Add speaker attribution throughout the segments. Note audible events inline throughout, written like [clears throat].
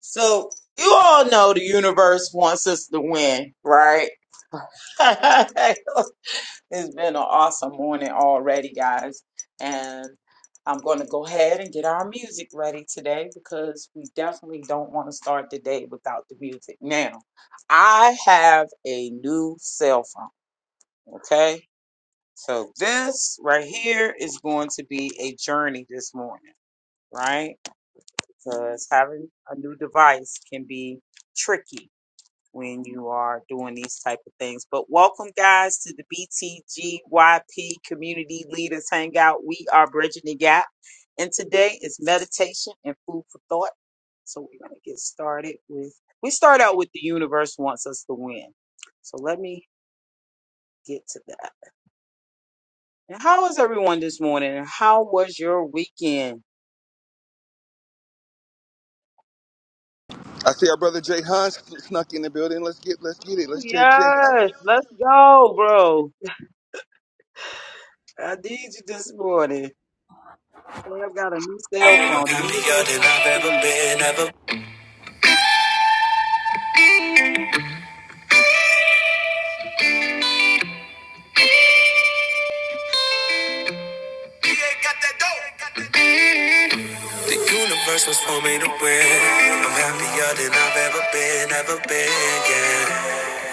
Speaker 1: So you all know the universe wants us to win, right? [laughs] it's been an awesome morning already, guys. And I'm going to go ahead and get our music ready today because we definitely don't want to start the day without the music. Now, I have a new cell phone, okay? So this right here is going to be a journey this morning, right? Because having a new device can be tricky when you are doing these type of things. But welcome guys to the BTGYP Community Leaders Hangout. We are bridging the gap. And today is meditation and food for thought. So we're going to get started with we start out with the universe wants us to win. So let me get to that. And how is everyone this morning? And how was your weekend? Oh yes, let's go, bro. I need you this morning. So I've got a new cell phone. The
Speaker 2: happier
Speaker 1: universe
Speaker 2: than
Speaker 1: wants you
Speaker 2: I've
Speaker 1: to
Speaker 2: ever
Speaker 1: win.
Speaker 2: been, ever. BA The universe was for me to win. I'm happier than I've ever been, ever been, yeah.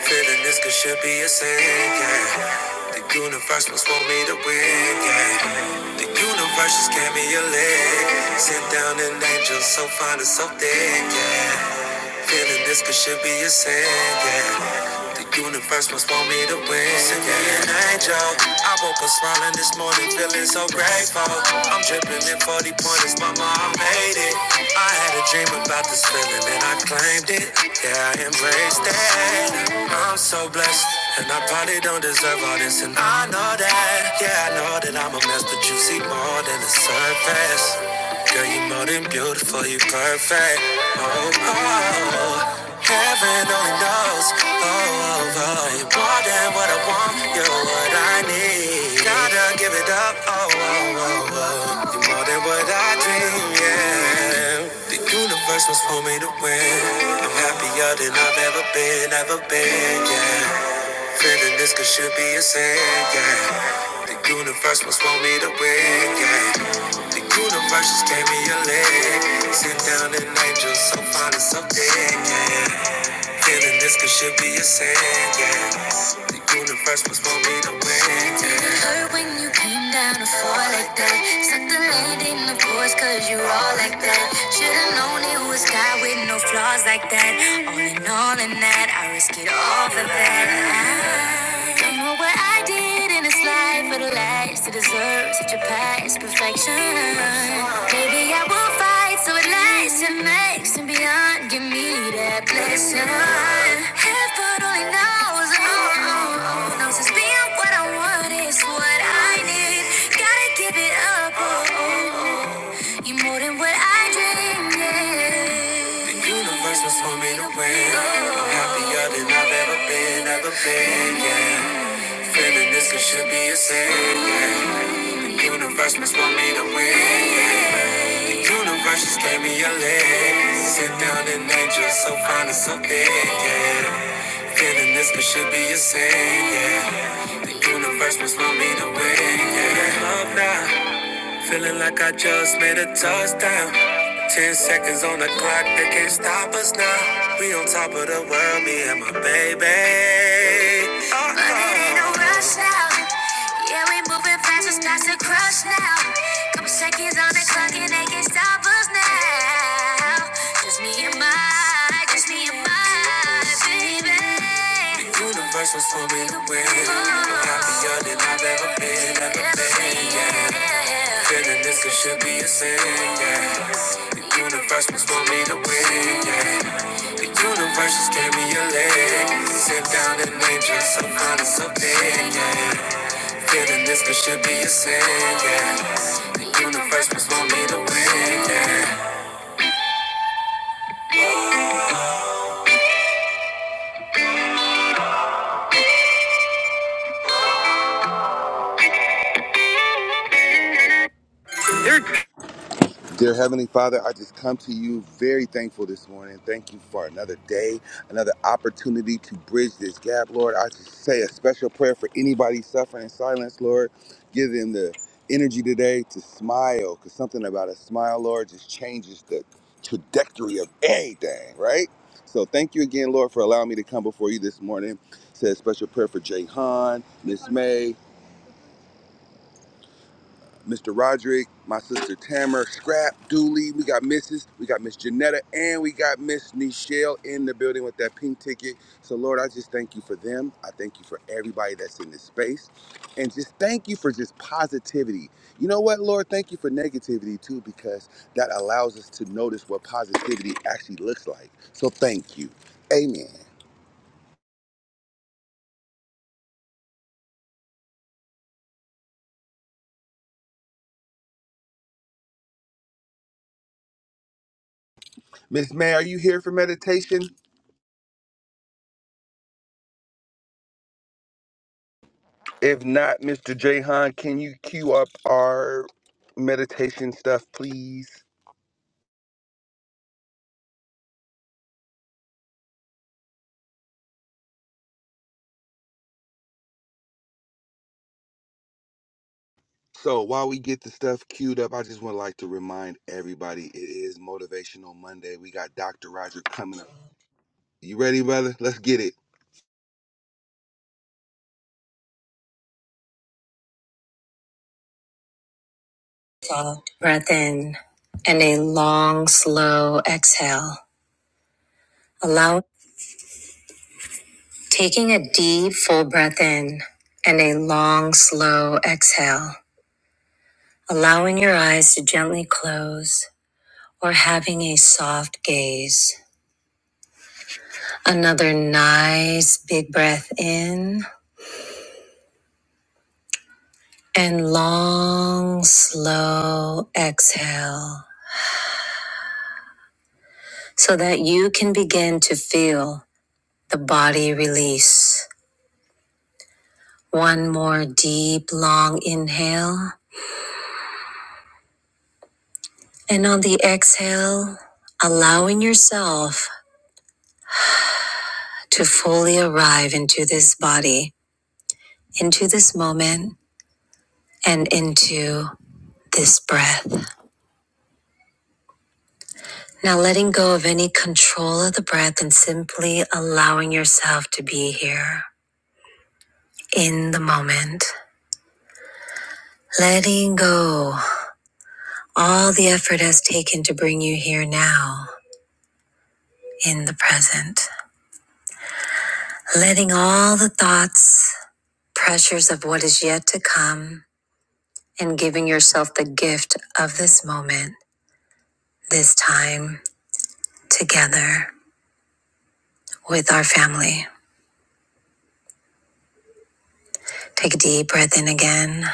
Speaker 2: Feeling this could should be a sin, yeah. The universe was for me to win, yeah. The universe just gave me a leg. Sit down and angel so fine and so thick, yeah. Feeling this could should be a sin, yeah. The universe must want me to win, yeah. An angel. I woke up smiling this morning, feeling so grateful. I'm dripping in 40 pointers, mama, I made it. I had a dream about this feeling and I claimed it. Yeah, I embraced it. I'm so blessed. And I probably don't deserve all this, and I know that. Yeah, I know that I'm a mess, but you see more than the surface. Girl, you are more than beautiful, you are perfect. Oh, oh, oh. heaven only knows. Oh, oh, oh, you more than what I want, you're what I need. Gotta give it up. Oh, oh, oh, oh, you more than what I dream dream, yeah. The universe was for me to win. I'm happier than I've ever been, ever been, yeah. Feeling this could should be a sin, yeah. The universe was for me to win, yeah. The universe just gave me a leg. Sit down and angel so fine and so dead, yeah. Feeling this could should be a sin, yeah. The universe was for me to win, yeah. it hurt when you came down to fall like that? Suck the land in the force cause you all like that. Should've known it was God with no flaws like that. All in all in that, I risk it all for that. I don't know what I did in this life for the last to deserve such a past perfection. Maybe I will fight so it lasts and makes and beyond. Give me that blessing. Heaven only knows, oh, oh, oh, knows it's being what I want is what I need. Gotta give it up, oh, oh. you more than what I dreamed. yeah. The universe was for me to win. I'm happier than I've ever been, ever been, yeah. Feeling this it should be a sin. yeah. Universe must want me to win. yeah. Universe just gave me a leg. Sit down and angel, so fine and so big. Yeah. Feeling this it should be a sin. Yeah. The universe must want me to win. Yeah. Love now. Feeling like I just made a touchdown. Ten seconds on the clock, they can't stop us now. We on top of the world, me and my baby. Uh-oh. But it ain't no rush now. Yeah, we moving fast, it's past the crush now. Couple seconds on the clock, and they can't stop us now. Just me and my was for me to win. happier than I've ever been, ever been. Yeah. Feeling this it should be a sin. Yeah. The universe was for me to win. Yeah. The universe just gave me a leg. Sit down and enjoy some fun and some Yeah. Feeling this it should be a sin. Yeah. The universe was for me to win. Yeah. Breath in and a long blow. Taking a deep, full breath in and a long, slow exhale, allowing your eyes to gently close or having a soft gaze. Another nice, big breath in and long, slow exhale so that you can begin to feel the body release. One more deep, long inhale. And on the exhale, allowing yourself to fully arrive into this body, into this moment, and into this breath. Now, letting go of any control of the breath and simply allowing yourself to be here in the moment. Letting go all the effort has taken to bring you here now in the present. Letting all the thoughts, pressures of what is yet to come, and giving yourself the gift of this moment, this time together with our family. Take a deep breath in again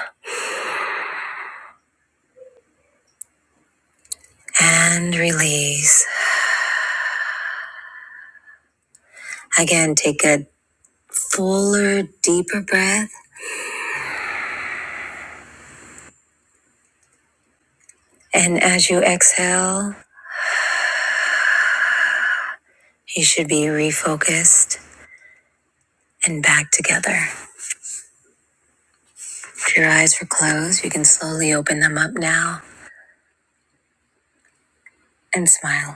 Speaker 2: and release. Again, take a fuller, deeper breath. And as you exhale, you should be refocused and back together. If your eyes were closed, you can slowly open them up now and smile.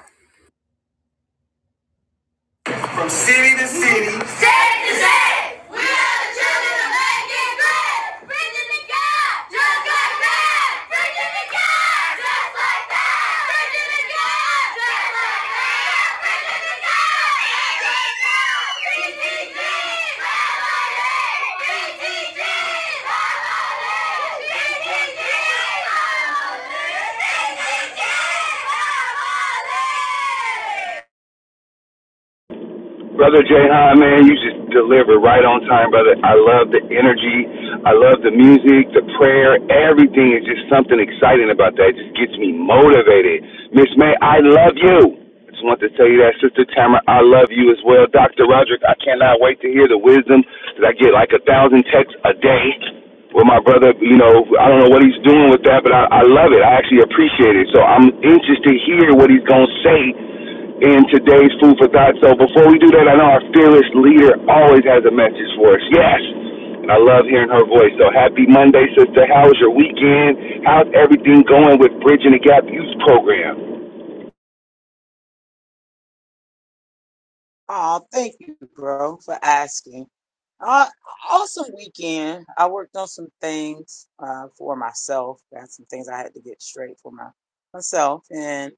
Speaker 2: from city to city, State to state, we are the children of making great. Bring them to God, just like that. Bring them to God, just like that. Bring them to God, just like that. Bring them to God. BTG, BTG, BTG, BTG, BTG,
Speaker 3: Brother Jahan, man, you just delivered right on time, brother. I love the energy. I love the music, the prayer. Everything is just something exciting about that. It just gets me motivated. Miss May, I love you. I just want to tell you that, Sister Tamara, I love you as well. Dr. Roderick, I cannot wait to hear the wisdom that I get like a thousand texts a day with my brother, you know, I don't know what he's doing with that, but I, I love it. I actually appreciate it. So I'm anxious to hear what he's going to say in today's food for thought. So before we do that, I know our fearless leader always has a message for us. Yes. And I love hearing her voice. So happy Monday, sister. How was your weekend? How's everything going with Bridging the Gap Youth Program?
Speaker 1: Oh, thank you, bro, for asking. Uh, awesome weekend. I worked on some things uh, for myself. Got some things I had to get straight for my myself, and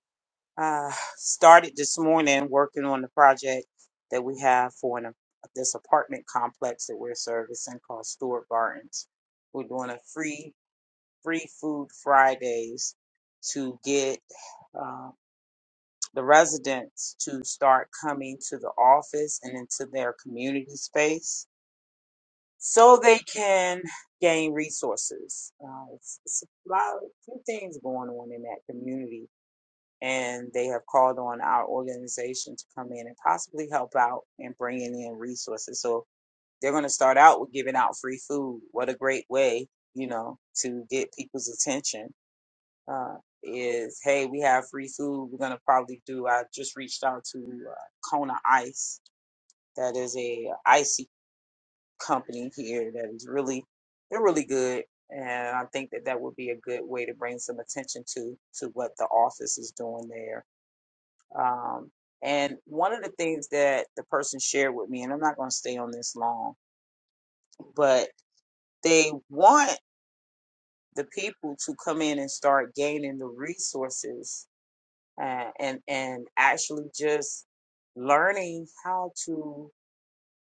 Speaker 1: uh, started this morning working on the project that we have for an, this apartment complex that we're servicing called Stewart Gardens. We're doing a free free food Fridays to get. uh, the residents to start coming to the office and into their community space so they can gain resources. Uh, it's, it's a lot, a few things going on in that community, and they have called on our organization to come in and possibly help out and bringing in resources. So they're going to start out with giving out free food. What a great way, you know, to get people's attention uh, is hey, we have free food. We're gonna probably do. I just reached out to uh, Kona Ice, that is a icy company here that is really they're really good, and I think that that would be a good way to bring some attention to to what the office is doing there. Um, and one of the things that the person shared with me, and I'm not gonna stay on this long, but they want the people to come in and start gaining the resources uh, and and actually just learning how to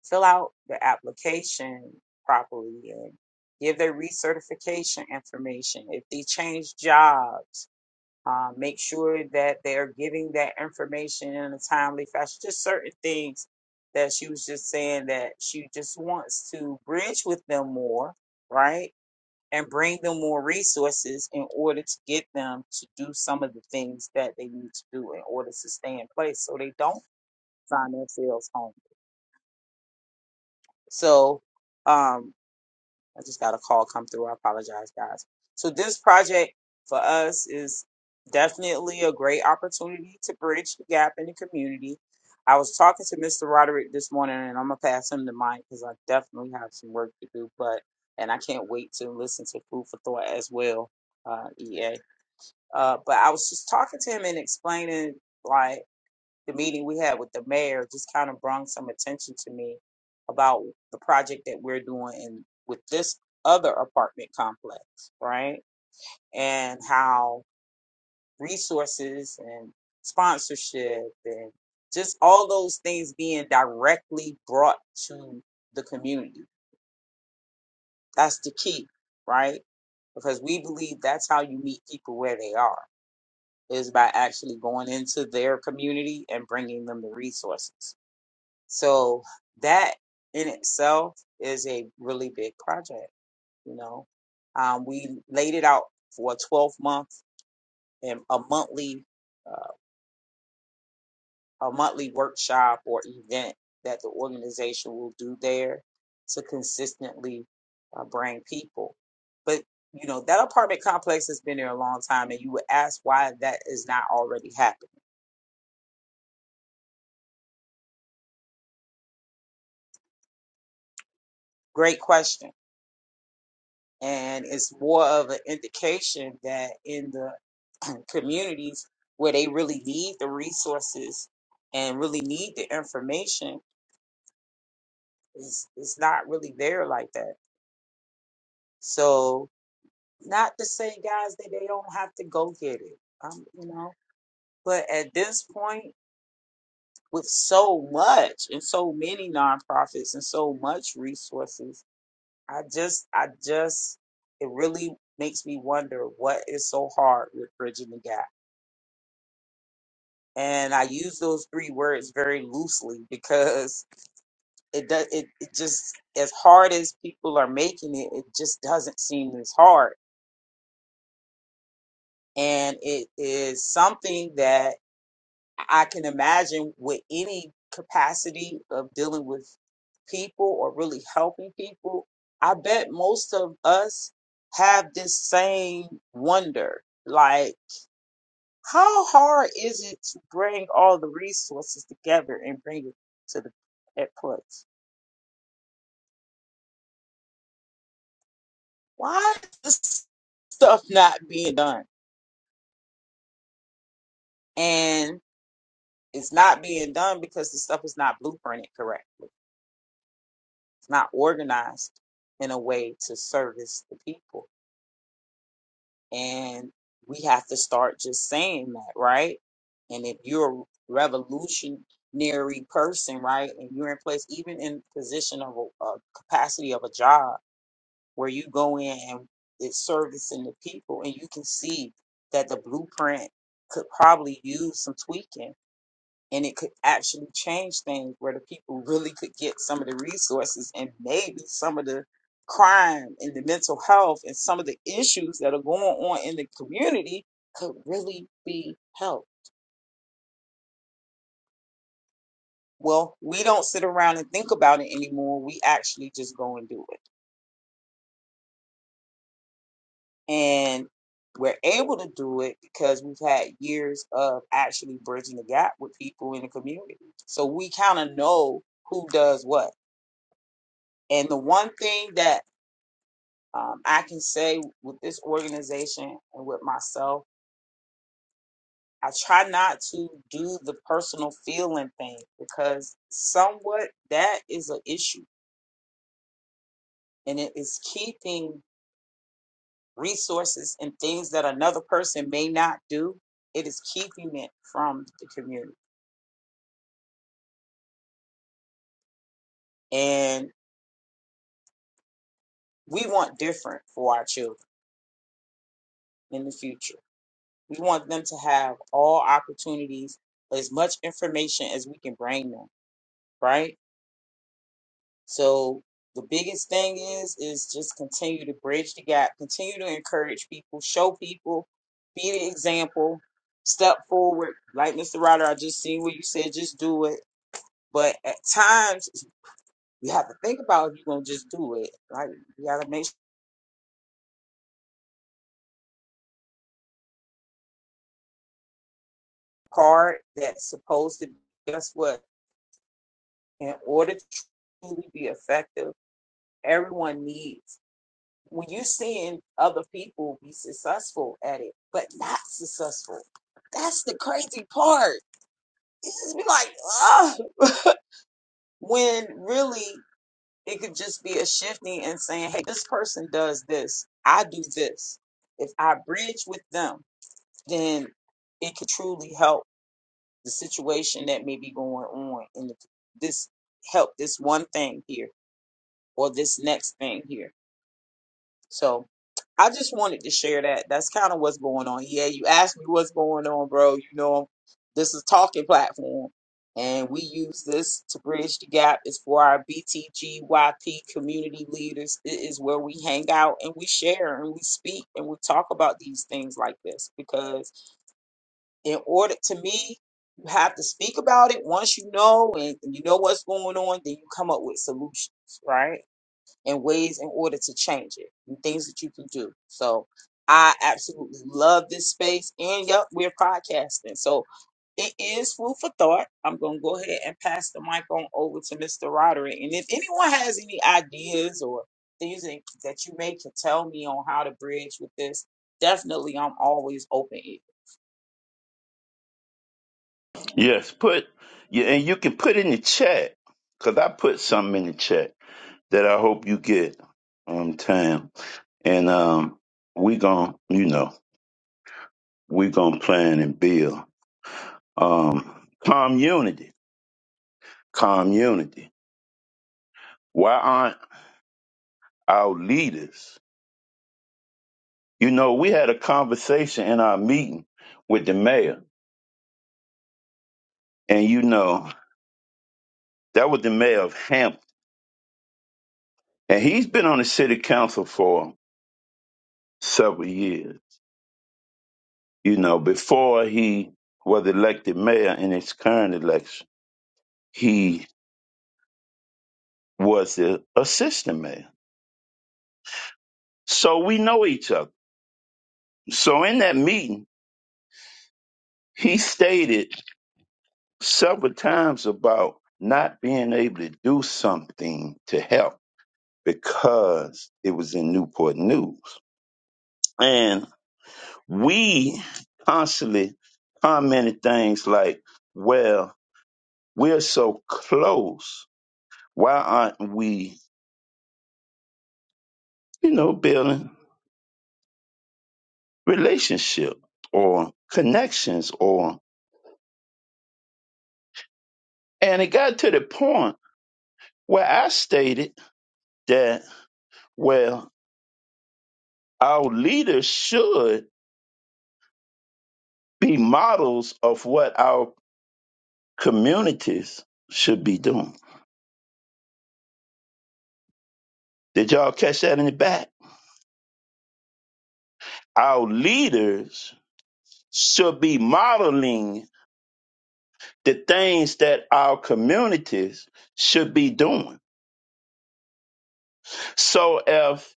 Speaker 1: fill out the application properly and give their recertification information. If they change jobs, uh, make sure that they are giving that information in a timely fashion. Just certain things that she was just saying that she just wants to bridge with them more, right? and bring them more resources in order to get them to do some of the things that they need to do in order to stay in place so they don't find themselves home. So um I just got a call come through. I apologize guys. So this project for us is definitely a great opportunity to bridge the gap in the community. I was talking to Mr. Roderick this morning and I'm gonna pass him the mic because I definitely have some work to do, but and I can't wait to listen to Food for Thought as well, uh, EA. Uh, but I was just talking to him and explaining like the meeting we had with the mayor just kind of brought some attention to me about the project that we're doing in, with this other apartment complex, right? And how resources and sponsorship and just all those things being directly brought to the community. That's the key, right? Because we believe that's how you meet people where they are is by actually going into their community and bringing them the resources. So that in itself is a really big project. You know, um, we laid it out for a 12 month and a monthly uh, a monthly workshop or event that the organization will do there to consistently uh, bring people. But you know that apartment complex has been there a long time, and you would ask why that is not already happening. Great question and it's more of an indication that in the [clears throat] communities where they really need the resources and really need the information it's it's not really there like that so not to say guys that they don't have to go get it um, you know but at this point with so much and so many nonprofits and so much resources i just i just it really makes me wonder what is so hard with bridging the gap and I use those three words very loosely because it does it, it just as hard as people are making it, it just doesn't seem as hard. And it is something that I can imagine with any capacity of dealing with people or really helping people. I bet most of us have this same wonder. Like How hard is it to bring all the resources together and bring it to the at place? Why is this stuff not being done? And it's not being done because the stuff is not blueprinted correctly. It's not organized in a way to service the people. And we have to start just saying that, right? And if you're a revolutionary person, right, and you're in place, even in position of a, a capacity of a job where you go in and it's servicing the people and you can see that the blueprint could probably use some tweaking and it could actually change things where the people really could get some of the resources and maybe some of the crime and the mental health and some of the issues that are going on in the community could really be helped. Well, we don't sit around and think about it anymore. We actually just go and do it. And we're able to do it because we've had years of actually bridging the gap with people in the community. So we kind of know who does what. And the one thing that um, I can say with this organization and with myself, I try not to do the personal feeling thing because somewhat that is an issue and it is keeping resources and things that another person may not do. It is keeping it from the community. And we want different for our children in the future. We want them to have all opportunities, as much information as we can bring them, right? So the biggest thing is is just continue to bridge the gap, continue to encourage people, show people, be the example, step forward. Like Mr. Ryder, I just seen what you said, just do it. But at times you have to think about if you're gonna just do it. Like you gotta make sure the part that's supposed to guess what? in order to truly be effective, everyone needs. When you're seeing other people be successful at it, but not successful, that's the crazy part. It just be like, ah, [laughs] when really it could just be a shifting and saying, hey, this person does this, I do this. If I bridge with them, then it could truly help the situation that may be going on And this help this one thing here or this next thing here. So I just wanted to share that. That's kind of what's going on. Yeah, you asked me what's going on, bro. You know, this is talking platform, and we use this to bridge the gap. It's for our BTGYP community leaders. It is where we hang out and we share and we speak and we talk about these things like this because in order to me. You have to speak about it once you know and you know what's going on, then you come up with solutions, right? and ways in order to change it and things that you can do. So I absolutely love this space. And yep, we're podcasting. So it is food for thought. I'm going to go ahead and pass the mic on over to Mr. Roderick. And if anyone has any ideas or things that that you may can tell me on how to bridge with this, definitely I'm always open.
Speaker 4: Yes, put yeah, and you can put in the chat because I put something in the chat that I hope you get, um, time, And um, we gon' you know, we gonna plan and build um community, community. Why aren't our leaders? You know, we had a conversation in our meeting with the mayor, and you know, that was the mayor of Hampton, and he's been on the city council for several years You know, before he was elected mayor in his current election, he was the assistant mayor. So we know each other. So in that meeting, he stated several times about not being able to do something to help because it was in Newport News. And we constantly commented things like, well, we're so close. Why aren't we, you know, building relationship or connections or and it got to the point where I stated that well our leaders should be models of what our communities should be doing. Did y'all catch that in the back? Our leaders should be modeling the things that our communities should be doing. So if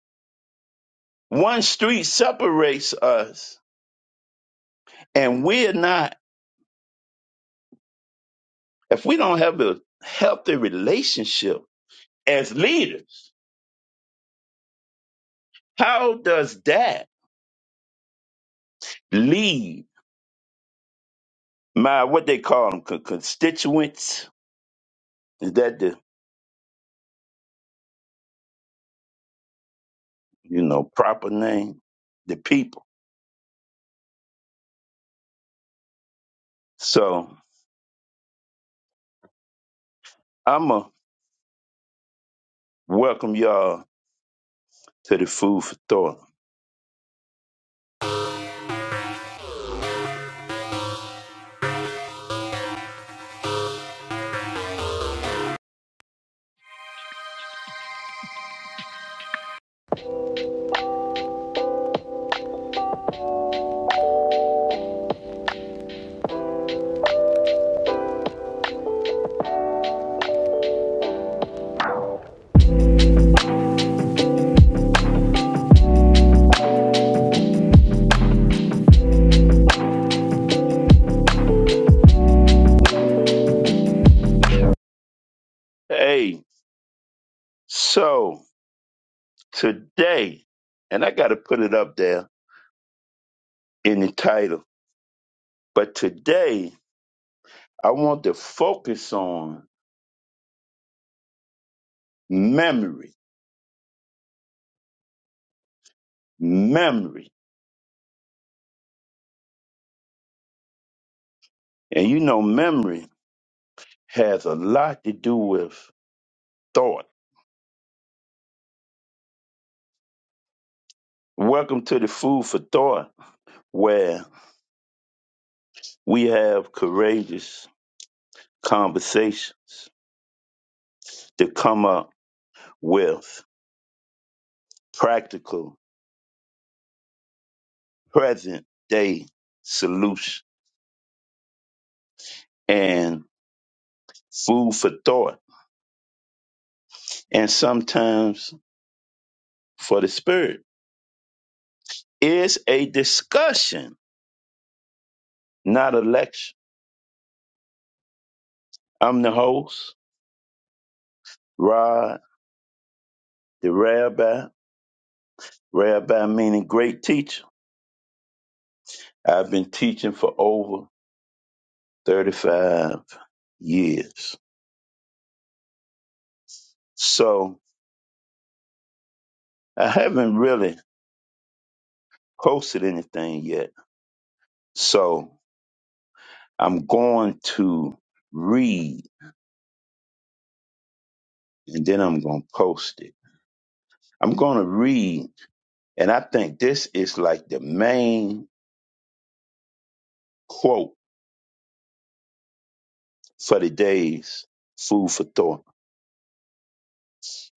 Speaker 4: one street separates us and we're not If we don't have a healthy relationship as leaders, how does that lead my what they call them con- constituents? Is that the you know proper name? The people. So I'ma welcome y'all to the food for thought. Hey, so today, and I gotta put it up there in the title, but today I want to focus on memory. Memory And you know, memory has a lot to do with thought. Welcome to the Food for Thought, where we have courageous conversations to come up with practical, present day solutions and food for thought. And sometimes for the spirit is a discussion, not a lecture. I'm the host, Rod, the rabbi, rabbi meaning great teacher I've been teaching for over 35 years. So I haven't really posted anything yet. So I'm going to read and then I'm going to post it. I'm going to read, and I think this is like the main quote for today's food for thought.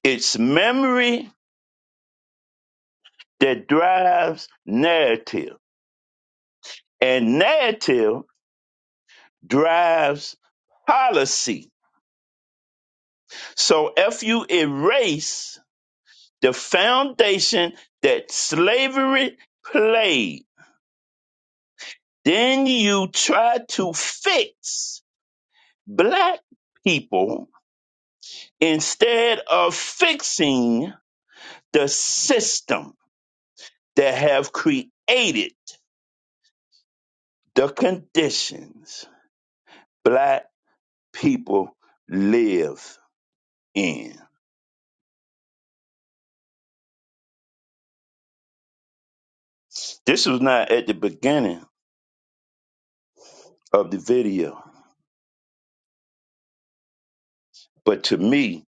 Speaker 4: It's memory that drives narrative, and narrative drives policy So if you erase the foundation that slavery played, then you try to fix black people instead of fixing the system that have created the conditions black people live in. This was not at the beginning of the video, but to me,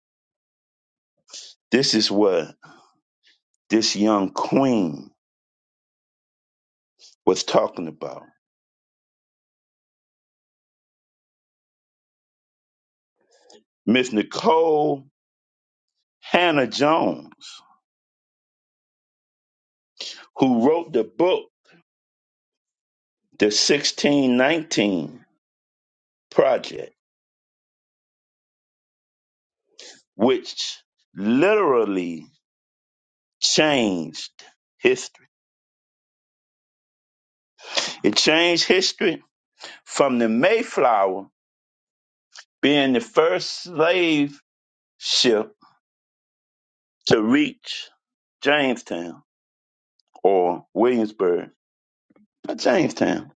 Speaker 4: this is what this young queen was talking about. Miss Nicole Hannah Jones, who wrote the book, The 1619 Project, which literally changed history. It changed history from the Mayflower being the first slave ship to reach Jamestown or Williamsburg, not Jamestown.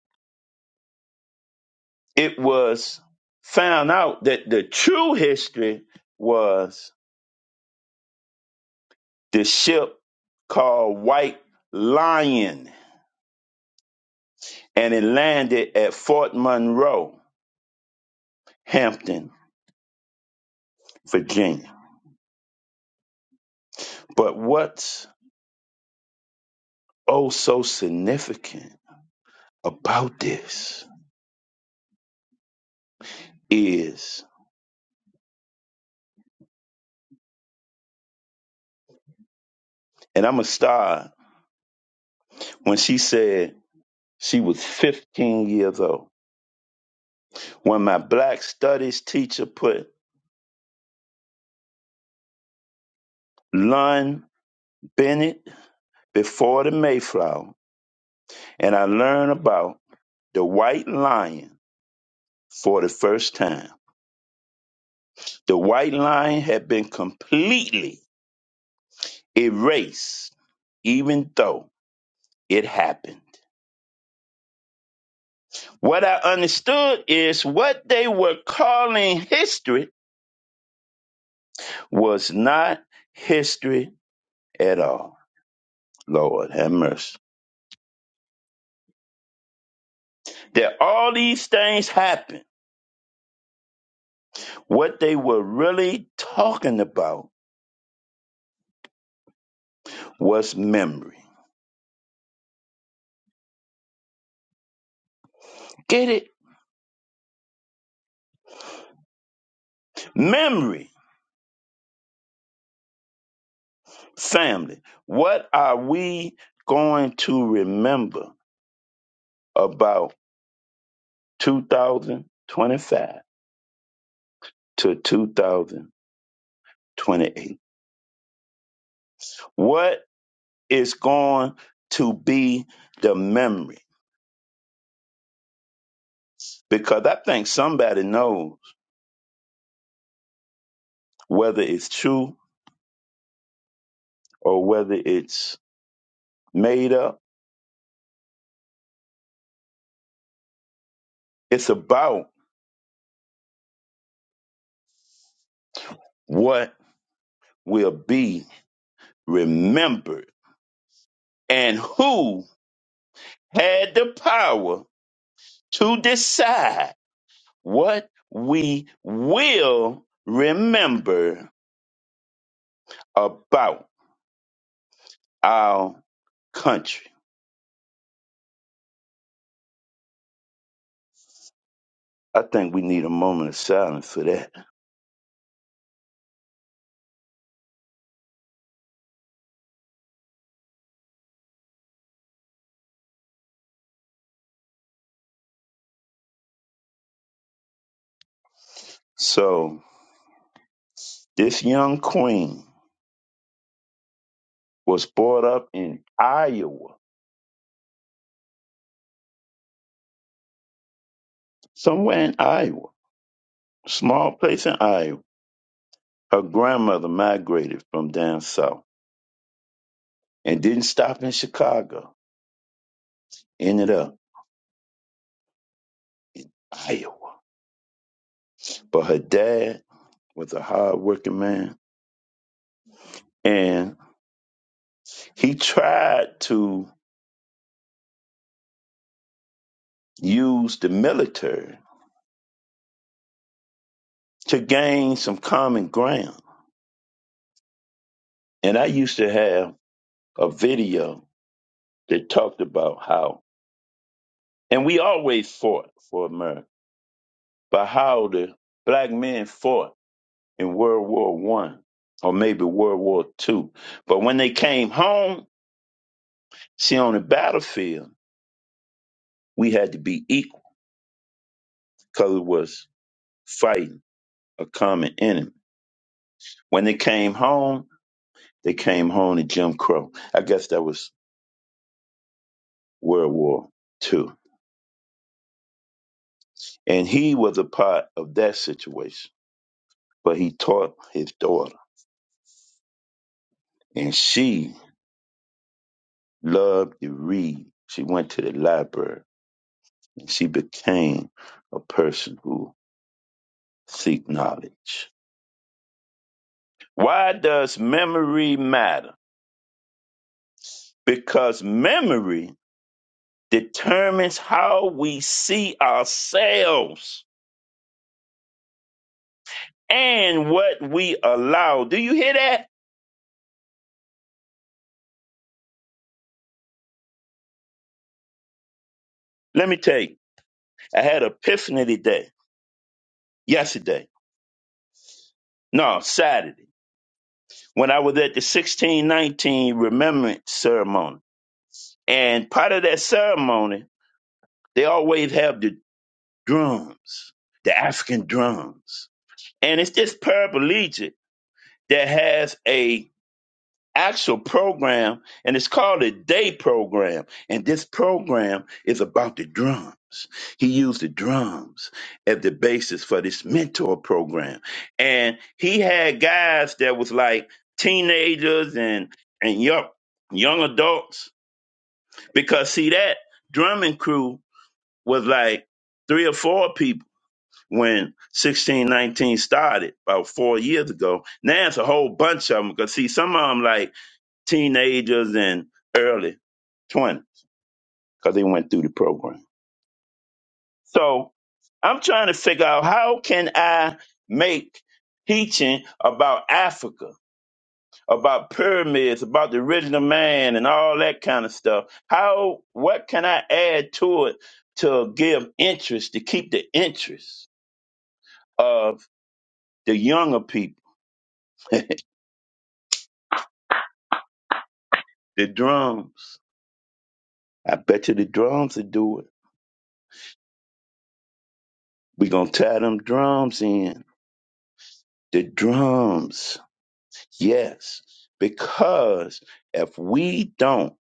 Speaker 4: It was found out that the true history was the ship called White Lion, and it landed at Fort Monroe, Hampton, Virginia. But what's oh so significant about this is, and I'm gonna start when she said she was 15 years old, when my black studies teacher put Lon Bennett before the Mayflower, and I learned about the white lion for the first time. The white line had been completely erased, even though it happened. What I understood is what they were calling history was not history at all. Lord have mercy. That all these things happened. What they were really talking about was memory. Get it? Memory. Family. What are we going to remember about 2025 to 2028. What is going to be the memory? Because I think somebody knows whether it's true or whether it's made up. It's about what will be remembered and who had the power to decide what we will remember about our country. I think we need a moment of silence for that. So, this young queen was brought up in Iowa, somewhere in Iowa, small place in Iowa. Her grandmother migrated from down south and didn't stop in Chicago, ended up Iowa. But her dad was a hardworking man, and he tried to use the military to gain some common ground. And I used to have a video They talked about how, and we always fought for America, but how the black men fought in World War One or maybe World War Two. But when they came home, see on the battlefield, we had to be equal because it was fighting a common enemy. When they came home, they came home to Jim Crow. I guess that was World War Two, and he was a part of that situation. But he taught his daughter, and she loved to read. She went to the library and she became a person who seek knowledge. Why does memory matter? Because memory determines how we see ourselves and what we allow. Do you hear that? Let me tell you. I had an epiphany today, yesterday. No, Saturday, when I was at the 1619 Remembrance Ceremony. And part of that ceremony They always have the drums, the African drums. And it's this paraplegic that has a actual program and it's called a day program. And this program is about the drums. He used the drums as the basis for this mentor program. And he had guys that was like teenagers and, and young, young adults. Because see that drumming crew was like three or four people when 1619 started about four years ago. Now it's a whole bunch of them because see, some of them like teenagers and early 20 because they went through the program. So I'm trying to figure out how can I make teaching about Africa, about pyramids, about the original man and all that kind of stuff. How, what can I add to it to give interest, to keep the interest of the younger people? The drums. I bet you the drums will do it. we going to tie them drums in. The drums. Yes. Because if we don't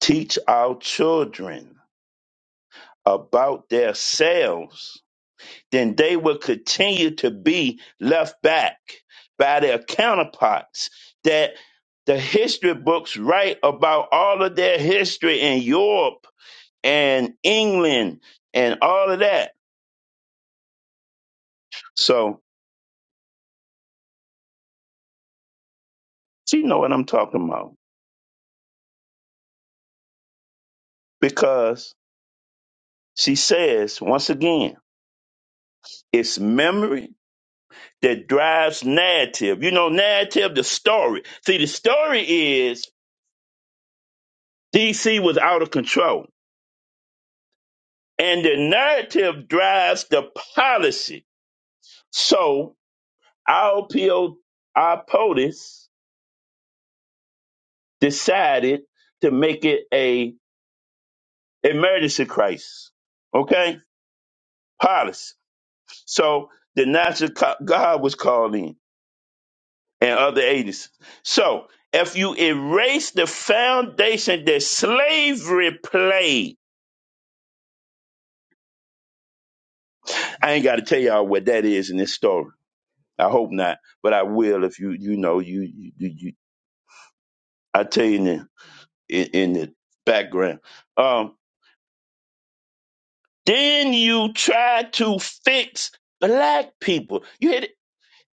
Speaker 4: teach our children about their selves, then they will continue to be left back by their counterparts that the history books write about all of their history in Europe and England and all of that. So She know what I'm talking about because she says once again, it's memory that drives narrative. You know, narrative, the story. See, the story is DC was out of control, and the narrative drives the policy. So our PO, our POTUS decided to make it a emergency crisis. Okay, policy. So the national co- guard was called in and other agencies. So if you erase the foundation that slavery played, I ain't got to tell y'all what that is in this story. I hope not, but I will if you you know you you, you I tell you in the in, in the background. Um, then you try to fix black people. You hit it.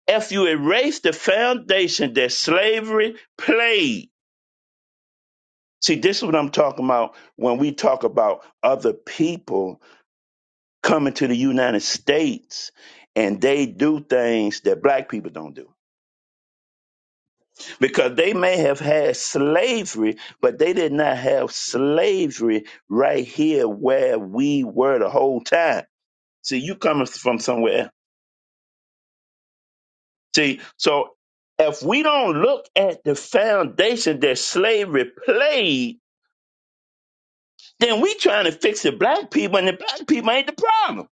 Speaker 4: if you erase the foundation that slavery played. See, this is what I'm talking about when we talk about other people coming to the United States and they do things that black people don't do because they may have had slavery but they did not have slavery right here where we were the whole time see you coming from somewhere else. see so if we don't look at the foundation that slavery played then we trying to fix the black people and the black people ain't the problem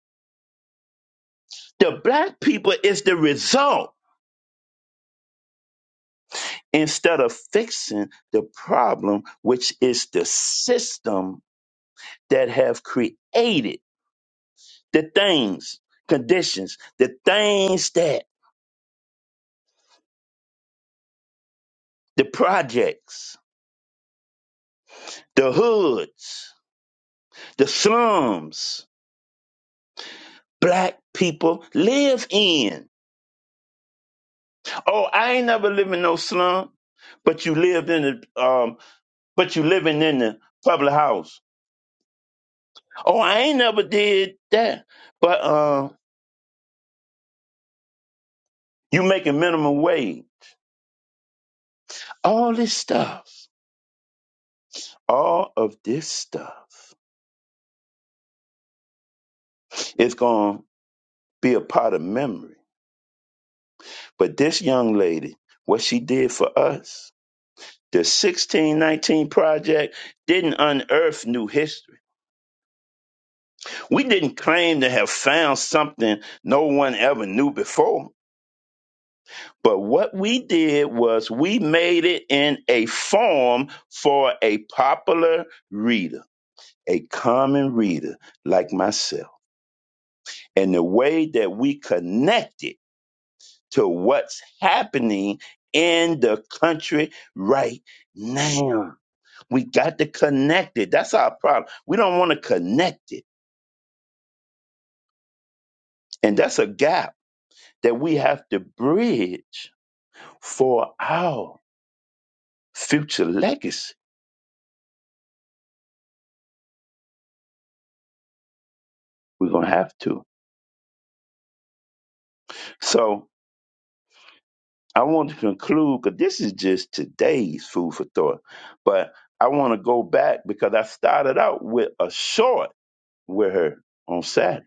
Speaker 4: the black people is the result instead of fixing the problem which is the system that have created the things conditions the things that the projects the hoods the slums black people live in oh i ain't never lived in no slum but you lived in the um but you living in the public house oh i ain't never did that but um you making minimum wage all this stuff All of this stuff is going to be a part of memory. But this young lady, what she did for us, the 1619 Project didn't unearth new history. We didn't claim to have found something no one ever knew before. But what we did was we made it in a form for a popular reader, a common reader like myself. And the way that we connected to what's happening in the country right now. We got to connect it. That's our problem. We don't want to connect it. And that's a gap that we have to bridge for our future legacy. We're going to have to. So I want to conclude because this is just today's food for thought. But I want to go back because I started out with a short with her on Saturday.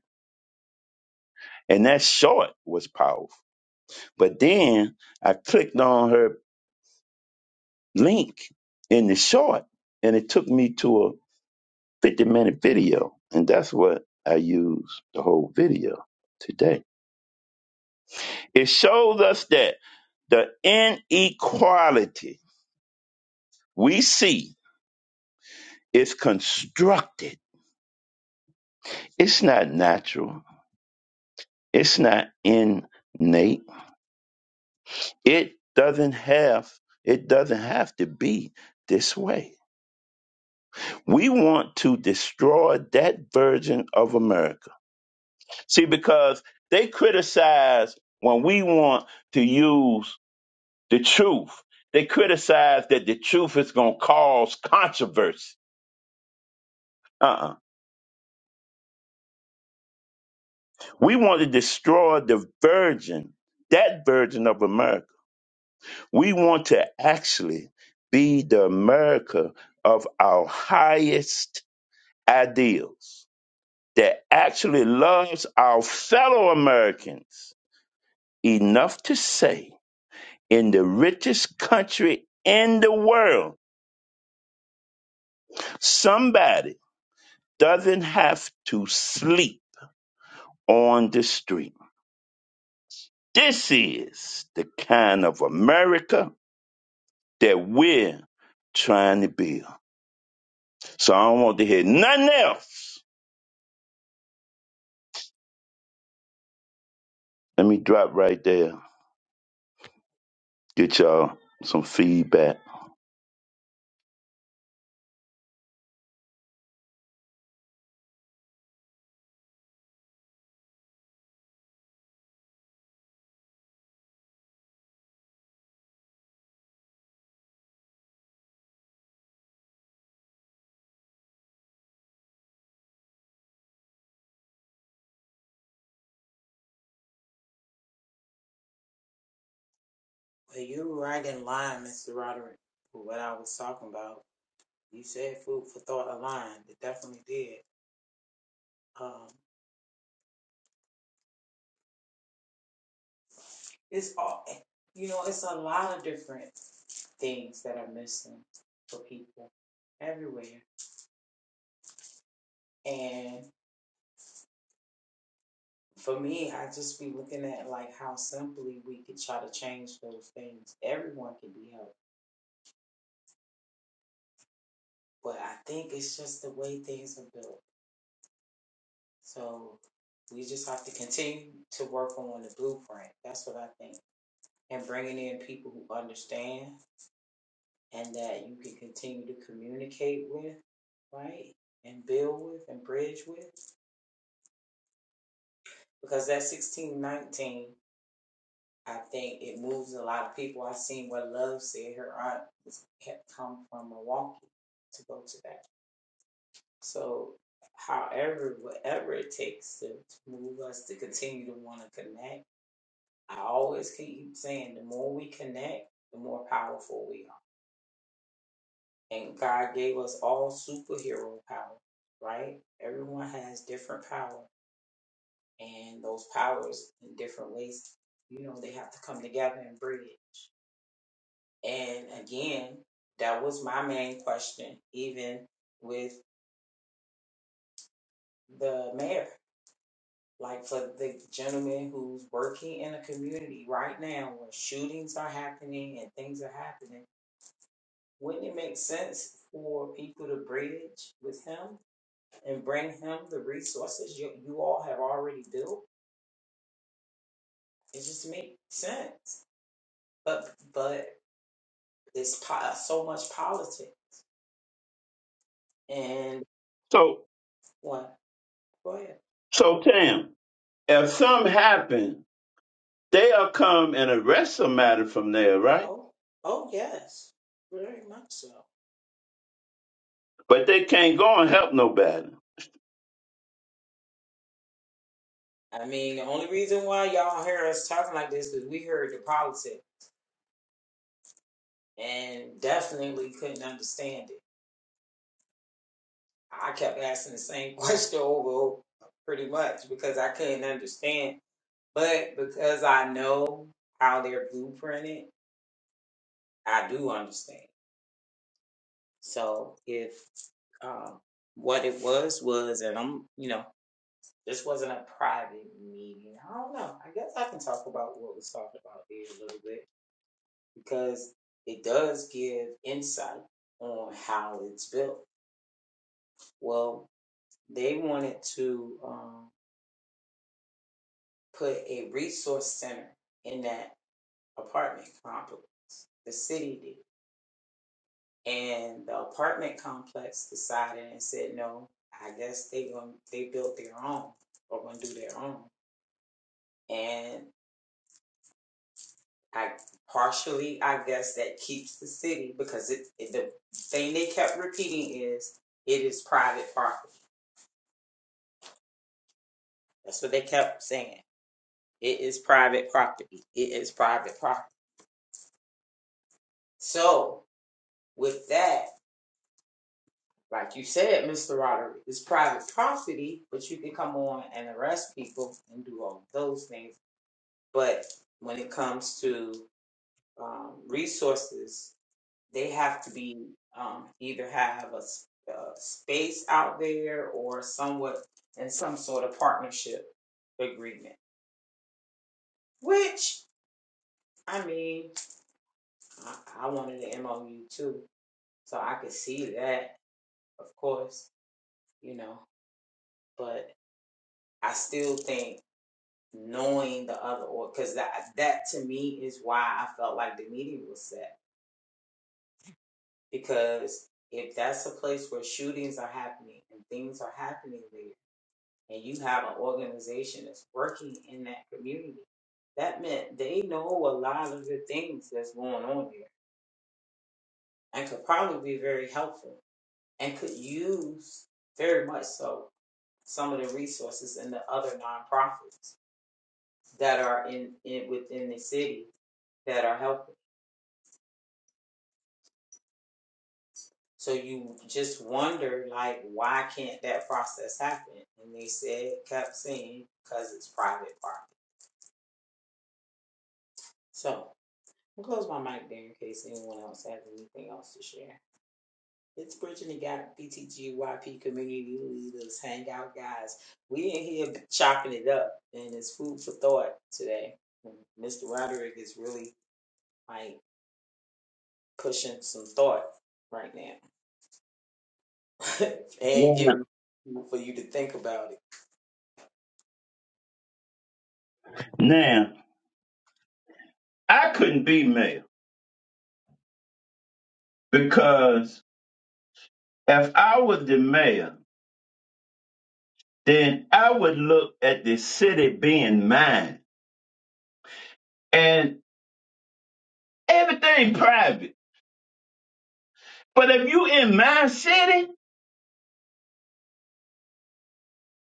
Speaker 4: And that short was powerful But then I clicked on her link in the short, and it took me to a 50 minute video. And that's what I use the whole video today. It shows us that the inequality we see is constructed, it's not natural, it's not innate, it doesn't have. It doesn't have to be this way. We want to destroy that version of America See, because they criticize when we want to use the truth, they criticize that the truth is going to cause controversy. Uh-uh. We want to destroy the virgin, that virgin of America. We want to actually be the America of our highest ideals that actually loves our fellow Americans enough to say in the richest country in the world, somebody doesn't have to sleep on the street. This is the kind of America that we're trying to build. So I don't want to hear nothing else. Let me drop right there, get y'all some feedback.
Speaker 1: Well, you were right in line, Mr. Roderick, with what I was talking about. You said food for thought aligned. It definitely did. Um, It's all, you know, it's a lot of different things that are missing for people everywhere. And for me, I just be looking at like how simply we could try to change those things. Everyone can be helped, but I think it's just the way things are built. So we just have to continue to work on the blueprint. That's what I think, and bringing in people who understand and that you can continue to communicate with, right? And build with and bridge with. Because that sixteen nineteen, I think it moves a lot of people. I've seen what Love said her aunt had come from Milwaukee to go to that. So however, whatever it takes to, to move us to continue to want to connect. I always keep saying the more we connect, the more powerful we are and God gave us all superhero power, right? Everyone has different power, and those powers in different ways, you know, they have to come together and bridge. And again, that was my main question, even with the mayor. Like for the gentleman who's working in a community right now where shootings are happening and things are happening, wouldn't it make sense for people to bridge with him and bring him the resources you, you all have already built. It just makes sense. But but it's po- uh, so much politics and
Speaker 4: So,
Speaker 1: what? Go ahead.
Speaker 4: so Tam, if something happen, they'll come and arrest somebody from there, right?
Speaker 1: Oh oh yes, very much so.
Speaker 4: But they can't go and help nobody.
Speaker 1: I mean, the only reason why y'all hear us talking like this is we heard the politics and definitely couldn't understand it. I kept asking the same [laughs] question over and over, pretty much because I couldn't understand. But because I know how they're blueprinted I do understand. So if um, what it was was, and I'm, you know, this wasn't a private meeting. I don't know. I guess I can talk about what was talked about there a little bit because it does give insight on how it's built. Well, they wanted to um, put a resource center in that apartment complex. The city did. and the apartment complex decided and said no i guess they going they built their own or going to do their own and i partially i guess that keeps the city because it, it the thing they kept repeating is it is private property that's what they kept saying it is private property it is private property so with that like you said mr roderick it's private property but you can come on and arrest people and do all those things But when it comes to um, resources, they have to be um, either have a, s- a space out there or somewhat in some sort of partnership agreement. Which I mean, I, I wanted an MOU too, so I could see that, of course, you know. But I still think knowing the other or because that that to me is why I felt like the meeting was set Because if that's a place where shootings are happening and things are happening there, and you have an organization that's working in that community, that meant they know a lot of the things that's going on there and could probably be very helpful and could use very much so some of the resources and the other nonprofits that are in, in within the city that are helping. So you just wonder, like, why can't that process happen? And they said, kept saying, because it's private property. So I'll close my mic there in case anyone else has anything else to share. It's Bridget and gap, BTGYP community leaders, hangout guys. We in here chopping it up, and it's food for thought today. Mr. Roderick is really like pushing some thought right now [laughs] and
Speaker 4: Yeah.
Speaker 1: giving for you to think about it.
Speaker 4: Now, I couldn't be mayor because if I was the mayor, then I would look at the city being mine and everything private. But if you in my city,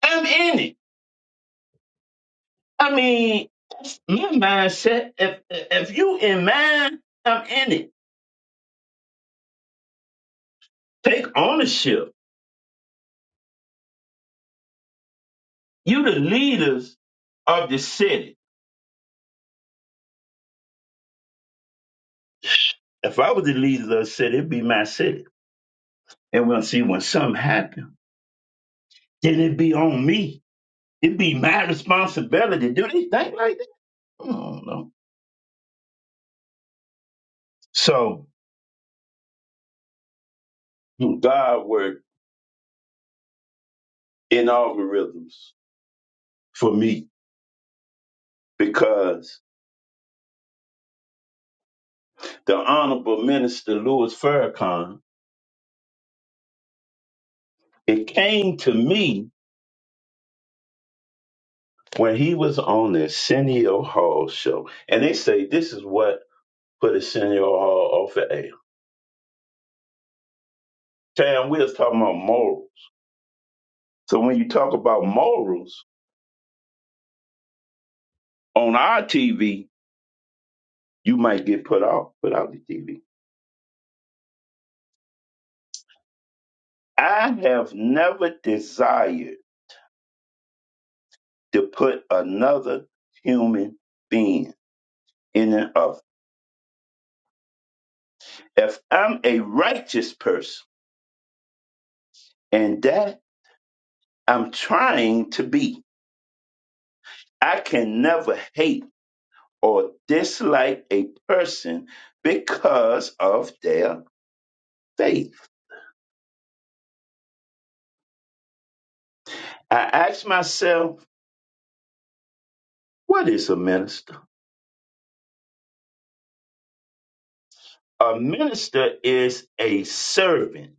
Speaker 4: I'm in it. I mean, that's my mindset. If if you in mine, I'm in it. Take ownership. You the leaders of the city. If I was the leader of the city, it'd be my city. And we'll see when something happens, then it'd be on me it be my responsibility. Do they think like that? I don't know. So God worked in algorithms for me because the Honorable Minister Louis Farrakhan, it came to me when he was on the Arsenio Hall show. And they say this is what put Arsenio Hall off the air. Tam, we was talking about morals. So when you talk about morals on our TV, you might get put off without the TV. I have never desired to put another human being in an oven. If I'm a righteous person, and that I'm trying to be, I can never hate or dislike a person because of their faith. I ask myself, what is a minister? A minister is a servant.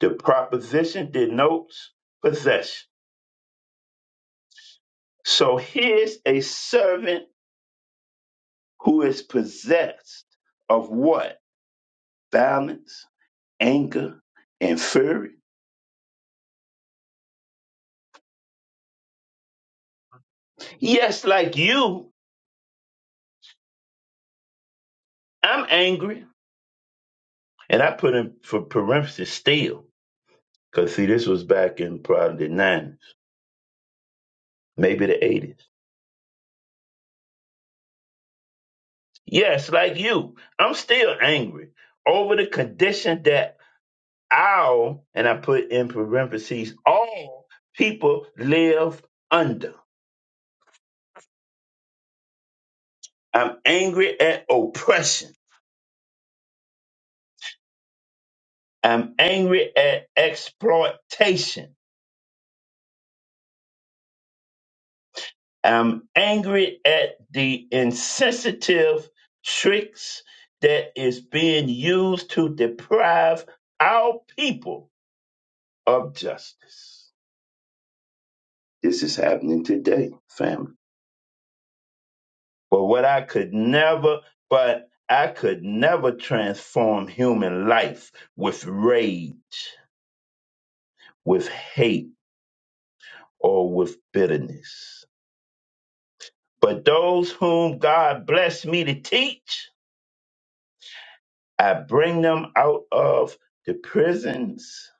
Speaker 4: The proposition denotes possession So here's a servant who is possessed of what? Balance, anger, and fury. Yes, like you, I'm angry. And I put in for parenthesis still. Because see, this was back in probably the 90s, maybe the 80s. Yes, like you, I'm still angry over the condition that all, and I put in parentheses, all people live under. I'm angry at oppression. I'm angry at exploitation. I'm angry at the insensitive tricks that is being used to deprive our people of justice. This is happening today, family. But what I could never, but I could never transform human life with rage, with hate, or with bitterness. But those whom God blessed me to teach, I bring them out of the prisons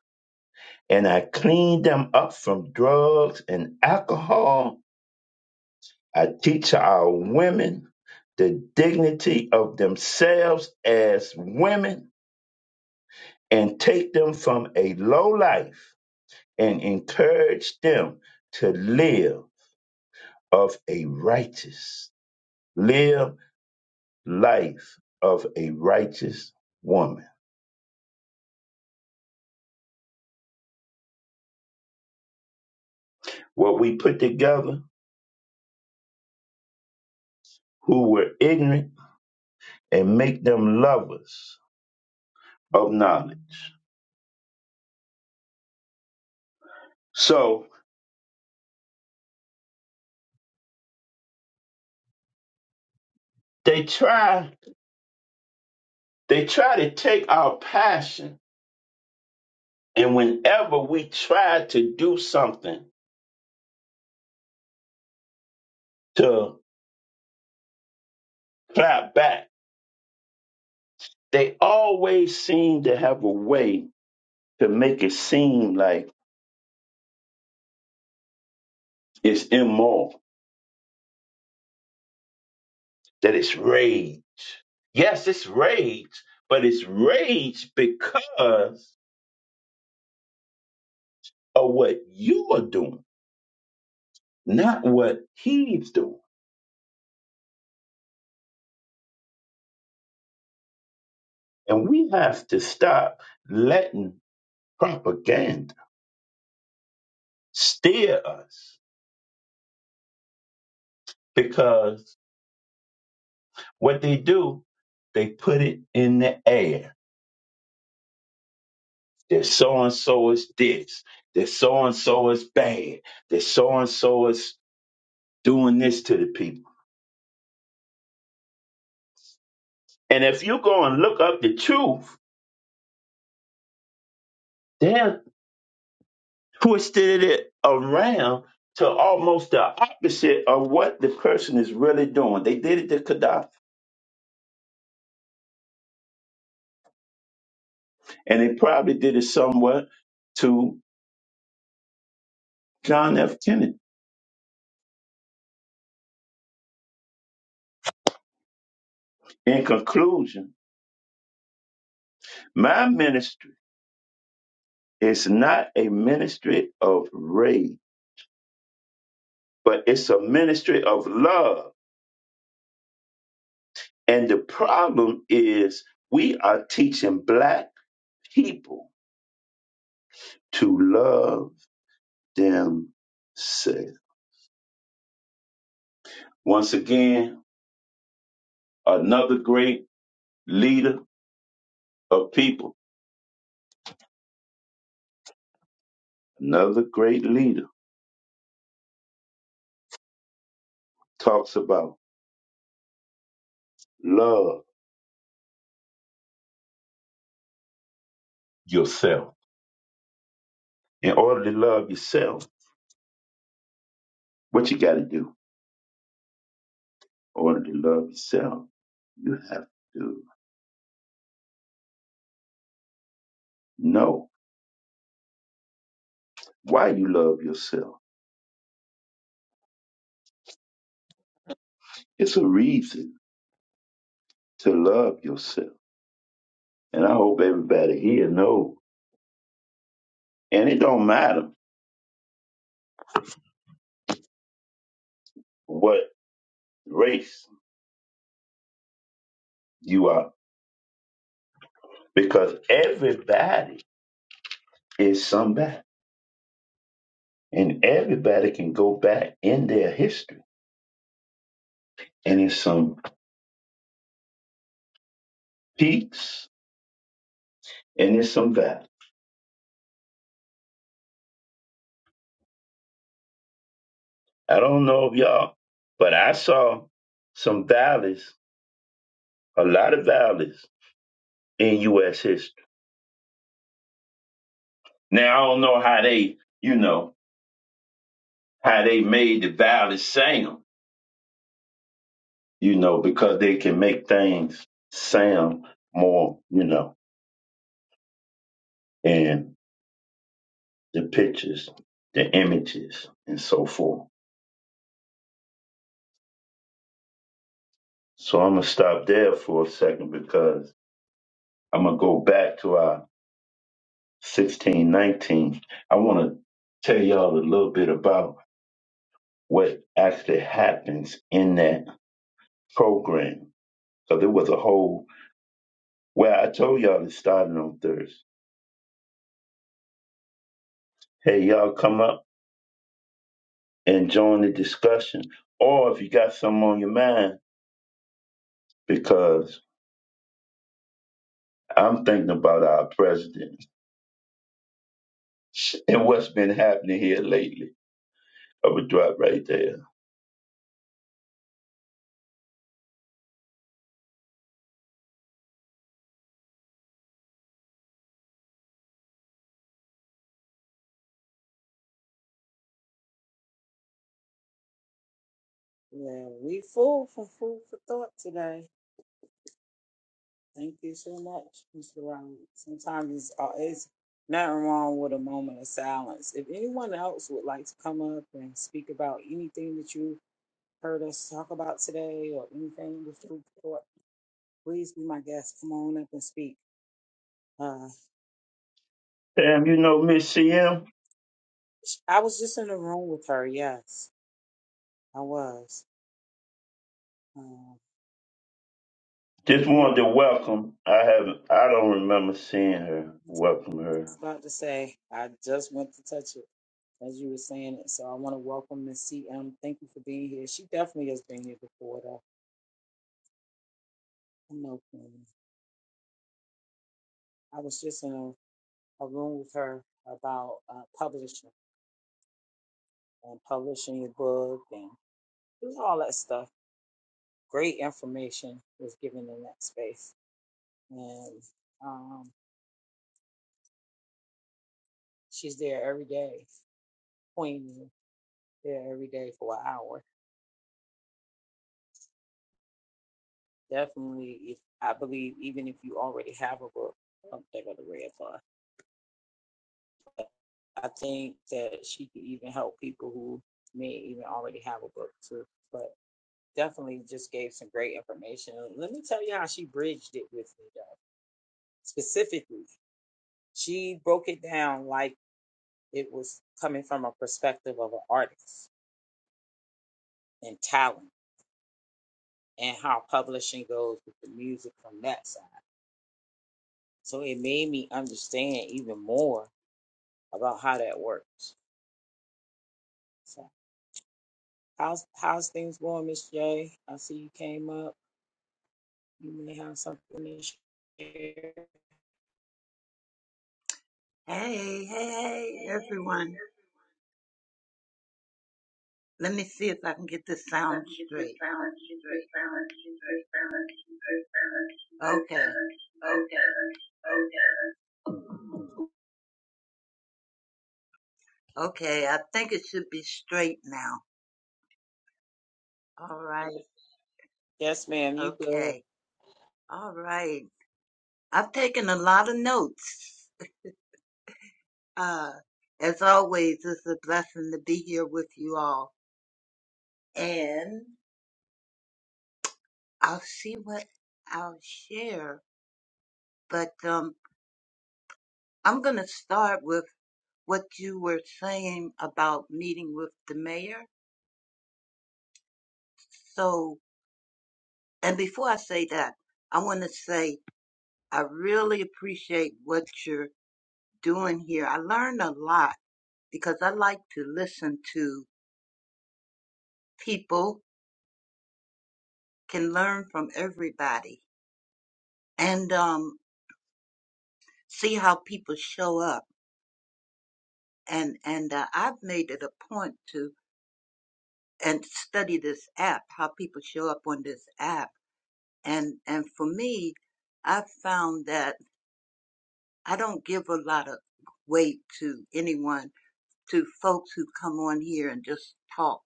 Speaker 4: and I clean them up from drugs and alcohol. I teach our women the dignity of themselves as women and take them from a low life and encourage them to live of a righteous, live life of a righteous woman. What we put together, who were ignorant, and make them lovers of knowledge. So they try they try to take our passion and whenever we try to do something to clap back, they always seem to have a way to make it seem like it's immoral, that it's rage. Yes, it's rage, but it's rage because of what you are doing, not what he's doing. And we have to stop letting propaganda steer us because what they do, they put it in the air. That so and so is this, that so and so is bad, that so and so is doing this to the people. And if you go and look up the truth, they have twisted it around to almost the opposite of what the person is really doing. They did it to Gaddafi, and they probably did it somewhat to John F. Kennedy. In conclusion, my ministry is not a ministry of rage, but it's a ministry of love. And the problem is we are teaching black people to love themselves. Once again, another great leader of people, another great leader talks about love yourself. In order to love yourself, what you got to do? order to love yourself, you have to know why you love yourself. It's a reason to love yourself. And I hope everybody here knows. And it don't matter what race you are, because everybody is somebody. And everybody can go back in their history. And there's some peaks and there's some valleys. I don't know if y'all, but I saw some valleys, a lot of valleys in U.S. history Now I don't know how they, you know, how they made the valley sound, you know, because they can make things sound more, you know, and the pictures, the images, and so forth. So I'm gonna stop there for a second because I'm gonna go back to our 1619. I want to tell y'all a little bit about what actually happens in that program because it was a whole. Well, I told y'all it started on Thursday Hey, y'all come up and join the discussion. Or if you got something on your mind, because I'm thinking about our president [laughs] and what's been happening here lately. I would drop right there.
Speaker 1: Well, we full for food for thought today. Thank you so much, Mr. Rollins. Sometimes it's, uh, it's nothing wrong with a moment of silence. If anyone else would like to come up and speak about anything that you heard us talk about today or anything with food for thought, please be my guest. Come on up and speak. Uh,
Speaker 4: Damn, you know Miss CM?
Speaker 1: sh- I was just in the room with her. Yes, I was. Uh,
Speaker 4: Just
Speaker 1: we were
Speaker 4: wanted to welcome. I haven't I don't remember seeing her. Welcome her.
Speaker 1: about to say, I just went to touch it. as you were saying it. So I want to welcome Miss CM. Thank you for being here. She definitely has been here before, though. I know. Queen. I was just in a, a room with her about uh, publishing and publishing your book and it was all that stuff. Great information was given in that space, and um, she's there every day. Queen is there every day for an hour. Definitely, if I believe, even if you already have a book, oh, they got the red bar. I think that she could even help people who may even already have a book too. But definitely just gave some great information. Let me tell you how she bridged it with me though. Specifically, she broke it down like it was coming from a perspective of an artist and talent and how publishing goes with the music from that side. So it made me understand even more about how that works. So how's how's things going, Miss J? I see you came up. You may have something to share.
Speaker 5: Hey, hey, hey, everyone. Let me see if I can get this sound straight. Okay, okay, I think it should be straight now. All right,
Speaker 1: Yes, ma'am, you good.
Speaker 5: okay, all right. I've taken a lot of notes. Uh, as always, it's a blessing to be here with you all. And I'll see what I'll share. But um, I'm going to start with. what you were saying about meeting with the mayor. So, and before I say that, I want to say I really appreciate what you're doing here. I learned a lot because I like to listen to people, can learn from everybody, and um, see how people show up. And and uh, I've made it a point to and study this app, how people show up on this app. And and for me, I've found that I don't give a lot of weight to anyone, to folks who come on here and just talk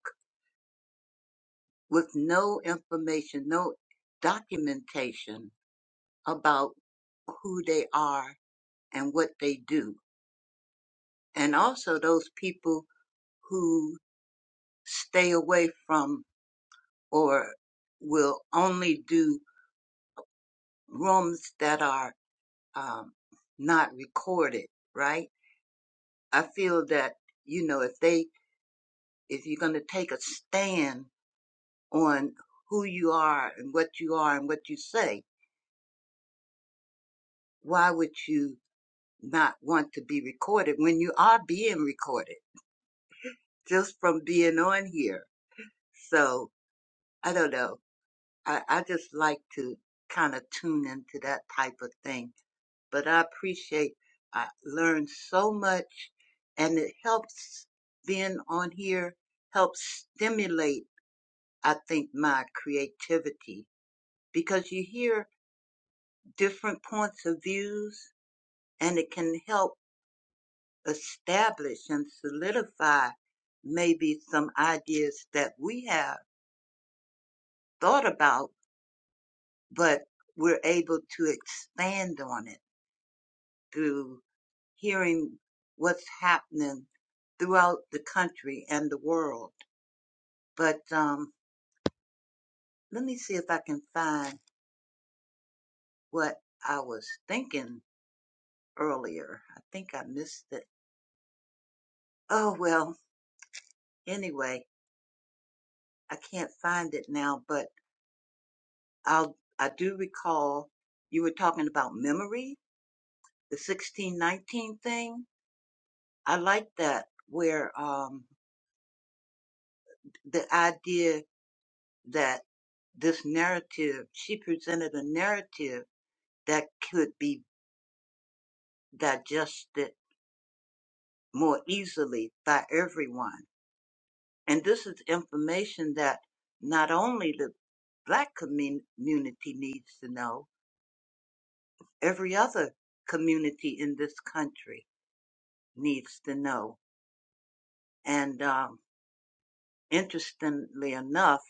Speaker 5: with no information, no documentation about who they are and what they do. And also those people who stay away from or will only do rooms that are um, not recorded, right? I feel that, you know, if they, if you're going to take a stand on who you are and what you are and what you say, why would you not want to be recorded when you are being recorded just from being on here? So I don't know. I, I just like to kind of tune into that type of thing. But I appreciate, I learned so much and it helps being on here helps stimulate, I think, my creativity because you hear different points of views and it can help establish and solidify maybe some ideas that we have thought about, but we're able to expand on it through hearing what's happening throughout the country and the world. But um, let me see if I can find what I was thinking earlier. I think I missed it. Oh, well, anyway, I can't find it now, but I'll, I do recall you were talking about memory, the 1619 thing. I like that where, um, the idea that this narrative, she presented a narrative that could be digested more easily by everyone. And this is information that not only the black commun- community needs to know, every other community in this country needs to know. And um, interestingly enough,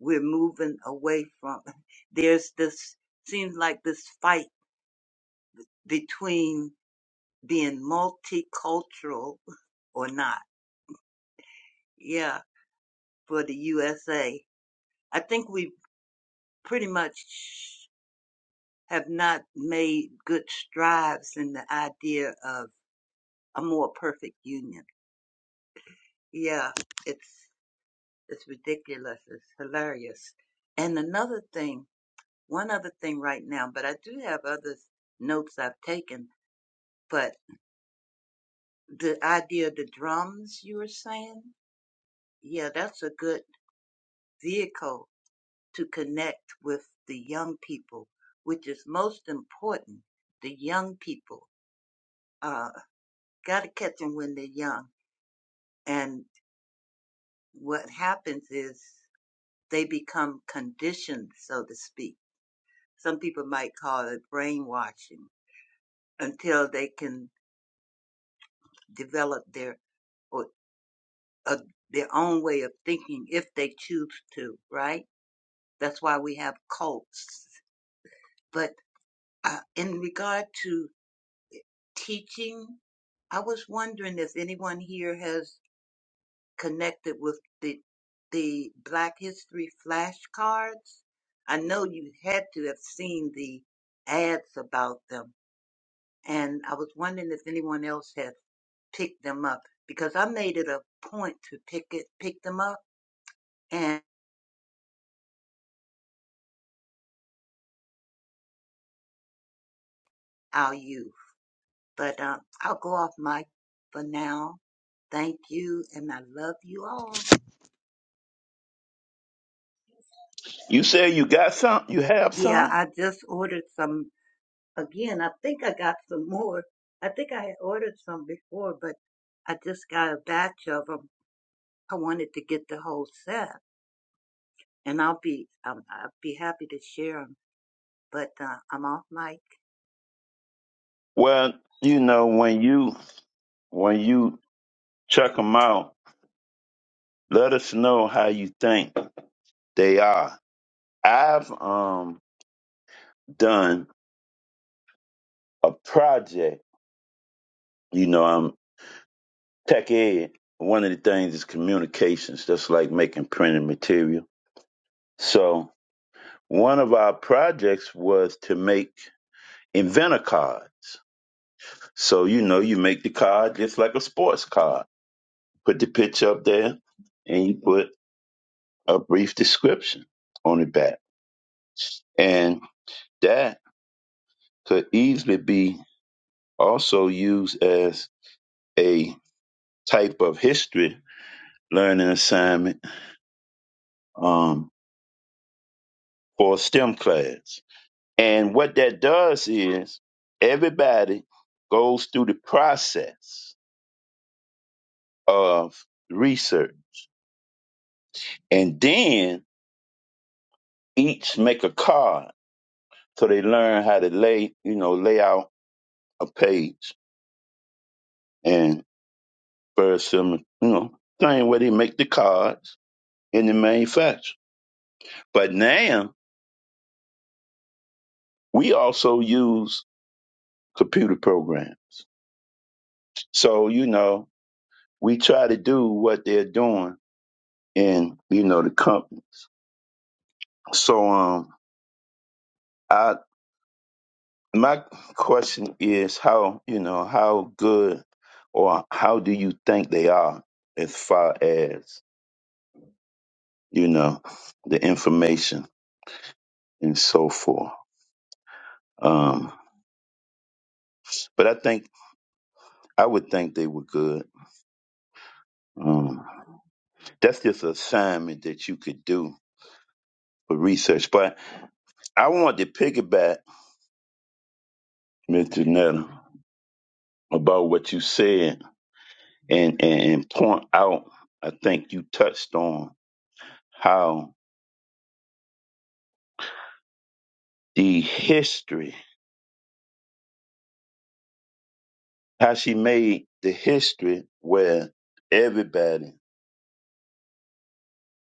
Speaker 5: we're moving away from [laughs] there's this seems like this fight between being multicultural [laughs] or not. Yeah, for the USA. I think we pretty much have not made good strides in the idea of a more perfect union. Yeah, it's it's ridiculous. It's hilarious. And another thing one other thing right now, but I do have other notes I've taken. But the idea of the drums you were saying, yeah, that's a good vehicle to connect with the young people, which is most important. The young people, uh, gotta catch them when they're young. And what happens is they become conditioned, so to speak. Some people might call it brainwashing until they can develop their or. a, their own way of thinking if they choose to, right? That's why we have cults. But uh, in regard to teaching, I was wondering if anyone here has connected with the the Black History flashcards. I know you had to have seen the ads about them, and I was wondering if anyone else had picked them up because I made it a point to pick it pick them up and I'll you. But um, I'll go off mic for now. Thank you, and I love you all.
Speaker 4: You say you got some? You have
Speaker 5: Yeah,
Speaker 4: some?
Speaker 5: I just ordered some again. I think I got some more. I think I had ordered some before, but I just got a batch of them. I wanted to get the whole set, and I'll be um, I'll be happy to share them. But uh, I'm off mic.
Speaker 4: Well, you know, when you when you check them out, Let us know how you think they are. I've um done a project. You know, I'm tech ed. One of the things is communications. just like making printed material. So one of our projects was to make inventor cards. So you know, you make the card just like a sports card. Put the picture up there, and you put a brief description on the back, and that could easily be also used as a type of history learning assignment um, for STEM class. And what that does is everybody goes through the process of research and then each make a card so they learn how to lay, you know, lay out a page and first some, you know, thing where they make the cards in the manufacture. But now we also use computer programs So, you know, we try to do what they're doing in, you know, the companies. So um I my question is how, you know, how good or how do you think they are as far as, you know, the information and so forth. Um but I think I would think they were good. Um that's just an assignment that you could do for research. But I want to piggyback, Mr. Netta, about what you said and, and, point out, I think you touched on how the history, how she made the history where everybody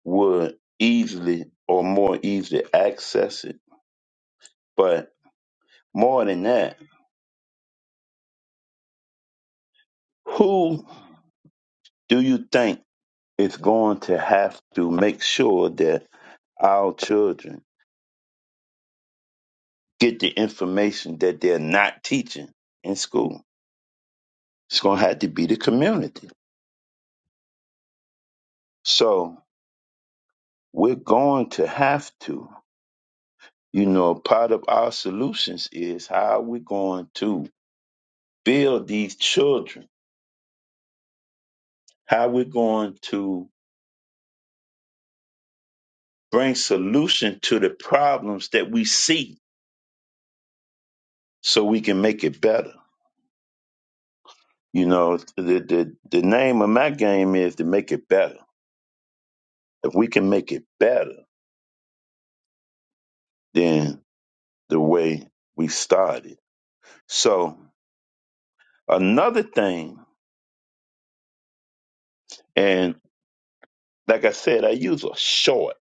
Speaker 4: would easily or more easily access it. But more than that, who do you think is going to have to make sure that our children get the information that they're not teaching in school? It's going to have to be the community. So We're going to have to. You know, part of our solutions is how we're going to build these children, how we're going to bring solution to the problems that we see so we can make it better. You know, the, the, the name of my game is to make it better. If we can make it better than the way we started. So another thing, and like I said, I use a short.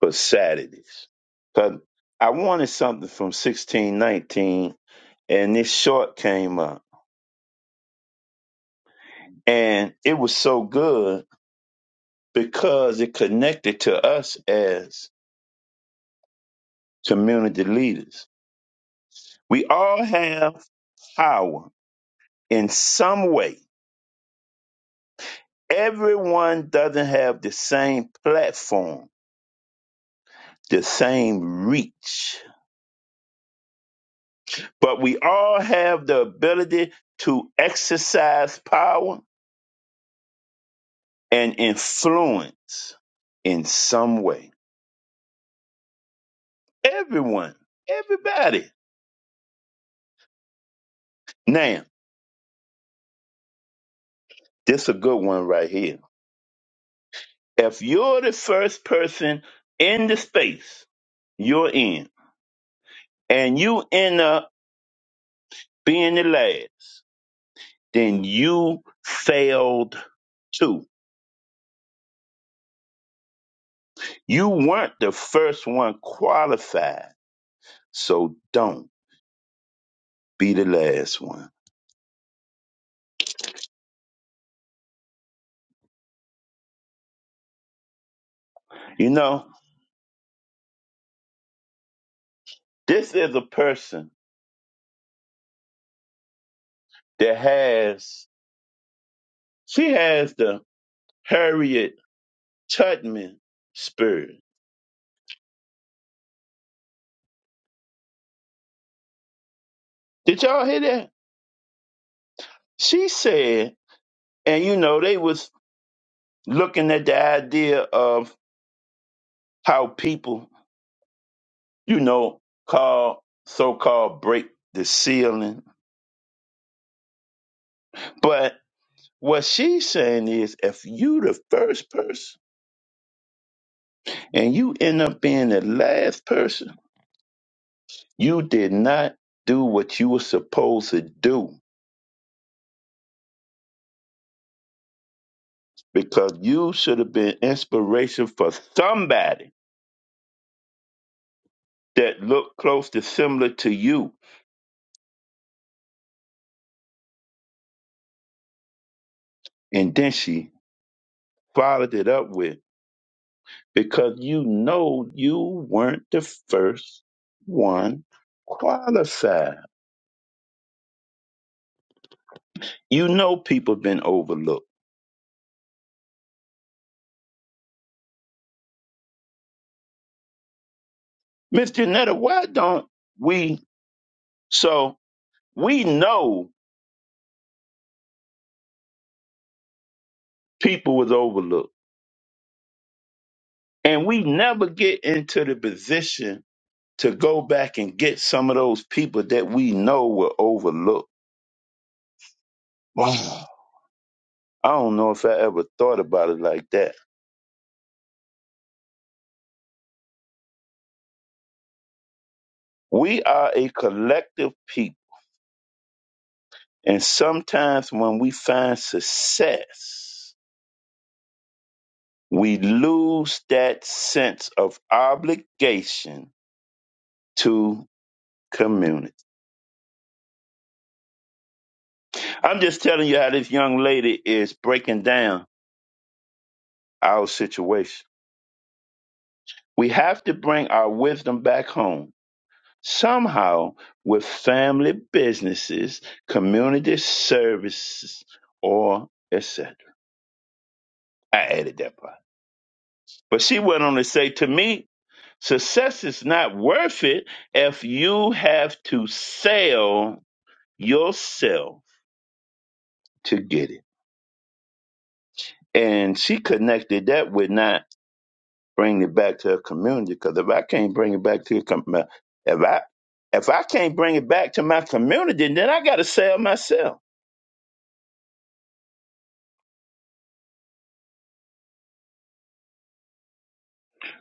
Speaker 4: for Saturdays. Cause I wanted something from 1619 and this short came up. And it was so good because it connected to us as community leaders. We all have power in some way. Everyone doesn't have the same platform, the same reach, but we all have the ability to exercise power And influence in some way. Everyone, everybody. Now, this is a good one right here. If you're the first person in the space you're in, and you end up being the last, then you failed too. You weren't the first one qualified, so don't be the last one. You know, this is a person that has, she has the Harriet Tubman Spears. Did y'all hear that? She said, and you know, they was looking at the idea of how people, you know, call so-called break the ceiling. But what she's saying is if you the first person and you end up being the last person, you did not do what you were supposed to do because you should have been inspiration for somebody that looked close to similar to you. And then she followed it up with, because you know you weren't the first one qualified. You know people been overlooked. Miss Janetta, why don't we so we know people was overlooked and we never get into the position to go back and get some of those people that we know were overlooked. [sighs] Wow. I don't know if I ever thought about it like that We are a collective people. And sometimes when we find success, we lose that sense of obligation to community. I'm just telling you how this young lady is breaking down our situation. We have to bring our wisdom back home somehow with family businesses, community services, or etc. I added that part. But she went on to say to me, Success is not worth it if you have to sell yourself to get it. And she connected that with not bringing it back to her community. Because if I can't bring it back to your com- my- if I if I can't bring it back to my community, then I got to sell myself.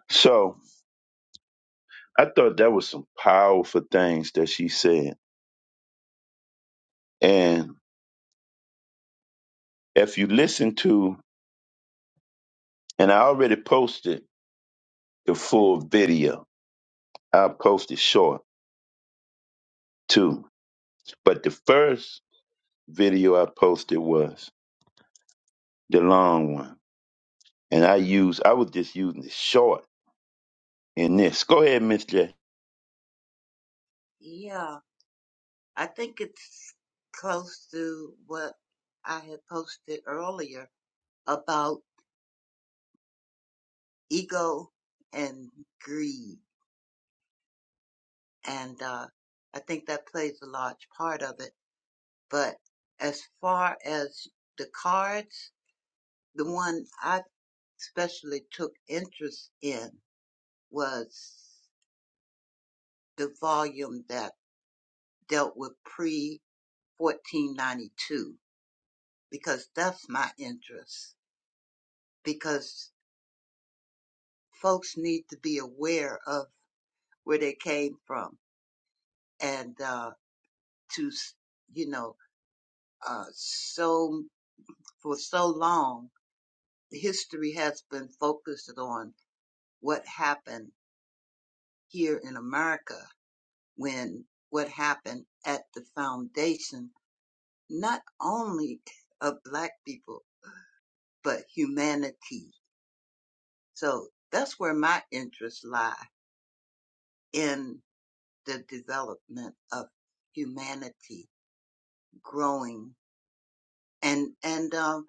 Speaker 4: So I thought that was some powerful things that she said. And if you listen to, and I already posted the full video. I posted short too But the first video I posted was the long one. And I used I was just using the short in this. Go ahead, Miss J.
Speaker 5: Yeah, I think it's close to what I had posted earlier about ego and greed. and uh, I think that plays a large part of it. But as far as the cards, the one I especially took interest in was the volume that dealt with pre 1492 because that's my interest because folks need to be aware of where they came from and uh, to you know uh, so for so long history has been focused on what happened here in America when what happened at the foundation, not only of black people, but humanity. So that's where my interests lie in the development of humanity growing. And, and, um,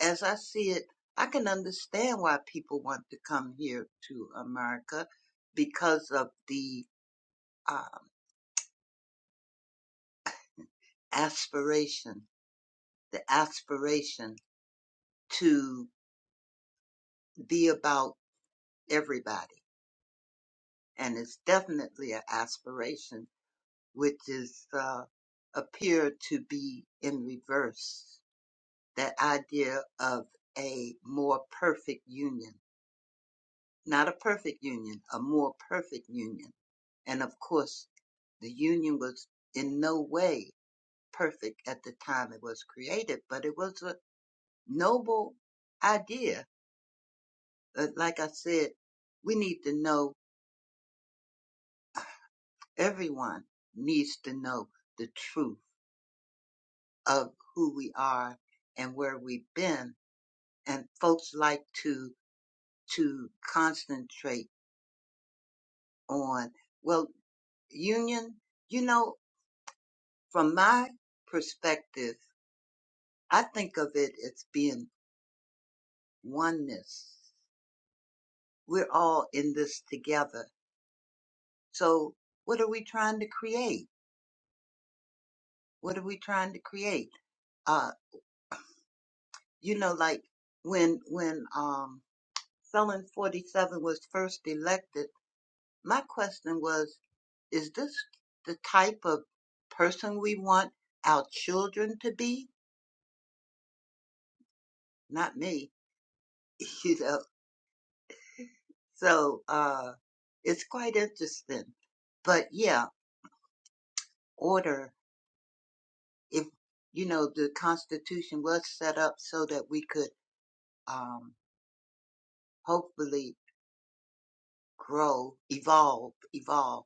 Speaker 5: as I see it, I can understand why people want to come here to America because of the uh, aspiration, the aspiration to be about everybody. And it's definitely an aspiration which is uh, appeared to be in reverse. That idea of a more perfect union, not a perfect union, a more perfect union. And of course, the union was in no way perfect at the time it was created, but it was a noble idea uh, like I said, we need to know, everyone needs to know the truth of who we are and where we've been. And folks like to, to concentrate on, well, union, you know, from my perspective, I think of it as being oneness. We're all in this together. So what are we trying to create? What are we trying to create? Uh, you know, like when when um Felon 47 was first elected, my question was, is this the type of person we want our children to be? Not me, [laughs] you know. So uh it's quite interesting. But yeah, order if you know the Constitution was set up so that we could um hopefully grow, evolve, evolve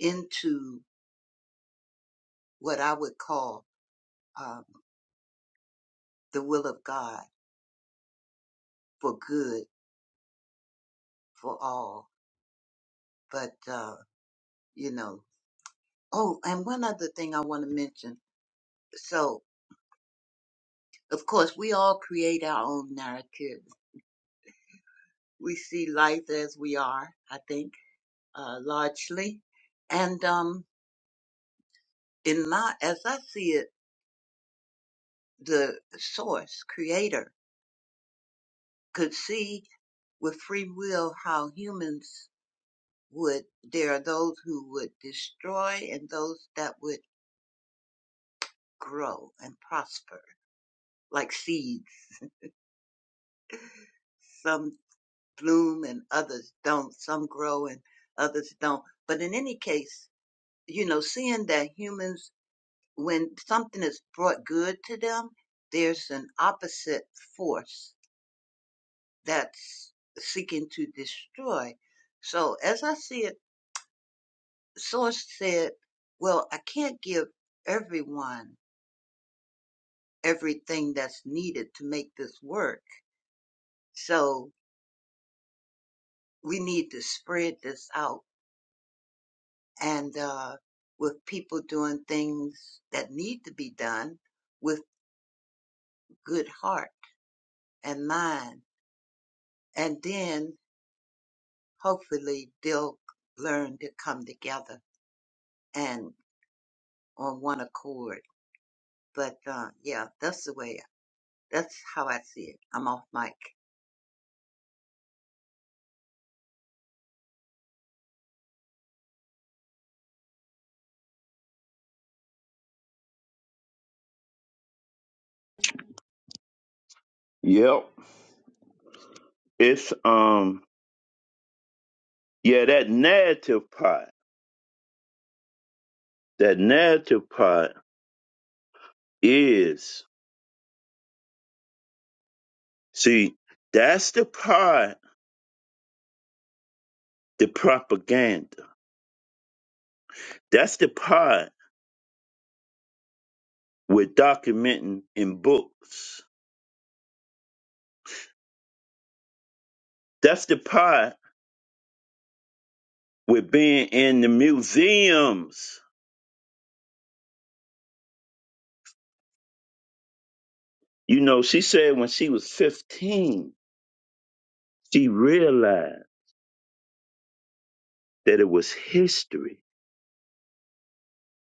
Speaker 5: into what I would call uh, the will of God for good for all. But, uh, you know, oh, and one other thing I want to mention. So, of course, we all create our own narrative. We see life as we are, I think, uh, largely. And, um, in my, as I see it, the source creator could see with free will how humans would, there are those who would destroy and those that would grow and prosper like seeds Some bloom and others don't. Some grow and others don't. But in any case, you know, seeing that humans, when something is brought good to them, there's an opposite force that's seeking to destroy. So as I see it, Source said, well, I can't give everyone everything that's needed to make this work. So we need to spread this out and uh, with people doing things that need to be done with good heart and mind. And then hopefully they'll learn to come together and on one accord. But uh, yeah, that's the way, that's how I see it. I'm off mic.
Speaker 4: Yep. It's um yeah, that narrative part. That narrative part is see, that's the part the propaganda. That's the part with documenting in books. That's the part with being in the museums. You know, she said when she was fifteen She realized that it was history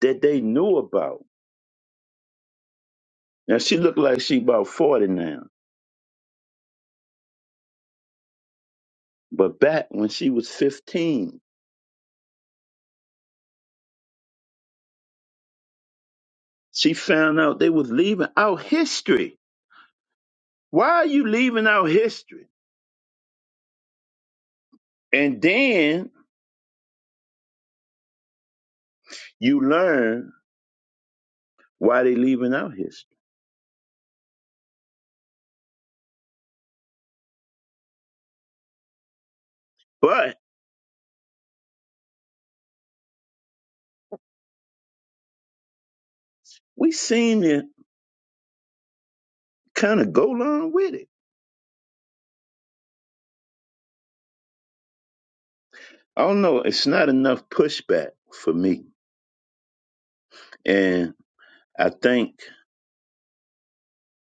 Speaker 4: that they knew about. Now she looked like she about 40 now, but back when she was 15, she found out they was leaving out history. Why are you leaving out history? And then you learn why they leaving out history. But we seem to kind of go along with it. I don't know. It's not enough pushback for me. And I think,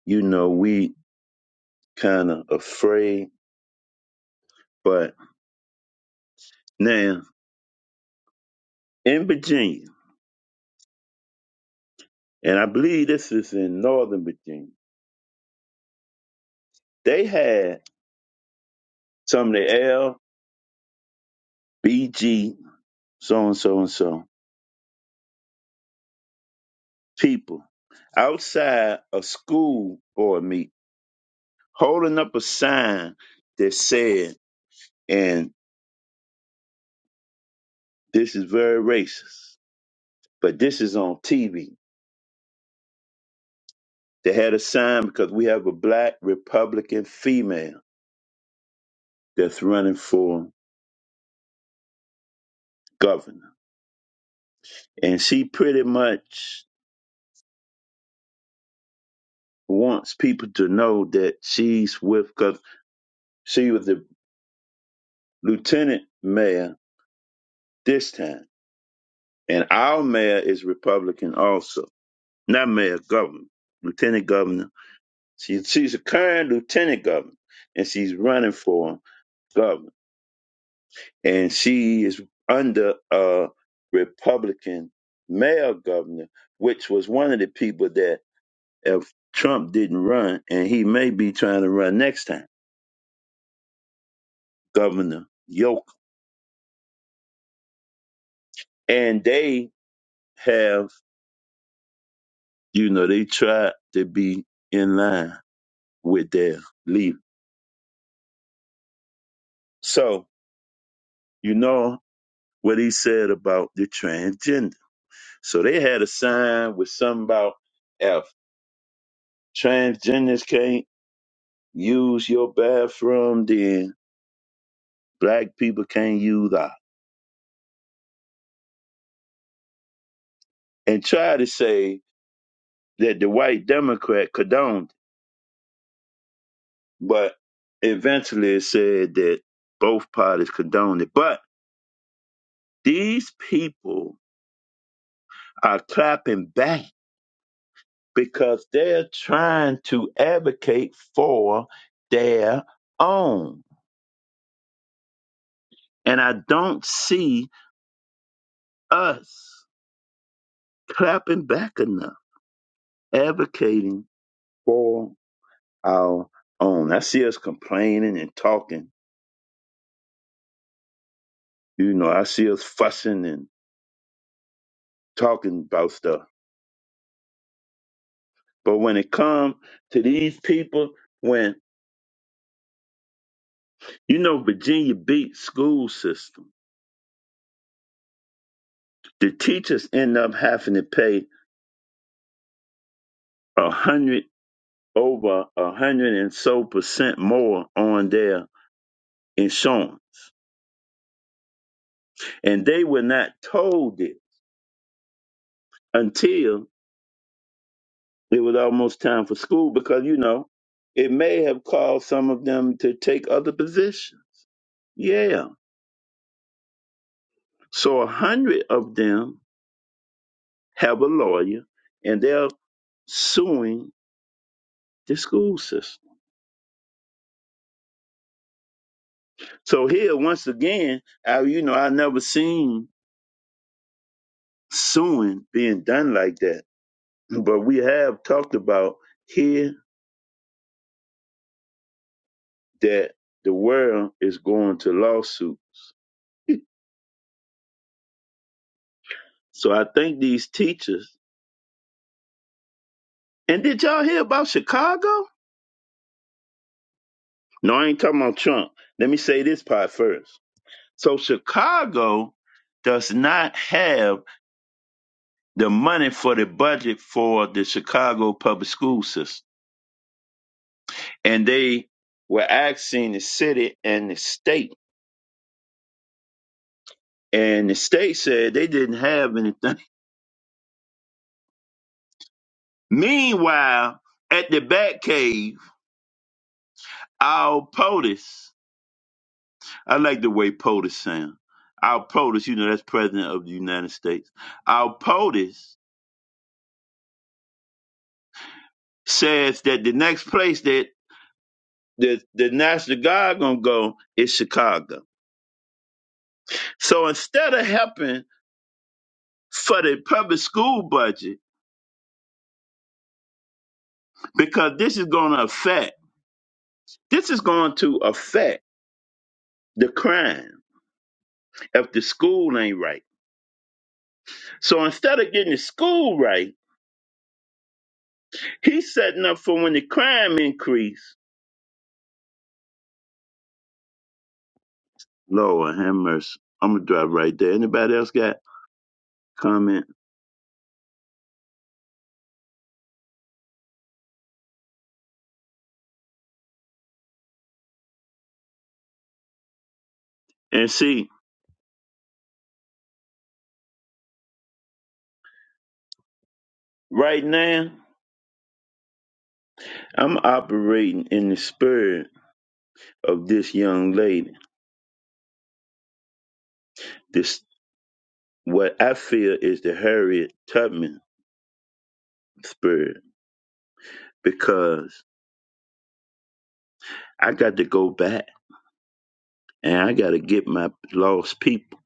Speaker 4: you know, we kind of afraid, but Now, in Virginia, and I believe this is in Northern Virginia, they had some of the LBG, so and so and so people outside a school board meeting holding up a sign that said, and this is very racist, but this is on TV. They had a sign because we have a black Republican female that's running for governor. And she pretty much wants people to know that she's with because she was the lieutenant mayor this time, and our mayor is Republican also, not mayor governor, lieutenant governor. She, she's a current lieutenant governor, and she's running for governor, and she is under a Republican mayor governor, which was one of the people that if Trump didn't run, and he may be trying to run next time, Governor Yoke, and they have, you know, they tried to be in line with their leader. So, you know what he said about the transgender. So they had a sign with something about if transgenders can't use your bathroom, then black people can't use ours. And try to say that the white Democrat condoned it. But eventually it said that both parties condoned it. But these people are clapping back because they're trying to advocate for their own. And I don't see us clapping back enough, advocating for our own. I see us complaining and talking. You know, I see us fussing and talking about stuff. But when it comes to these people, when you know Virginia beat school system, the teachers end up having to pay a hundred. over a hundred and so percent more on their insurance. And they were not told it until it was almost time for school because, you know, it may have caused some of them to take other positions. Yeah. So a hundred of them have a lawyer and they're suing the school system. So here, once again, I, you know, I never seen suing being done like that. But we have talked about here that the world is going to lawsuits. [laughs] So I think these teachers. And did y'all hear about Chicago? No, I ain't talking about Trump. Let me say this part first. So Chicago does not have the money for the budget for the Chicago public school system. And they were asking the city and the state. And the state said they didn't have anything. [laughs] Meanwhile, at the Batcave, our POTUS I like the way POTUS sound. Our POTUS, you know, that's President of the United States. Our POTUS says that the next place that the, the National Guard gonna go is Chicago. So instead of helping for the public school budget, because this is gonna affect, this is going to affect the crime if the school ain't right. So instead of getting the school right, he's setting up for when the crime increase. Lord have mercy. I'm gonna drive right there. Anybody else got? comment. And see, right now, I'm operating in the spirit of this young lady. This what I feel is the Harriet Tubman spirit because I got to go back and I got to get my lost people.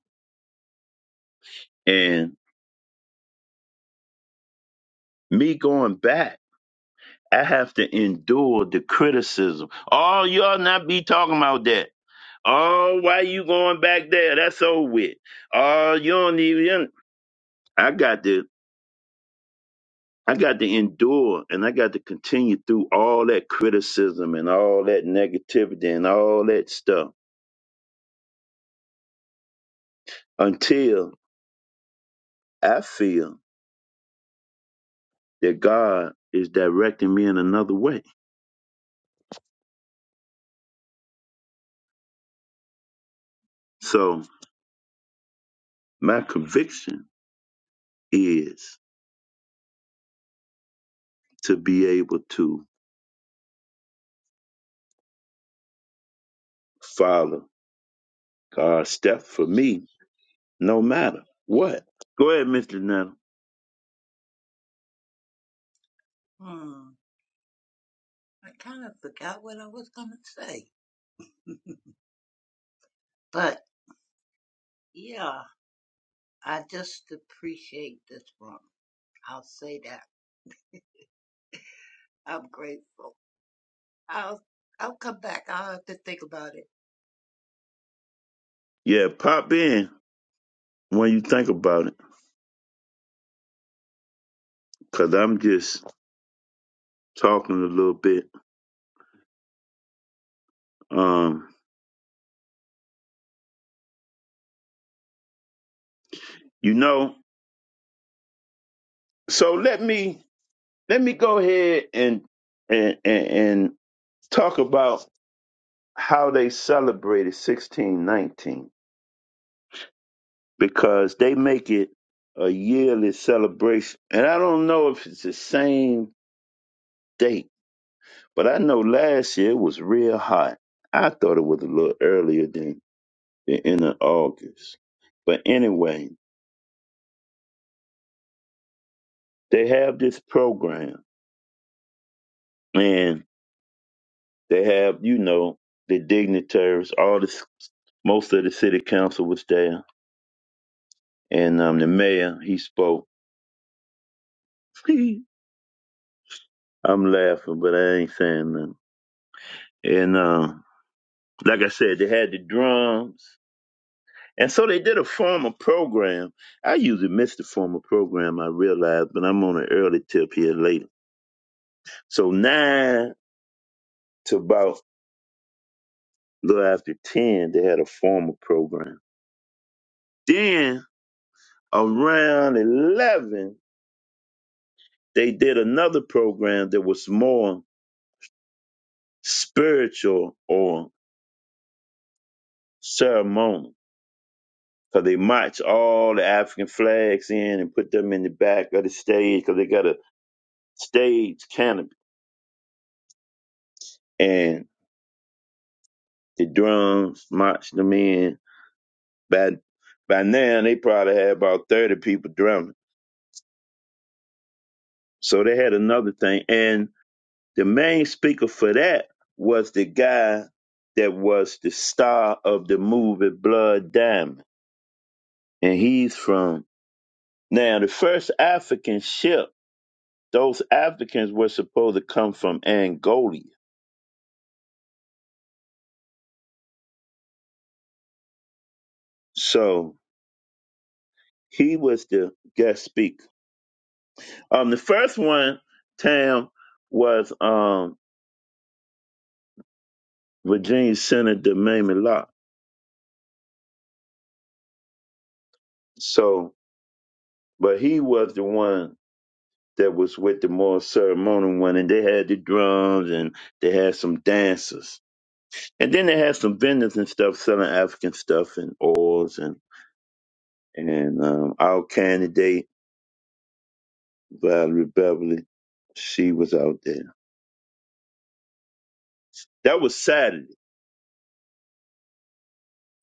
Speaker 4: And me going back, I have to endure the criticism. Oh, you all not be talking about that. Oh, why you going back there? That's over with. Oh, you don't even. I got to I got to endure and I got to continue through all that criticism and all that negativity and all that stuff until I feel that God is directing me in another way. So my conviction is to be able to follow God's step for me no matter what. Go ahead, Mr. Nettle.
Speaker 5: Hmm, I kind of forgot what I was going to say. [laughs] But yeah, I just appreciate this room. I'll say that. I'm grateful. I'll I'll come back. I'll have to think about it.
Speaker 4: Yeah, pop in when you think about it because I'm just talking a little bit. Um, you know, so let me let me go ahead and and and, and talk about how they celebrated 1619 because they make it a yearly celebration and i don't know if it's the same date but i know last year it was real hot i thought it was a little earlier than the end of august but anyway they have this program and they have you know the dignitaries all the most of the city council was there And um, the mayor, he spoke. [laughs] I'm laughing, but I ain't saying nothing. And um, like I said, they had the drums. And so they did a formal program. I usually miss the formal program, I realize, but I'm on an early tip here later. So 9 to about a little after 10, they had a formal program. Then around 11, they did another program that was more spiritual or ceremonial. because they march all the African flags in and put them in the back of the stage because they got a stage canopy and the drums march them in. By by now they probably had about thirty people drumming, so they had another thing. And the main speaker for that was the guy that was the star of the movie Blood Diamond, and he's from now the first African ship. Those Africans were supposed to come from Angola So he was the guest speaker. Um, the first one, Tam, was um Virginia Senator Mamie Locke. So, but he was the one that was with the more ceremonial one, and they had the drums and they had some dancers, and then they had some vendors and stuff selling African stuff and oils and and um, our candidate Valerie Beverly, she was out there. That was Saturday.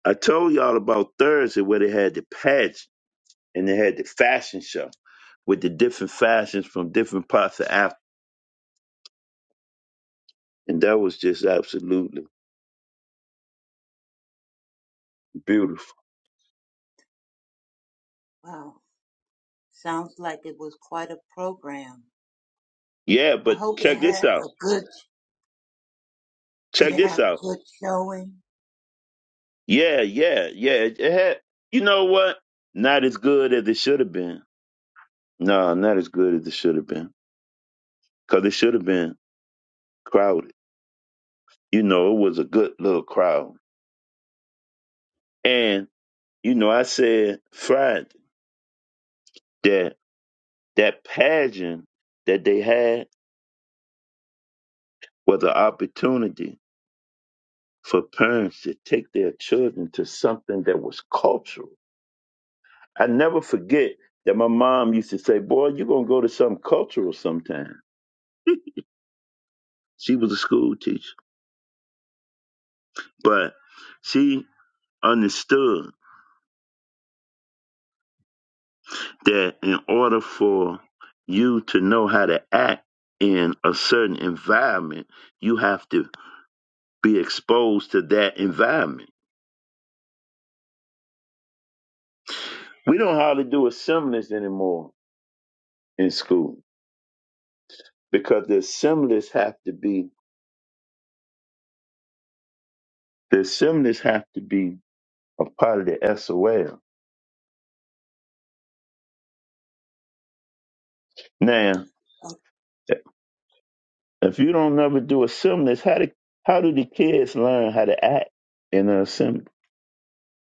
Speaker 4: I told y'all about Thursday where they had the pageant and they had the fashion show with the different fashions from different parts of Africa. And that was just absolutely beautiful.
Speaker 5: Wow, sounds like it was quite a program.
Speaker 4: Yeah,
Speaker 5: I
Speaker 4: but
Speaker 5: hope it
Speaker 4: check this
Speaker 5: had
Speaker 4: out.
Speaker 5: a good, did
Speaker 4: Check
Speaker 5: it
Speaker 4: this
Speaker 5: have
Speaker 4: out.
Speaker 5: good showing?
Speaker 4: Yeah, yeah, yeah. It it had, you know what? Not as good as it should have been. No, not as good as it should have been. Because it should have been crowded. You know, it was a good little crowd. And, you know, I said Friday that that pageant that they had was an opportunity for parents to take their children to something that was cultural. I never forget that my mom used to say, Boy, you're going to go to something cultural sometime. She was a school teacher, but she understood that in order for you to know how to act in a certain environment, you have to be exposed to that environment. We don't hardly do assemblies anymore in school because the assemblies have to be The assemblies have to be a part of the SOL. Now, if you don't never do assemblies, how do how do the kids learn how to act in an assembly?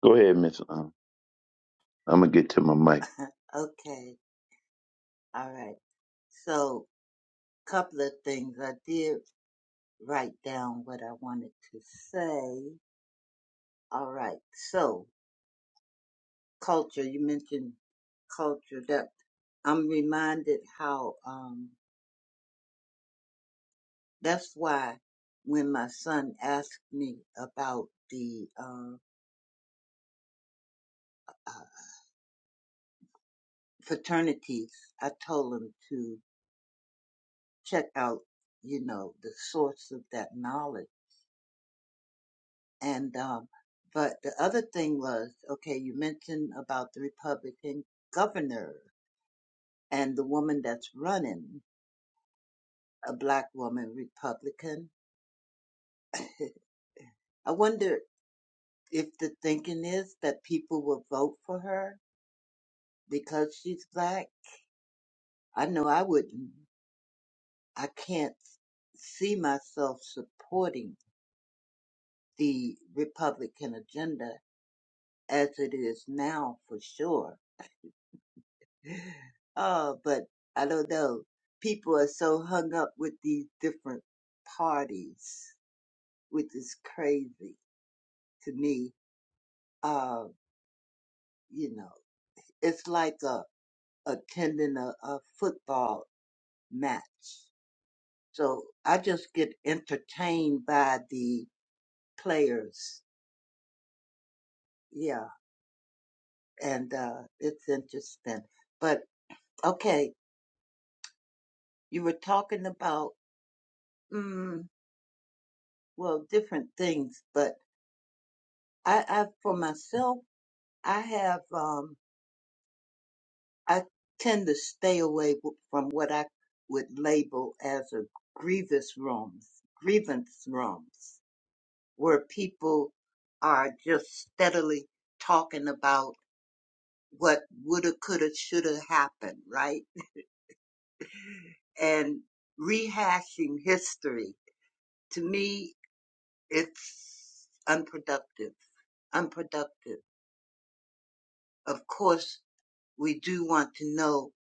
Speaker 4: Go ahead, Miss. Um, I'm gonna get to my mic.
Speaker 5: Okay, okay, all right. So, couple of things. I did write down what I wanted to say. All right, so culture, you mentioned culture. That I'm reminded how, um, that's why when my son asked me about the, um uh, fraternities, I told them to check out, you know, the source of that knowledge. And, um, but the other thing was, okay, you mentioned about the Republican governor and the woman that's running, a black woman Republican. [coughs] [laughs] I wonder if the thinking is that people will vote for her because she's black. I know I wouldn't. I can't see myself supporting the Republican agenda as it is now for sure. [gasps] Oh, but I don't know. People are so hung up with these different parties, which is crazy to me. Uh, you know, it's like a, attending a, a football match. So I just get entertained by the players. Yeah. And, uh, it's interesting. But okay. You were talking about mm, well, different things, but I, I, for myself, I have, um, I tend to stay away w- from what I would label as a grievous wrongs, grievance wrongs, where people are just steadily talking about what woulda, coulda, shoulda happened, right? And rehashing history. To me, it's unproductive, unproductive. Of course, we do want to know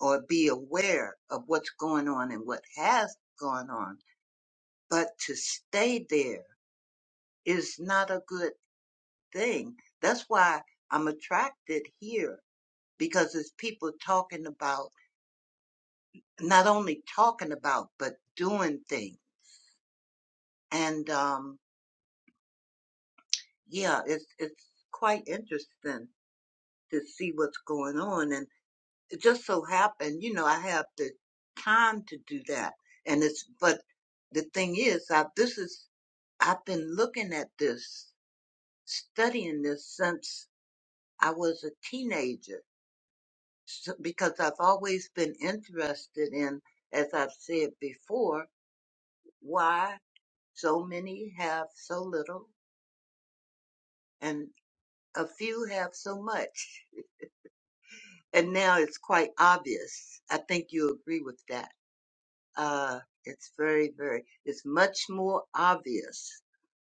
Speaker 5: or be aware of what's going on and what has gone on. But to stay there is not a good thing. That's why I'm attracted here because it's people talking about, not only talking about, but doing things. And, um, yeah, it's, it's quite interesting to see what's going on. it just so happened, you know, I have the time to do that. And it's, but the thing is, I, this is, I've been looking at this, studying this since I was a teenager, so, because I've always been interested in, as I've said before, why so many have so little and a few have so much. And now it's quite obvious. I think you agree with that. uh, it's very, very, it's much more obvious.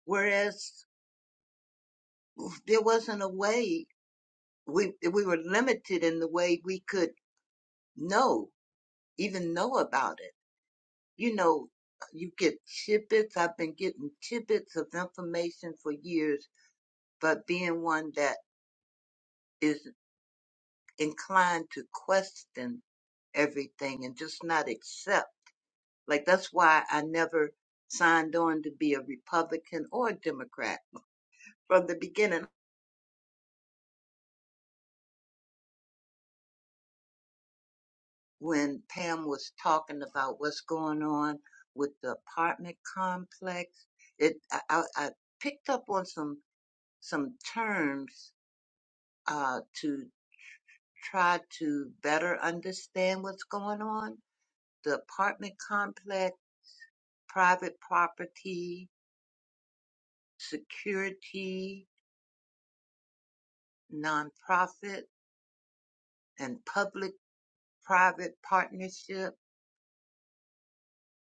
Speaker 5: Whereas there wasn't a way we, we were limited in the way we could know, even know about it. You know, you get tidbits. I've been getting tidbits of information for years, but being one that is inclined to question everything and just not accept. Like that's why I never signed on to be a Republican or a Democrat from the beginning. when Pam was talking about what's going on with the apartment complex. It I, I I picked up on some some terms uh, to try to better understand what's going on. The apartment complex, private property, security, nonprofit, and public-private partnership,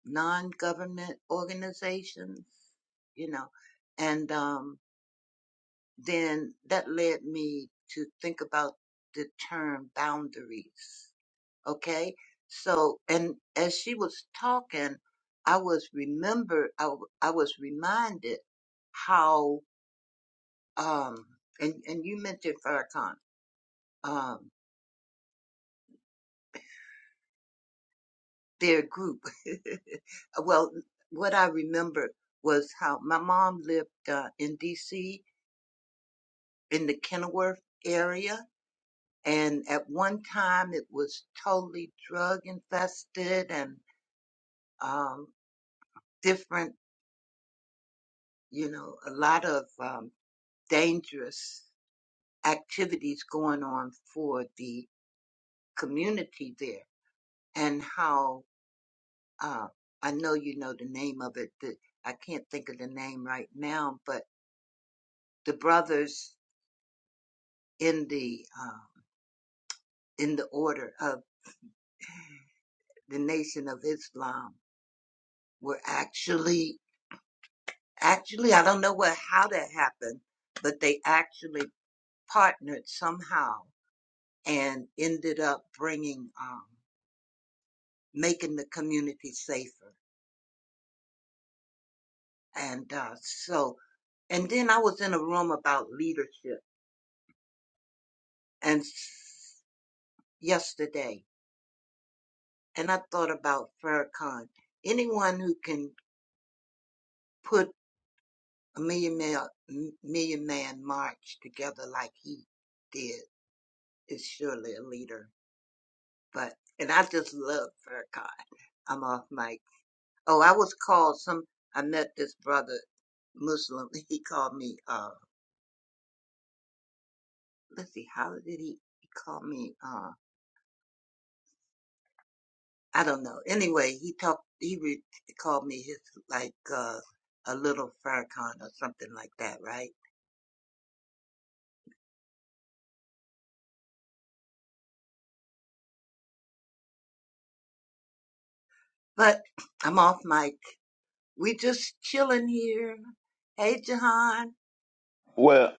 Speaker 5: non-government organizations. You know, and um, then that led me to think about the term boundaries. Okay. So, and as she was talking, I was remember, I, w- I was reminded how, um, and, and you mentioned Farrakhan, um, their group. [laughs] well, what I remember was how my mom lived, uh, in DC in the Kenilworth area and at one time it was totally drug infested and um, different, you know, a lot of um, dangerous activities going on for the community there. And how uh, I know you know the name of it. The, I can't think of the name right now, but the brothers in the uh, in the order of the Nation of Islam were actually Actually, I don't know what how that happened, but they actually partnered somehow and ended up bringing, um, making the community safer. And uh, so, and then I was in a room about leadership and s- yesterday, and I thought about Farrakhan. Anyone who can put a million man, million man march together like he did is surely a leader. But and I just love Farrakhan. I'm off mic. Oh, I was called some. I met this brother Muslim. [laughs] He called me. Uh, let's see, how did he, he call me? Uh, I don't know. Anyway, he talked. He re- called me his like uh, a little Farrakhan or something like that, right? But [clears throat] I'm off mic. We just chilling here. Hey, Jahan.
Speaker 4: Well,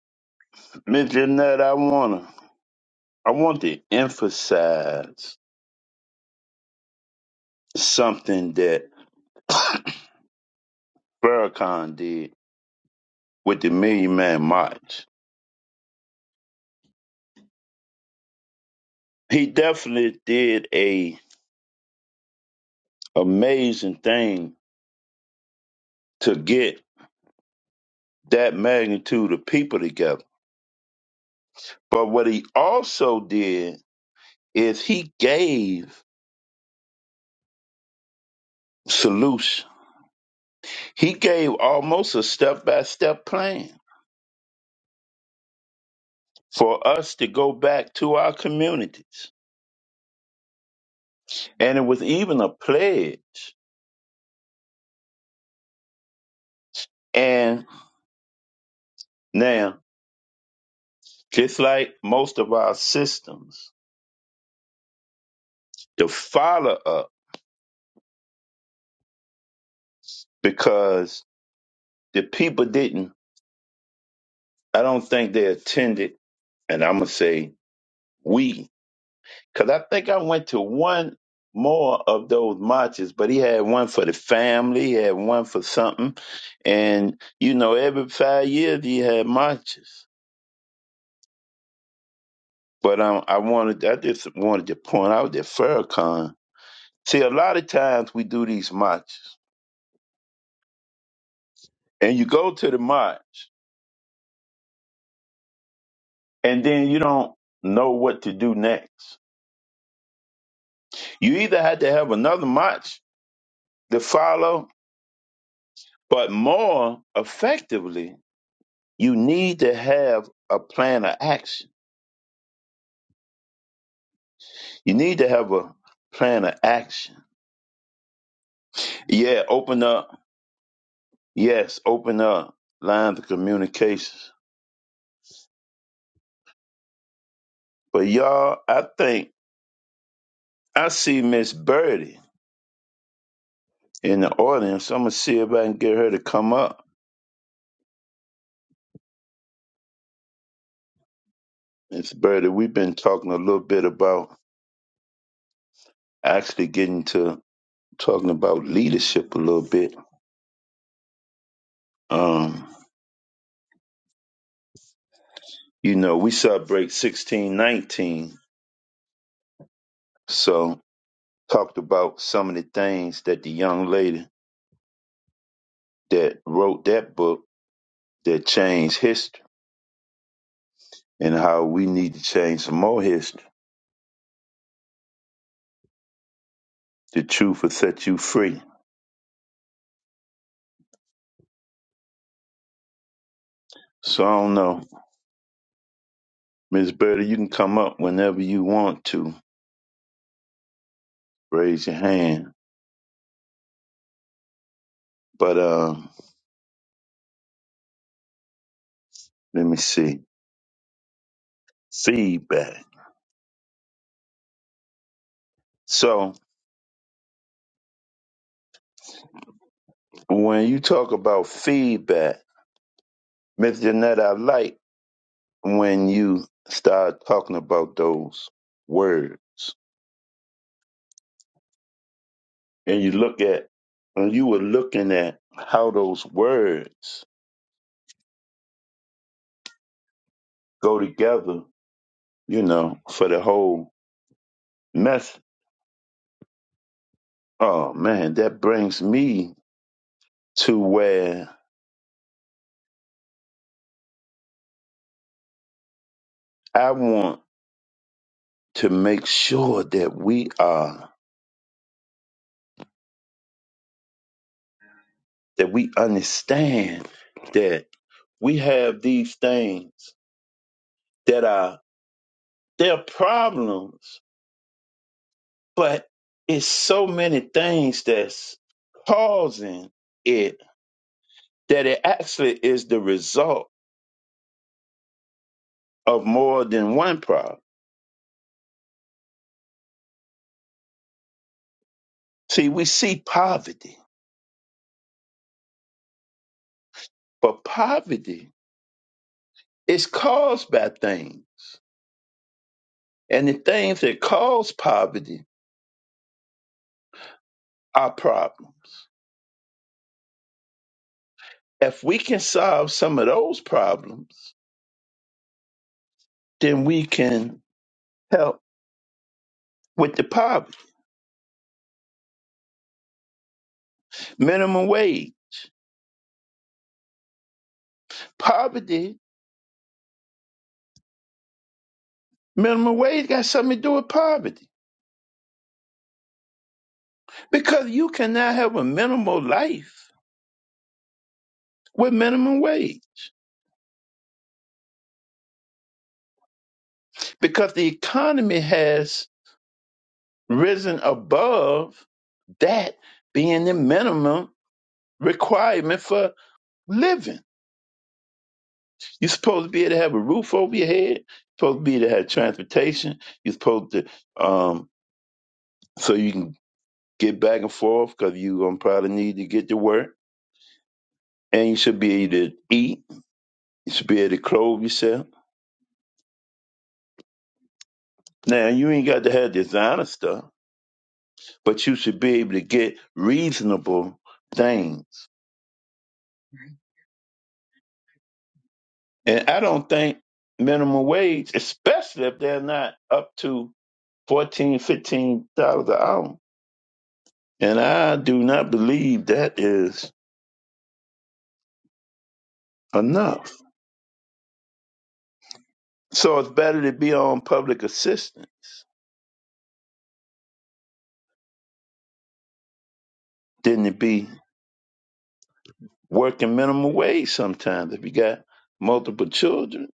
Speaker 4: Miss Jeanette, I wanna I want to emphasize something that [coughs] Farrakhan did with the Million Man March. He definitely did a amazing thing to get that magnitude of people together But what he also did is he gave solution. He gave almost a step by step plan for us to go back to our communities. And it was even a pledge. And now, just like most of our systems, the follow up, because the people didn't, I don't think they attended, and I'm going to say we Because I think I went to one more of those marches, but he had one for the family, he had one for something. And, you know, every five years he had marches. But um, I wanted, I just wanted to point out that Farrakhan, see, a lot of times we do these marches and you go to the march and then you don't know what to do next. You either had to have another march to follow, but more effectively You need to have a plan of action. You need to have a plan of action. Yeah, open up. Yes, open up lines of communications. But y'all, I think I see Miss Birdie in the audience. I'm gonna see if I can get her to come up. Miss Birdie, we've been talking a little bit about actually getting to talking about leadership a little bit. Um, you know, we celebrate 1619, so. talked about some of the things that the young lady that wrote that book that changed history and how we need to change some more history. The truth will set you free. So I don't know. Miss Betty, you can come up whenever you want to. Raise your hand. But um, let me see. Feedback. So when you talk about feedback, Miss Jeanette, I like when you start talking about those words and you look at and you were looking at how those words go together, you know, for the whole mess. Oh man, that brings me to where I want to make sure that we are that we understand that we have these things that are they're problems, but it's so many things that's causing it that it actually is the result of more than one problem. See, we see poverty, but poverty is caused by things. And the things that cause poverty are problems. If we can solve some of those problems, then we can help with the poverty. Minimum wage. Poverty, minimum wage got something to do with poverty. Because you cannot have a minimal life with minimum wage. Because the economy has risen above that being the minimum requirement for living. You're supposed to be able to have a roof over your head. You're supposed to be able to have transportation. You're supposed to, um, so you can get back and forth because you're going to probably need to get to work. And you should be able to eat. You should be able to clothe yourself. Now, you ain't got to have designer stuff, but you should be able to get reasonable things And I don't think minimum wage, especially if they're not up to fourteen, fifteen dollars an hour. And I do not believe that is enough. So it's better to be on public assistance than to be working minimum wage sometimes if you got multiple children.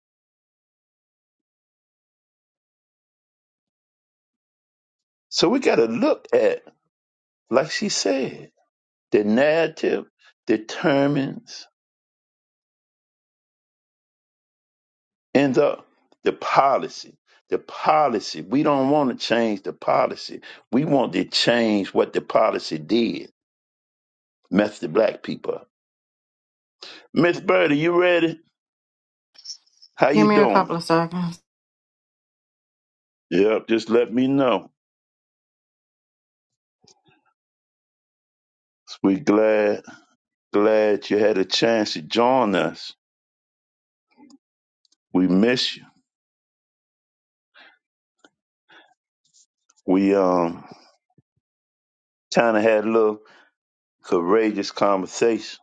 Speaker 4: So we gotta look at, like she said, the narrative determines And up the policy, the policy. We don't want to change the policy. We want to change what the policy did. Mess the black people up. Miss Birdie, you ready? How
Speaker 6: Give
Speaker 4: you
Speaker 6: me a couple
Speaker 4: doing?
Speaker 6: of seconds.
Speaker 4: Yep, just let me know. We glad glad you had a chance to join us. We miss you. We um kind of had a little courageous conversation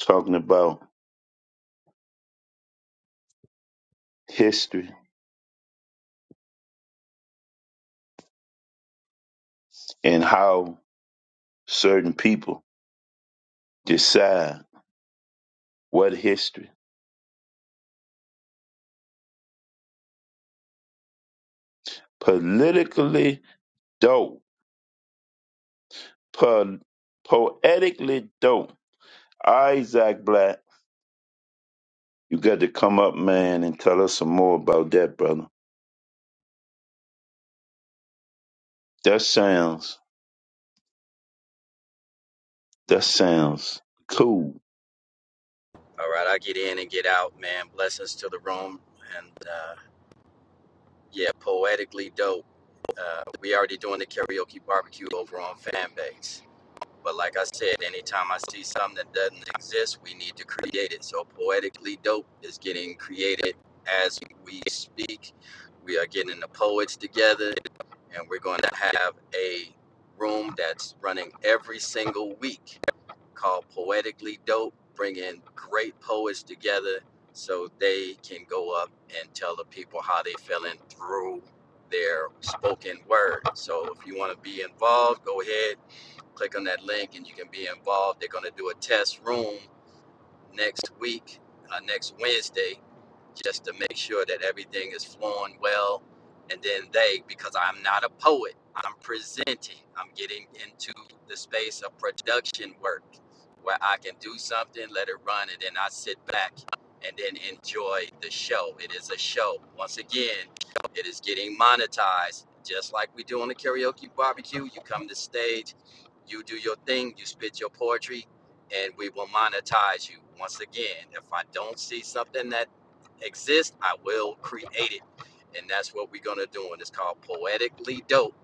Speaker 4: talking about history and how certain people decide what history. politically dope, po- poetically dope. Isaac Black, you got to come up, man, and tell us some more about that, brother. That sounds, that sounds cool.
Speaker 7: All right, I get in and get out, man. Blessings to the room, and uh, yeah, poetically dope. Uh, we already doing the karaoke barbecue over on Fanbase, but like I said, anytime I see something that doesn't exist, we need to create it. So poetically dope is getting created as we speak. We are getting the poets together, and we're going to have a room that's running every single week called Poetically Dope, bringing great poets together so they can go up and tell the people how they feeling through their spoken word. So if you want to be involved, go ahead, click on that link and you can be involved. They're going to do a test room next week, uh, next Wednesday, just to make sure that everything is flowing well. And then they, because I'm not a poet, I'm presenting, I'm getting into the space of production work where I can do something, let it run, and then I sit back and then enjoy the show. It is a show. Once again, it is getting monetized, just like we do on the karaoke barbecue. You come to stage, you do your thing, you spit your poetry, and we will monetize you. Once again, if I don't see something that exists, I will create it. And that's what we're going to do. And it's called Poetically Dope.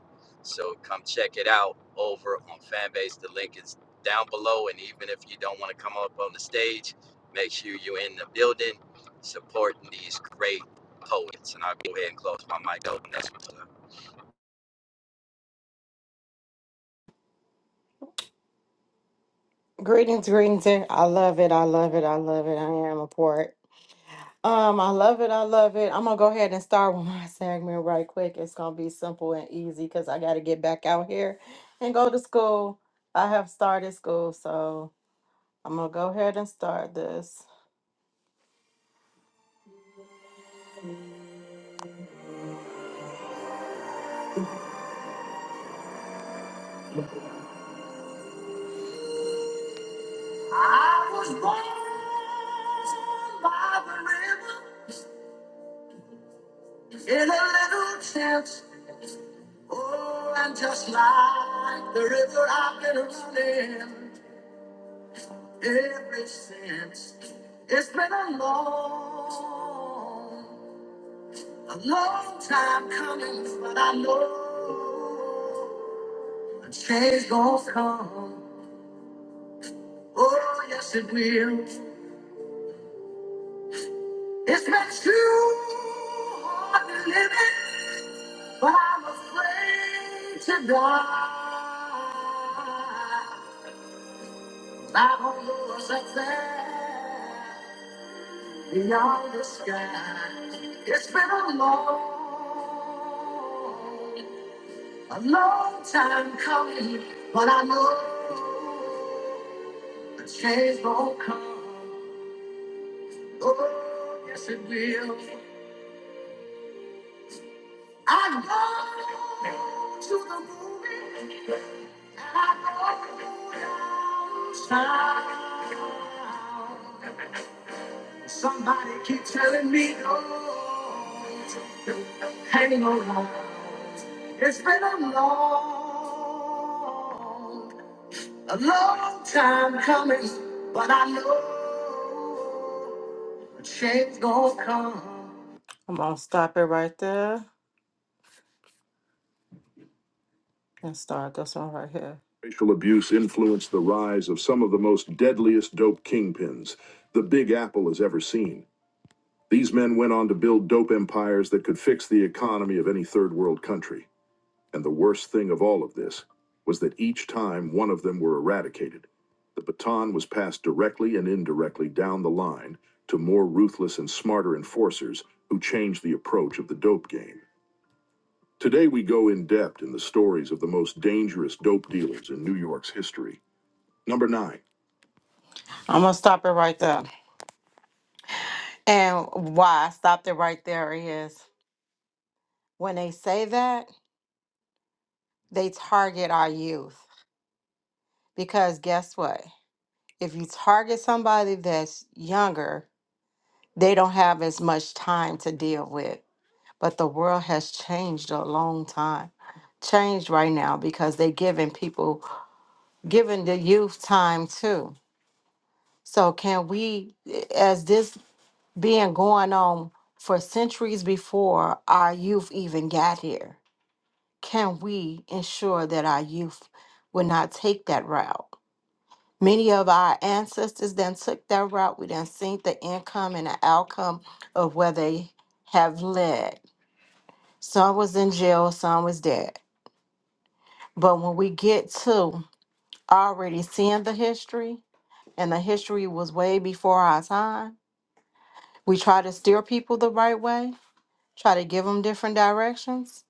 Speaker 7: So come check it out over on Fanbase. The link is down below. And even if you don't want to come up on the stage, make sure you're in the building supporting these great poets. And I'll go ahead and close my mic open.
Speaker 6: Greetings, greetings. and I love it. I love it. I love it. I am a port. Um, I love it. I love it. I'm gonna go ahead and start with my [laughs] segment right quick. It's gonna be simple and easy because I gotta get back out here and go to school. I have started school, so I'm gonna go ahead and start this. I was born by the river in a little tent. Oh, and just like the river I've been running. every sense. It's been a long, a long time coming, but I know a change gonna come. Oh, yes, it will. It's been too hard living, but I'm afraid to die. I Not on yours up there. Beyond the sky, it's been a long, a long time coming, but I know the change won't come. Oh, yes it will. I go to the movie, and I go downtown. Somebody keep telling me no. Hanging around. It's been a long, a long time coming, but I know a change gonna come. I'm gonna stop it right there and start this one right here. Racial abuse influenced the rise of some of the most deadliest dope kingpins the Big Apple has ever seen. These men went on to build dope empires that could fix the economy of any third world country. And the worst thing of all of this was that each time one of them were eradicated, the baton was passed directly and indirectly down the line to more ruthless and smarter enforcers who changed the approach of the dope game. Today, we go in depth in the stories of the most dangerous dope dealers in New York's history. Number nine. I'm gonna stop it right there. And why I stopped it right there is when they say that. they target our youth because guess what if you target somebody that's younger they don't have as much time to deal with but the world has changed a long time changed right now because they're giving people giving the youth time too so can we eh, as this being going on for centuries before our youth even got here can we ensure that our youth will not take that route Many of our ancestors then took that route. We then seen the income and the outcome of where they have led. Some was in jail, some was dead. But when we get to already seeing the history, and the history was way before our time, we try to steer people the right way, try to give them different directions,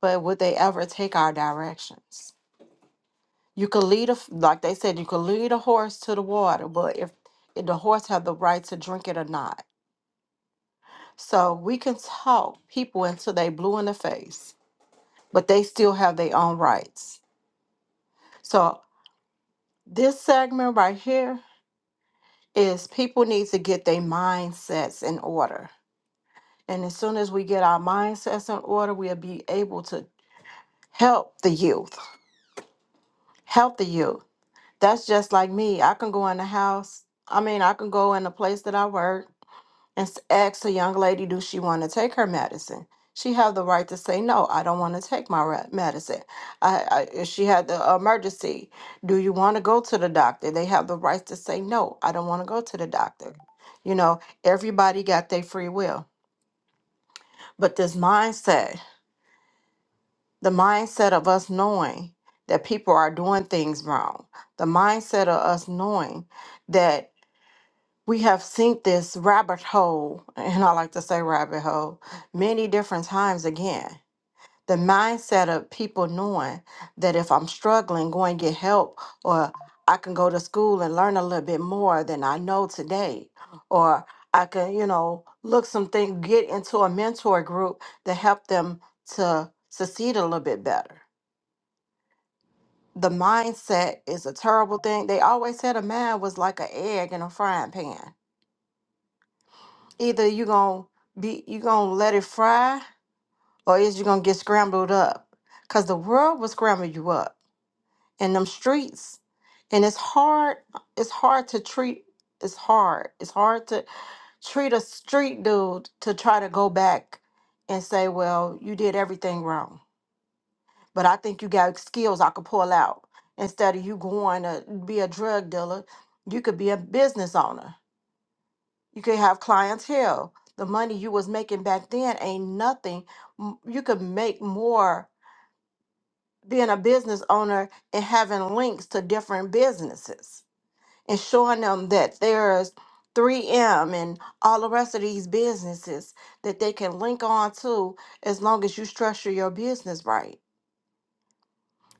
Speaker 6: but would they ever take our directions? You could lead a, f- like they said, you could lead a horse to the water, but if if the horse had the right to drink it or not So we can talk people until they blue in the face, but they still have their own rights. So this segment right here is people need to get their mindsets in order. And as soon as we get our mindsets in order, we'll be able to help the youth. Help the youth. That's just like me. I can go in the house. I mean, I can go in the place that I work and s- asked a young lady, do she want to take her medicine? She have the right to say, no, I don't want to take my re- medicine. I, I, if she had the emergency, do you want to go to the doctor? They have the right to say, no, I don't want to go to the doctor. You know, everybody got their free will. But this mindset, the mindset of us knowing that people are doing things wrong, the mindset of us knowing that we have seen this rabbit hole, and I like to say rabbit hole, many different times again. The mindset of people knowing that if I'm struggling, go and get help, or I can go to school and learn a little bit more than I know today, or I can, you know, look something, get into a mentor group to help them to succeed a little bit better. The mindset is a terrible thing. They always said a man was like an egg in a frying pan either you gonna be you gonna let it fry or is you gonna get scrambled up because the world will scramble you up in them streets and it's hard it's hard to treat it's hard it's hard to treat a street dude to try to go back and say well you did everything wrong but i think you got skills i could pull out instead of you going to be a drug dealer you could be a business owner you could have clientele. The money you was making back then ain't nothing. M- You could make more being a business owner and having links to different businesses and showing them that there's 3M and all the rest of these businesses that they can link on to as long as you structure your business right.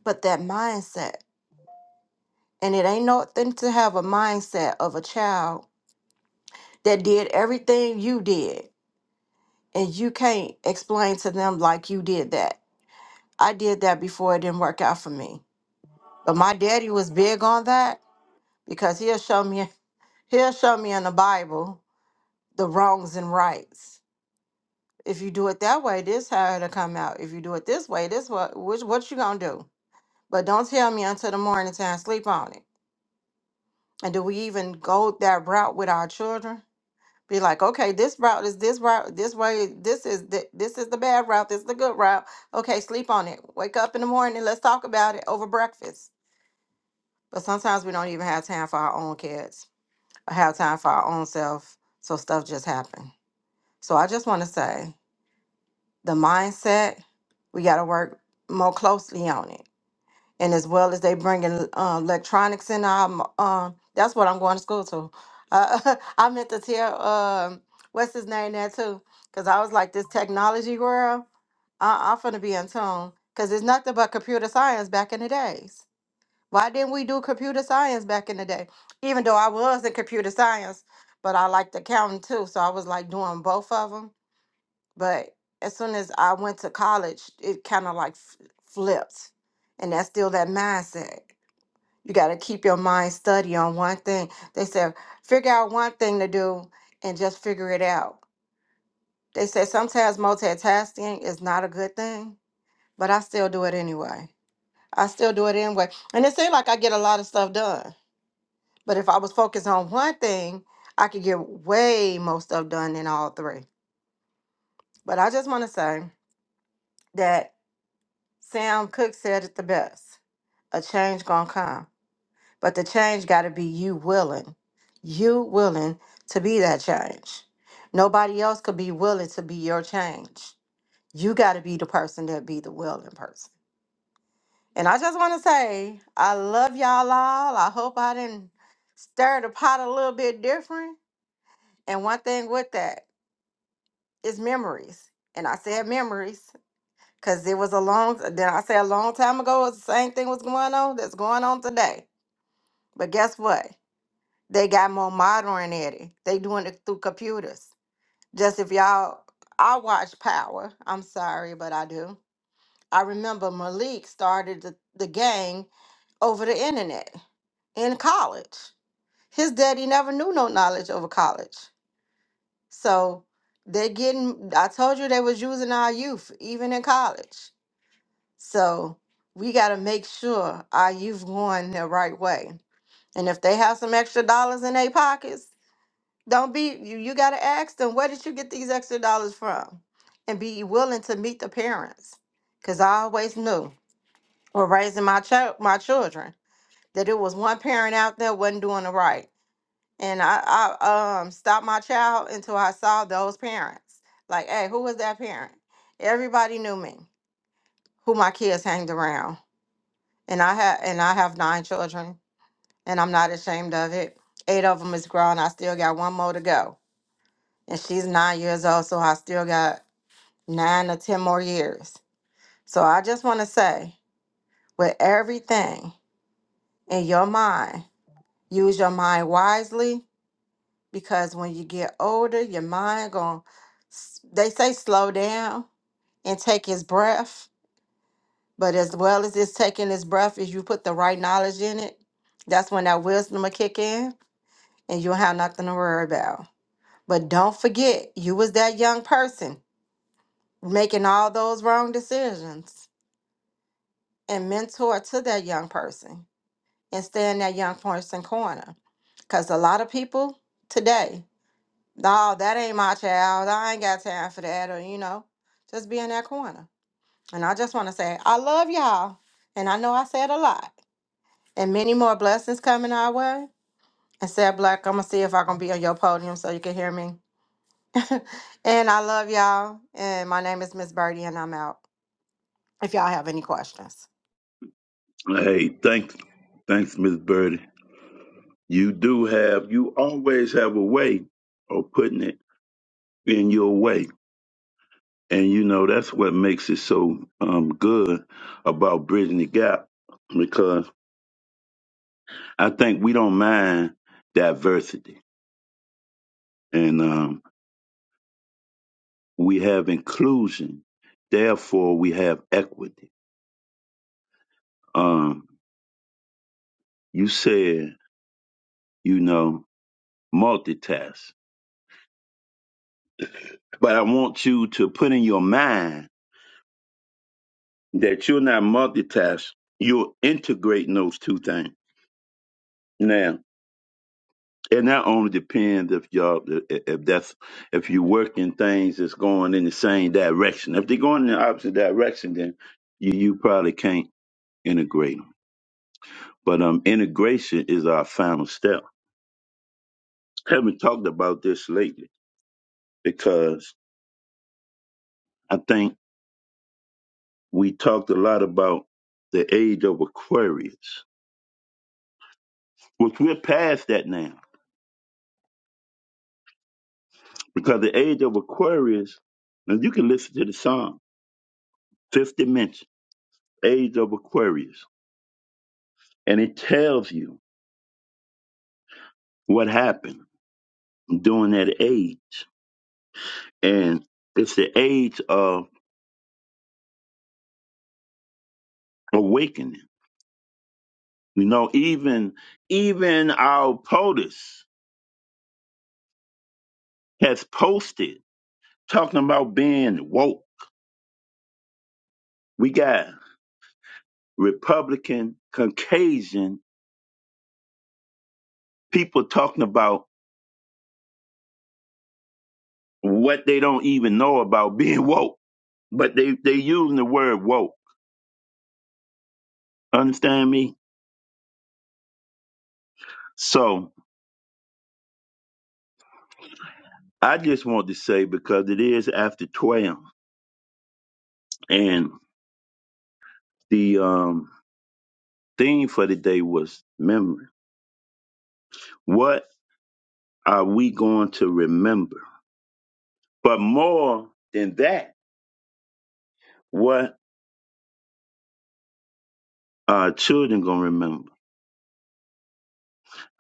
Speaker 6: But that mindset, and it ain't nothing to have a mindset of a child that did everything you did and you can't explain to them like you did that. I did that before it didn't work out for me. But my daddy was big on that because he'll show me he'll show me in the Bible the wrongs and rights. If you do it that way, this how it'll come out. If you do it this way, this what which what you gonna do? But don't tell me until the morning time sleep on it. And do we even go that route with our children? be like, okay, this route is this route, this way, this is the, this is the bad route, this is the good route. Okay, sleep on it. Wake up in the morning, let's talk about it over breakfast. But sometimes we don't even have time for our own kids or have time for our own self. So stuff just happen. So I just want to say the mindset, we got to work more closely on it and as well as they bringing uh, electronics in. I'm um, that's what I'm going to school to. Uh, [laughs] I meant to tell um, what's his name there too, because I was like this technology world. I- I'm finna be in tune, because it's nothing but computer science back in the days. Why didn't we do computer science back in the day? Even though I was in computer science, but I liked accounting too, so I was like doing both of them but as soon as I went to college, it kind of like f- flipped. And that's still that mindset. You got to keep your mind steady on one thing. They said, figure out one thing to do and just figure it out. They said sometimes multitasking is not a good thing, but I still do it anyway. I still do it anyway. And it seemed like I get a lot of stuff done. But if I was focused on one thing, I could get way more stuff done than all three. But I just want to say, that Sam Cooke said it the best. A change gonna come. But the change gotta be you willing. You willing to be that change. Nobody else could be willing to be your change. You gotta be the person that be the willing person. And I just wanna say, I love y'all all. I hope I didn't stir the pot a little bit different. And one thing with that is memories. And I said memories. Cause it was a long did I say a long time ago it's the same thing was going on that's going on today. But guess what? They got more modern at it. They doing it through computers. Just if y'all I watch Power. I'm sorry, but I do. I remember Malik started the, the gang over the internet in college. His daddy never knew no knowledge over college. So they getting I told you they was using our youth, even in college. So we got to make sure our youth going the right way. And if they have some extra dollars in their pockets, don't be you, you got to ask them where did you get these extra dollars from, and be willing to meet the parents. Cause I always knew when raising my child my children that it was one parent out there wasn't doing it right, and I, I um stopped my child until I saw those parents. Like, hey, who was that parent? Everybody knew me, who my kids hanged around and I have and I have nine children, and I'm not ashamed of it. Eight of them is grown. I still got one more to go, and she's nine years old, so I still got nine or ten more years. So I just want to say, with everything in your mind, use your mind wisely, because when you get older, your mind going. They say slow down and take his breath, but as well as it's taking his breath, if you put the right knowledge in it, that's when that wisdom will kick in and you don't have nothing to worry about. But don't forget, you was that young person making all those wrong decisions and mentor to that young person and stay in that young person corner. Cause a lot of people today, no, that ain't my child. I ain't got time for that, or you know, just be in that corner. And I just want to say, I love y'all, and I know I said a lot, and many more blessings coming our way. And said, Black, I'm gonna see if I can be on your podium so you can hear me. [laughs] and I love y'all. And my name is Miss Birdie, and I'm out. If y'all have any questions.
Speaker 4: Hey, thanks, thanks, Miss Birdie. You do have, you always have a way of putting it in your way, and you know that's what makes it so um good about bridging the gap because I think we don't mind diversity and um, we have inclusion. Therefore, we have equity. Um, you said, you know, multitask, but I want you to put in your mind that you're not multitask. You're integrating those two things. Now, it not only depends if y'all if that's if you work in things that's going in the same direction. If they're going in the opposite direction, then you you probably can't integrate them. But um, integration is our final step haven't talked about this lately because I think we talked a lot about the age of Aquarius, which we're past that now because the age of Aquarius, and you can listen to the song, Fifth Dimension, Age of Aquarius, and it tells you what happened during that age. And it's the age of awakening. You know, even even our POTUS has posted talking about being woke. We got Republican, Caucasian people talking about what they don't even know about [laughs] being woke, but they they using the word woke. Understand me? So I just want to say because it is after twelve, and the um, theme for the day was memory. What are we going to remember? But more than that, what our children gonna remember?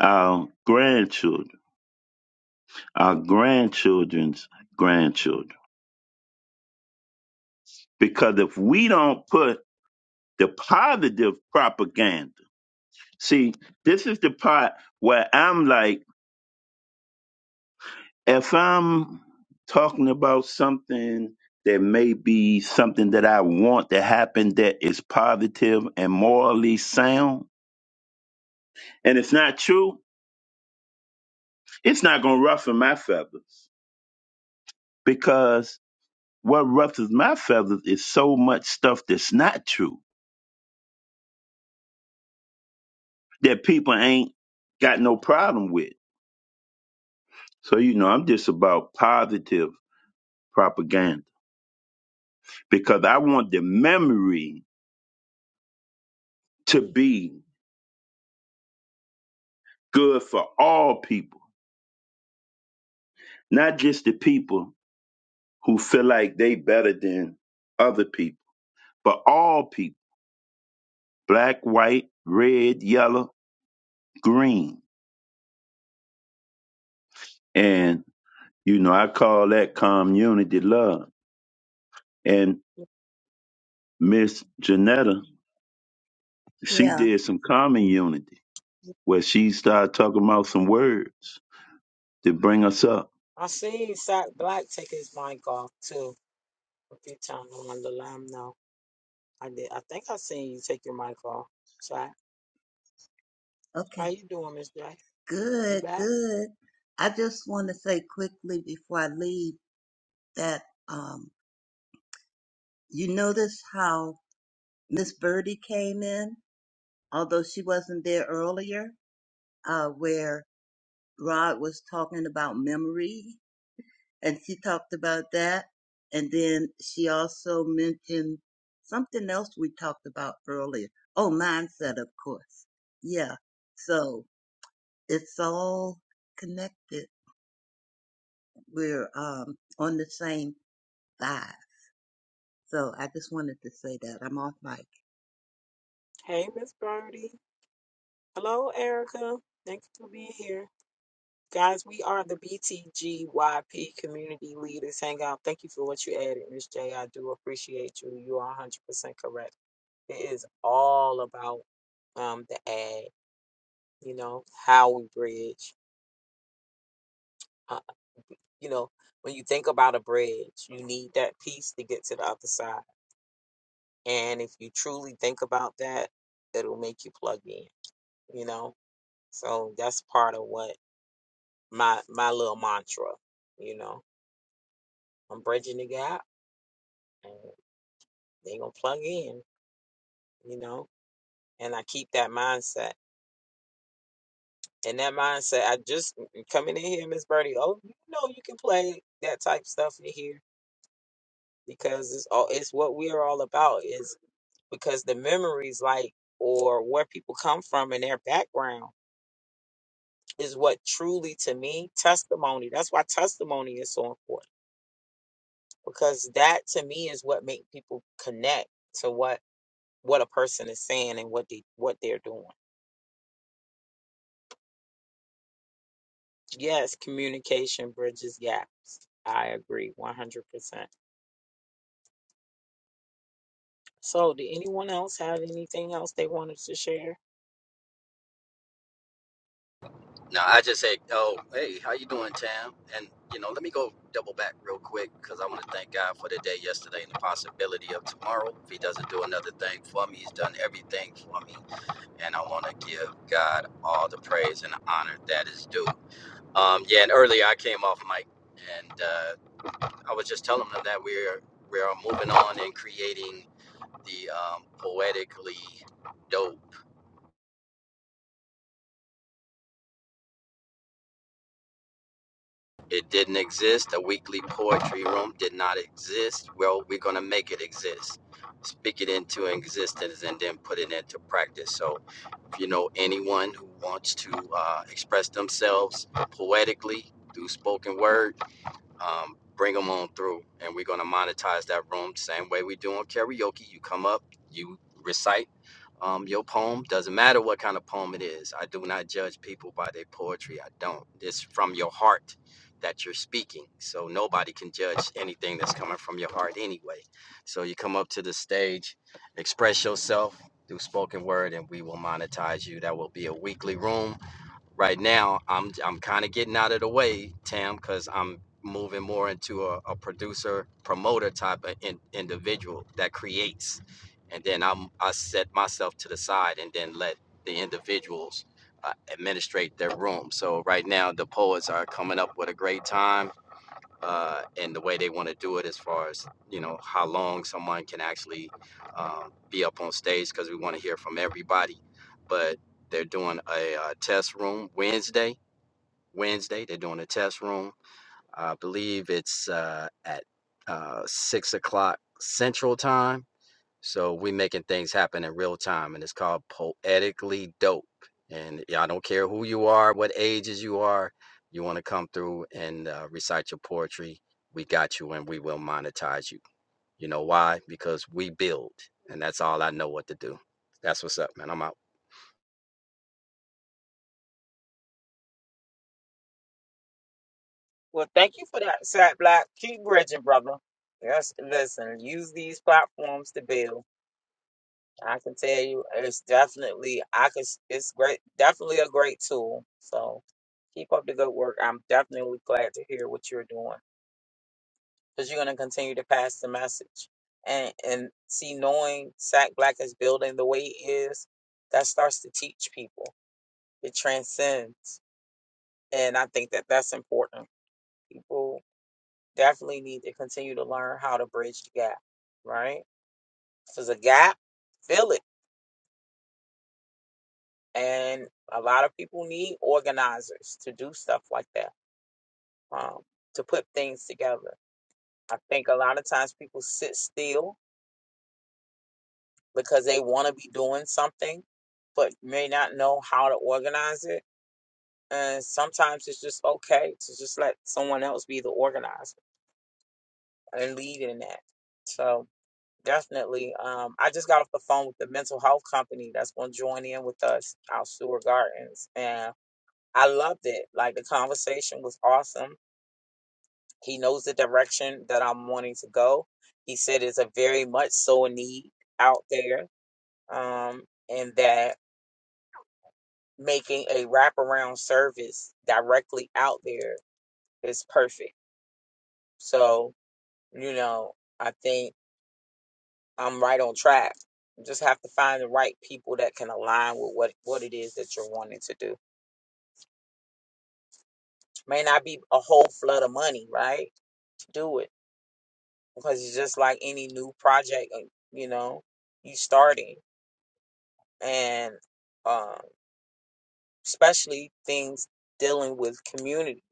Speaker 4: Our grandchildren, our grandchildren's grandchildren Because if we don't put the positive propaganda, see, this is the part where I'm like, if I'm talking about something that may be something that I want to happen that is positive and morally sound, and it's not true, it's not going to ruffle my feathers. Because what ruffles my feathers is so much stuff that's not true that people ain't got no problem with So, you know, I'm just about positive propaganda because I want the memory to be good for all people, not just the people who feel like they better than other people, but all people, black, white, red, yellow, green. And, you know, I call that community love. And Miss Janetta, she
Speaker 5: Yeah.
Speaker 4: did some common unity where she started talking about some words to bring us up
Speaker 1: I seen Sack Black take his mic off too a few times. I wanted to let him know. I did. I think I seen you take your mic off. Sack, how
Speaker 5: Okay.
Speaker 1: you doing, Miss J? You
Speaker 5: Good.
Speaker 1: back?
Speaker 5: Good. I just want to say quickly before I leave that um, you notice how Miss Birdie came in, although she wasn't there earlier, uh, where Rod was talking about memory, and she talked about that. And then she also mentioned something else we talked about earlier. Oh, mindset, of course. Yeah. So it's all connected. We're um, on the same vibe. So I just wanted to say that. I'm off mic.
Speaker 1: Hey, Miss Birdie. Hello, Erica. Thank you for being here. Guys, we are the BTGYP Community Leaders Hangout. Thank you for what you added, Miss J. I do appreciate you. You are 100% correct. It is all about um, the ag. you know, how we bridge. Uh, you know, when you think about a bridge, you need that piece to get to the other side. And if you truly think about that, it'll make you plug in, you know? So that's part of what my my little mantra, you know. I'm bridging the gap and they gonna plug in, you know, and I keep that mindset. And that mindset, I just mm, mm, coming in here, Miss Birdie, oh, you know you can play that type stuff in here because it's all it's what we are all about is because the memories like or where people come from and their background is what truly to me testimony that's why testimony is so important because that to me is what make people connect to what what a person is saying and what they what they're doing yes communication bridges gaps i agree 100% so did anyone else have anything else they wanted to share
Speaker 7: No, I just say, oh, hey, how you doing, Tam? And you know, let me go double back real quick because I want to thank God for the day yesterday and the possibility of tomorrow. If He doesn't do another thing for me, He's done everything for me, and I want to give God all the praise and the honor that is due. Um, yeah, and earlier I came off mic, and uh, I was just telling them that we're we're moving on and creating the um, poetically dope It didn't exist. A weekly poetry room did not exist. Well, we're going to make it exist. Speak it into existence and then put it into practice. So, if you know anyone who wants to uh, express themselves poetically through spoken word, um, bring them on through, and we're gonna monetize that room the same way we do on karaoke. You come up, you recite um, your poem. Doesn't matter what kind of poem it is. I do not judge people by their poetry. I don't. It's from your heart that you're speaking, so nobody can judge anything that's coming from your heart anyway. So you come up to the stage, express yourself through spoken word, and we will monetize you. That will be a weekly room right now i'm i'm kind of getting out of the way tam because i'm moving more into a, a producer promoter type of in, individual that creates and then i'm i set myself to the side and then let the individuals uh, administrate their room so right now the poets are coming up with a great time uh, and the way they want to do it as far as you know how long someone can actually um, be up on stage because we want to hear from everybody but they're doing a uh, test room wednesday wednesday they're doing a test room i believe it's uh, at uh, six o'clock central time so we making things happen in real time, and it's called poetically dope. And yeah, I don't care who you are, what ages you are, you want to come through and uh, recite your poetry, we got you, and we will monetize you. You know why? Because we build, and that's all I know what to do. That's what's up, man. I'm out.
Speaker 1: Well, thank you for that, Sat Black. Keep bridging, brother. Yes, listen, use these platforms to build. I can tell you, it's definitely I can. It's great, definitely a great tool. So keep up the good work. I'm definitely glad to hear what you're doing because you're going to continue to pass the message. And and see, knowing Sack Black is building the way it is, that starts to teach people. It transcends, and I think that that's important. People definitely need to continue to learn how to bridge the gap, right? If there's a gap, fill it. And a lot of people need organizers to do stuff like that, um, to put things together. I think a lot of times people sit still because they want to be doing something, but may not know how to organize it. And sometimes it's just okay to just let someone else be the organizer and lead in that. So. Definitely. Um, I just got off the phone with the mental health company that's going to join in with us out Stewart Gardens, and I loved it. Like the conversation was awesome. He knows the direction that I'm wanting to go. He said it's a very much so a need out there, um, and that making a wraparound service directly out there is perfect. So you know, I think. I'm right on track. You just have to find the right people that can align with what what it is that you're wanting to do. May not be a whole flood of money, right? Do it because it's just like any new project. uh, You know, you starting and um, especially things dealing with community.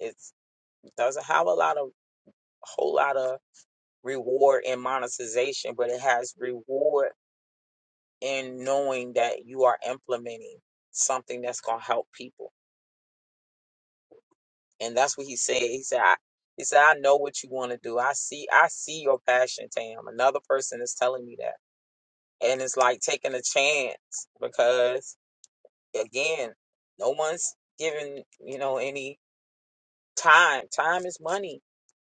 Speaker 1: It's, it doesn't have a lot of a whole lot of reward in monetization, but it has reward in knowing that you are implementing something that's gonna help people And that's what he said. He said, I, he said, I know what you want to do. I see, I see your passion, Tam. Another person is telling me that. And it's like taking a chance because again, no one's giving, you know, any time. Time is money.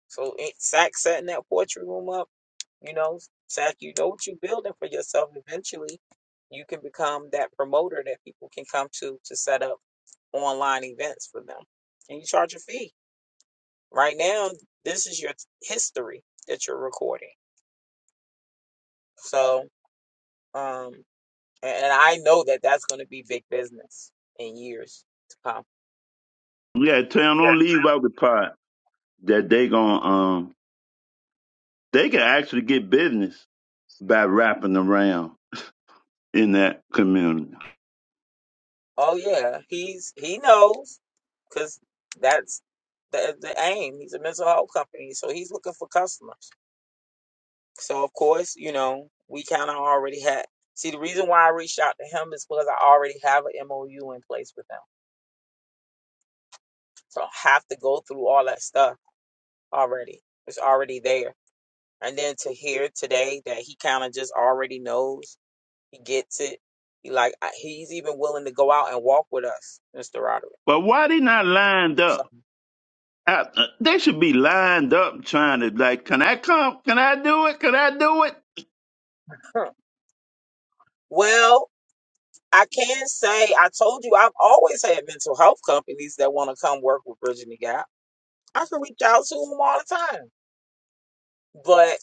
Speaker 1: So it, Sack setting that poetry room up, you know, Sack, you know what you're building for yourself. Eventually you can become that promoter that people can come to to set up online events for them. And you charge a fee Right now, this is your history that you're recording. So, um, and I know that that's going to be big business in years to come.
Speaker 4: Yeah, tell 'em don't leave out the part that they gonna um they can actually get business by wrapping around in that community.
Speaker 1: Oh yeah, he's he knows because that's the the aim. He's a mental health company, so he's looking for customers. So of course, you know, we kind of already had. See, the reason why I reached out to him is because I already have an MOU in place with them, so I don't have to go through all that stuff already. It's already there. and then to hear today that he kind of just already knows he gets it he like I- he's even willing to go out and walk with us mr roderick
Speaker 4: But why they not lined
Speaker 1: so
Speaker 4: up? Uh, uh, they should be lined up trying to like, can I come? Can I do it? Can I do it?
Speaker 1: huh. well i can say i told you i've always had mental health companies that want to come work with bridging the gap i can reach out to them all the time but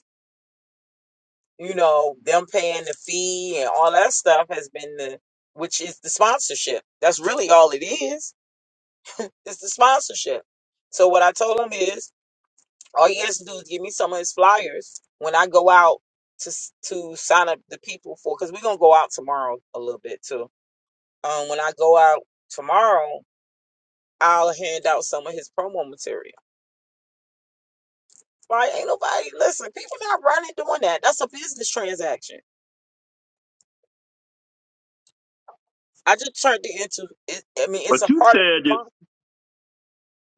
Speaker 1: you know them paying the fee and all that stuff has been the which is the sponsorship that's really all it is it's the sponsorship so what i told him is All he has to do is give me some of his flyers when I go out to s- to sign up the people for. Because we're gonna go out tomorrow a little bit too. Um, when I go out tomorrow, I'll hand out some of his promo material. Like, ain't nobody listen. People not running doing that. That's a business transaction. I just turned it into. It, I mean, it's a
Speaker 4: But you
Speaker 1: part of.
Speaker 4: said that.
Speaker 1: the-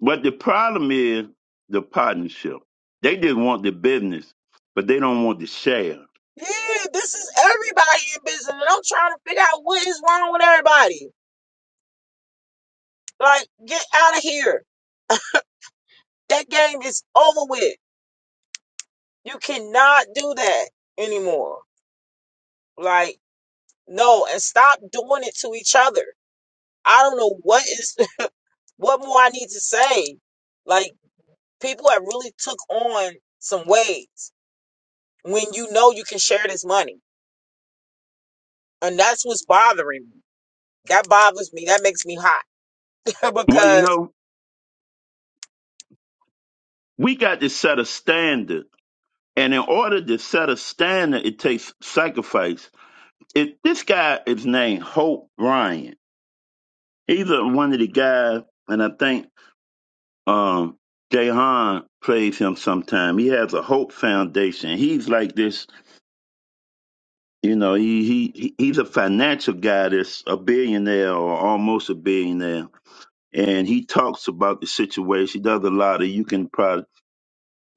Speaker 4: But the problem is the partnership. They just want the business, but they don't want the share.
Speaker 1: Yeah, this is everybody in business, and I'm trying to figure out what is wrong with everybody. Like, get out of here. That game is over with. You cannot do that anymore. Like, no, and stop doing it to each other. I don't know what is [laughs] what more I need to say. Like, people have really took on some ways when you know you can share this money. And that's what's bothering me. That bothers me. That makes me hot. [laughs]
Speaker 4: Well, you
Speaker 1: because
Speaker 4: know, we got to set a standard, and in order to set a standard, it takes sacrifice If this guy is named Hope Bryant, he's a, one of the guys, and I think um, Jahan plays him sometime. He has a Hope Foundation. He's like this, you know. He he he's a financial guy that's a billionaire or almost a billionaire, and he talks about the situation. He does a lot of. You can probably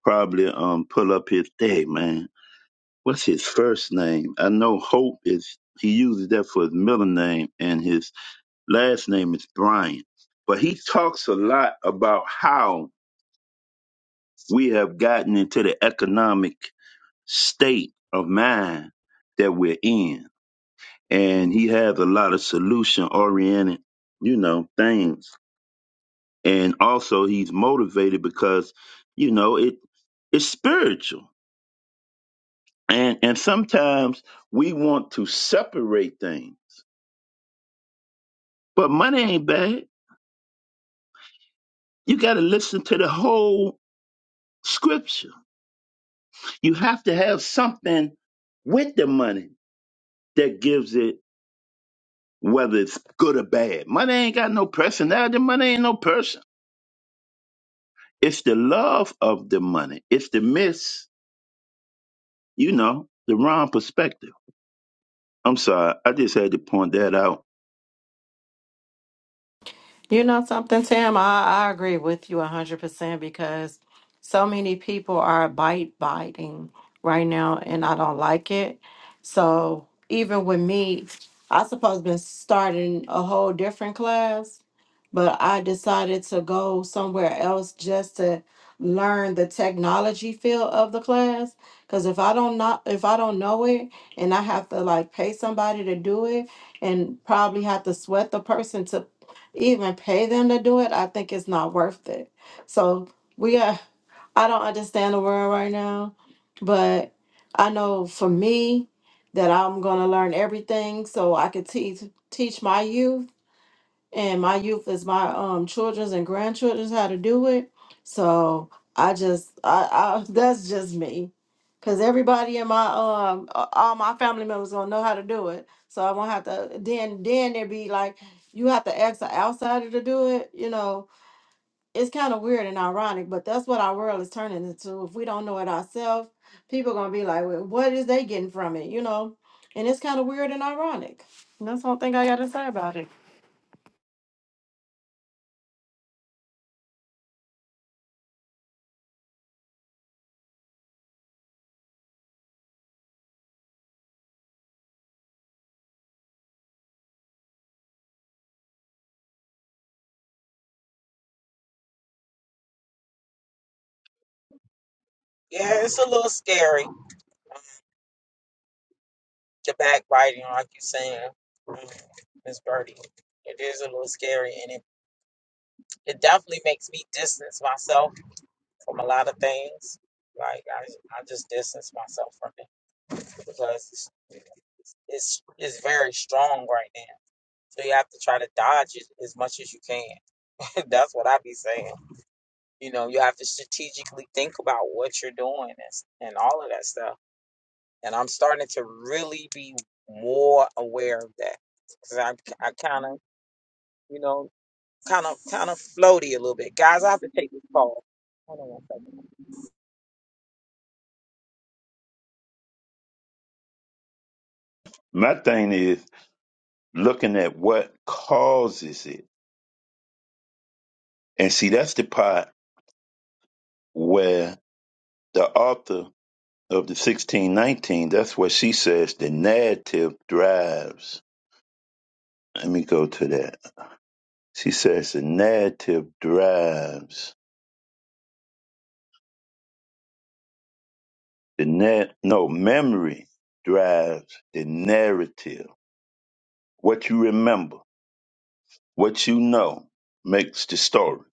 Speaker 4: probably um pull up his day, man. What's his first name? I know Hope is. He uses that for his middle name and his last name is Brian, but he talks a lot about how we have gotten into the economic state of mind that we're in. And he has a lot of solution oriented, you know, things. And also he's motivated because, you know, it it's spiritual. And and sometimes we want to separate things. But money ain't bad. You gotta listen to the whole scripture You have to have something with the money that gives it whether it's good or bad. Money ain't got no personality. Money ain't no person. It's the love of the money. It's the miss, you know, the wrong perspective. I'm sorry. I just had to point that out.
Speaker 6: You know something, Tim? I, I agree with you 100% because so many people are bite biting right now and I don't like it. So even with me, I suppose been starting a whole different class, but I decided to go somewhere else just to learn the technology field of the class because if I don't not if I don't know it and I have to like pay somebody to do it and probably have to sweat the person to even pay them to do it, I think it's not worth it. So we are, I don't understand the world right now, but I know for me that I'm gonna learn everything so I could teach teach my youth and my youth is my um children's and grandchildren's how to do it. So I just I, I [laughs] that's just me. Cause everybody in my um a- all my family members gonna know how to do it. So I won't have to then then there be like you have to ask an outsider to do it, you know. It's kind of weird and ironic, but that's what our world is turning into. If we don't know it ourselves, people gonna be like, well, what is they getting from it, you know? And it's kind of weird and ironic. And that's the whole thing I gotta say about it.
Speaker 1: yeah, it's a little scary. The backbiting, like you're saying, mm, Miss Birdie. It is a little scary and it, it definitely makes me distance myself from a lot of things. Like I, I just distance myself from it because it's it's it's very strong right now. So you have to try to dodge it as much as you can. [laughs] That's what I be saying. You know, you have to strategically think about what you're doing and, and all of that stuff. And I'm starting to really be more aware of that because I, I kind of, you know, kind of kind of floaty a little bit. Guys, I have to take this call. Hold on one second.
Speaker 4: My thing is looking at what causes it. And see, that's the part where the author of the 1619, that's what she says the narrative drives. Let me go to that. She says the narrative drives the net. No, memory drives the narrative. What you remember, what you know, makes the story,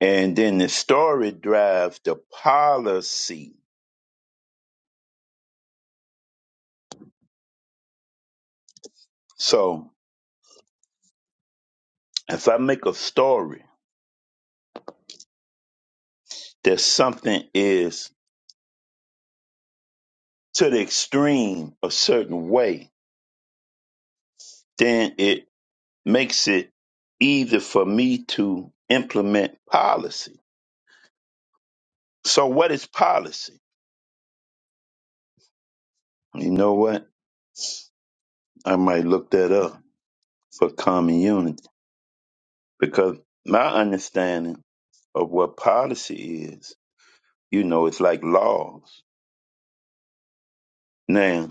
Speaker 4: and then the story drives the policy. So if I make a story that something is to the extreme a certain way, then it makes it easy for me to implement policy. So what is policy? You know what? I might look that up for common unity because my understanding of what policy is, you know, it's like laws. Now,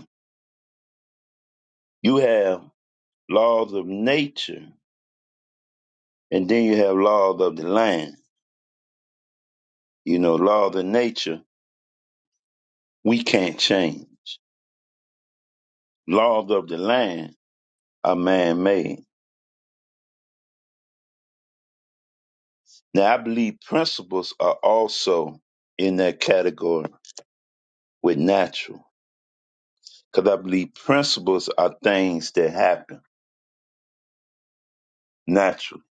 Speaker 4: you have laws of nature and then you have laws of the land. You know, laws of nature, we can't change. Laws of the land are man made. Now, I believe principles are also in that category with natural because I believe principles are things that happen naturally.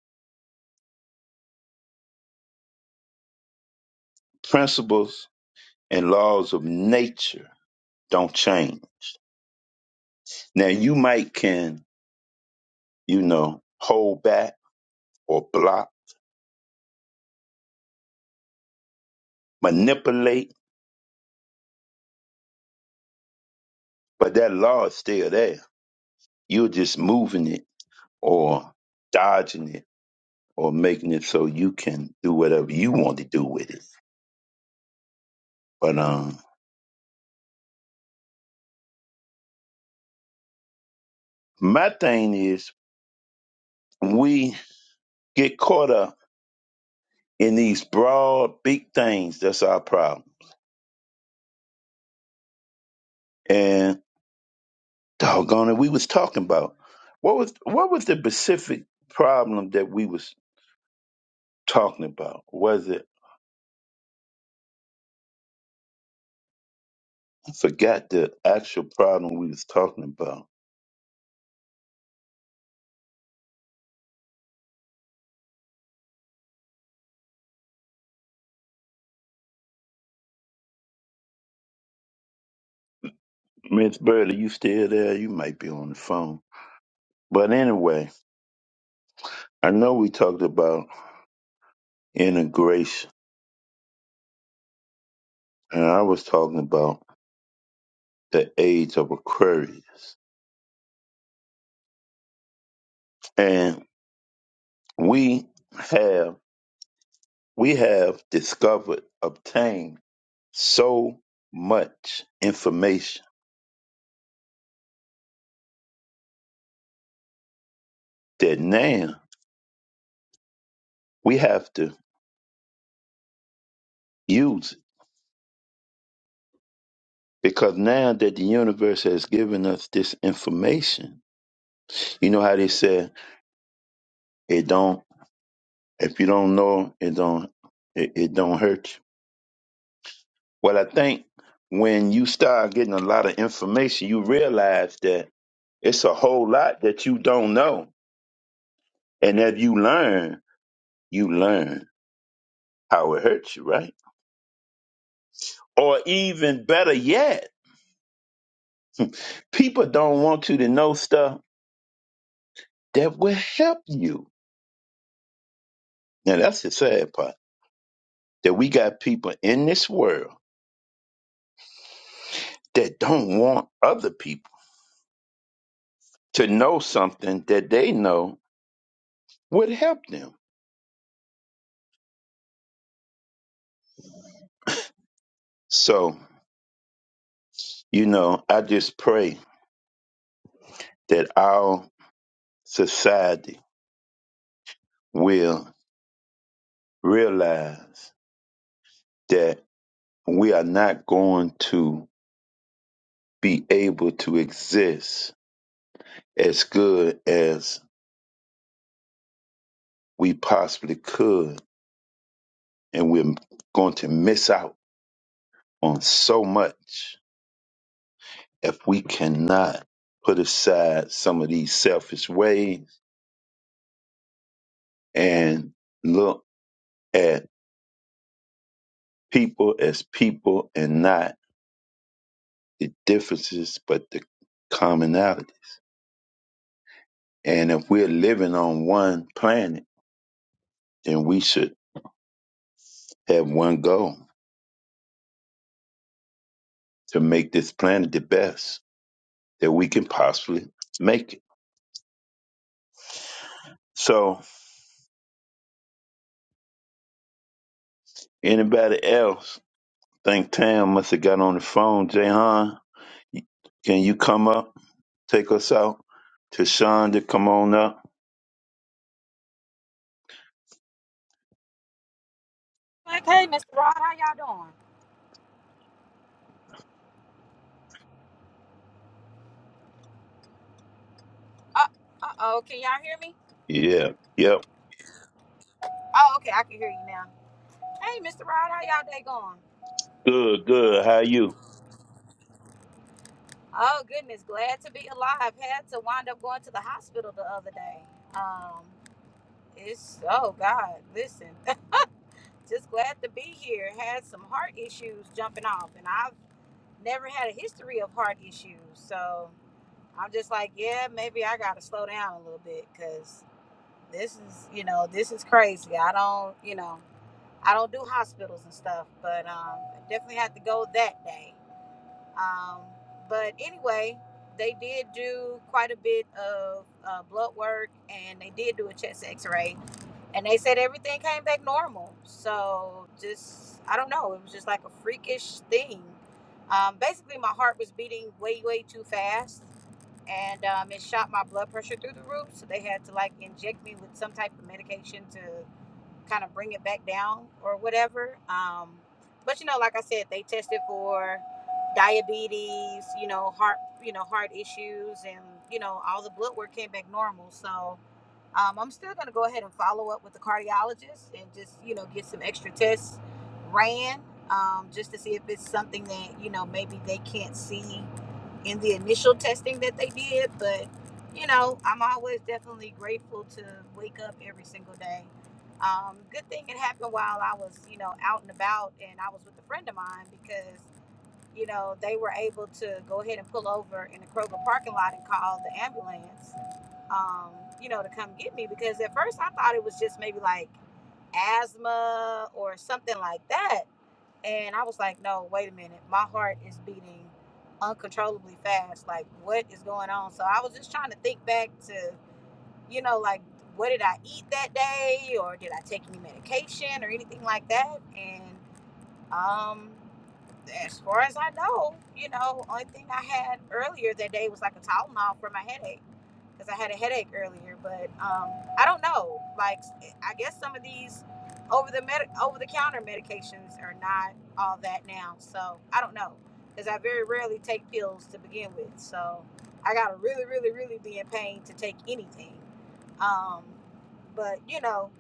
Speaker 4: Principles and laws of nature don't change. Now you might can, you know, hold back or block, manipulate, but that law is still there. You're just moving it or dodging it or making it so you can do whatever you want to do with it. But um my thing is we get caught up in these broad big things that's our problem. And Doggone it, we was talking about what was what was the specific problem that we was talking about? Was it I forgot the actual problem we was talking about. Miss Burley, you still there? You might be on the phone. But anyway, I know we talked about integration and I was talking about the age of Aquarius. And we have we have discovered, obtained so much information that now we have to use it because now that the universe has given us this information you know how they said it don't if you don't know it don't it, it don't hurt you well i think when you start getting a lot of information you realize that it's a whole lot that you don't know and if you learn you learn how it hurts you right or even better yet people don't want you to know stuff that will help you now that's the sad part that we got people in this world that don't want other people to know something that they know would help them. So, you know, I just pray that our society will realize that we are not going to be able to exist as good as we possibly could, and we're going to miss out on so much if we cannot put aside some of these selfish ways and look at people as people and not the differences but the commonality. And if we're living on one planet, then we should have one goal to make this planet the best that we can possibly make it. So anybody else think Tam must have got on the phone, Jayhan? Can you come up? take us out. Tashonda, come on up.
Speaker 8: Like, hey, Mr. Rod, how y'all doing? Uh, uh oh, can y'all hear me?
Speaker 4: Yeah. Yep.
Speaker 8: Oh, okay, I can hear you now. Hey, Mr. Rod, how y'all day going?
Speaker 4: Good, good. How you?
Speaker 8: Oh goodness, glad to be alive. Had to wind up going to the hospital the other day. Um, it's oh God, listen, [laughs] just glad to be here. Had some heart issues jumping off, and I've never had a history of heart issues, so I'm just like, yeah, maybe I gotta slow down a little bit because this is, you know, this is crazy. I don't, you know. I don't do hospitals and stuff, but um, I definitely had to go that day. Um, but anyway, they did do quite a bit of uh, blood work and they did do a chest x ray. And they said everything came back normal. So just, I don't know, it was just like a freakish thing. Um, basically, my heart was beating way, way too fast. And um, it shot my blood pressure through the roof. So they had to like inject me with some type of medication to kind of bring it back down or whatever. Um, but you know, like I said, they tested for diabetes, you know, heart, you know, heart issues, and you know, all the blood work came back normal. So um, I'm still going to go ahead and follow up with the cardiologist and just, you know, get some extra tests ran um, just to see if it's something that, you know, maybe they can't see in the initial testing that they did. But, you know, I'm always definitely grateful to wake up every single day. Um, good thing it happened while I was, you know, out and about and I was with a friend of mine because, you know, they were able to go ahead and pull over in the Kroger parking lot and call the ambulance um, you know, to come get me because at first I thought it was just maybe like asthma or something like that. And I was like, no, wait a minute. My heart is beating uncontrollably fast. Like, what is going on? So I was just trying to think back to, you know, like, what did I eat that day? Or did I take any medication or anything like that? And um, as far as I know, you know, only thing I had earlier that day was like a Tylenol for my headache because I had a headache earlier. But um, I don't know. Like, I guess some of these over the med- over the counter medications are not all that now. So I don't know because I very rarely take pills to begin with. So I gotta really, really, really be in pain to take anything. Um, but you know,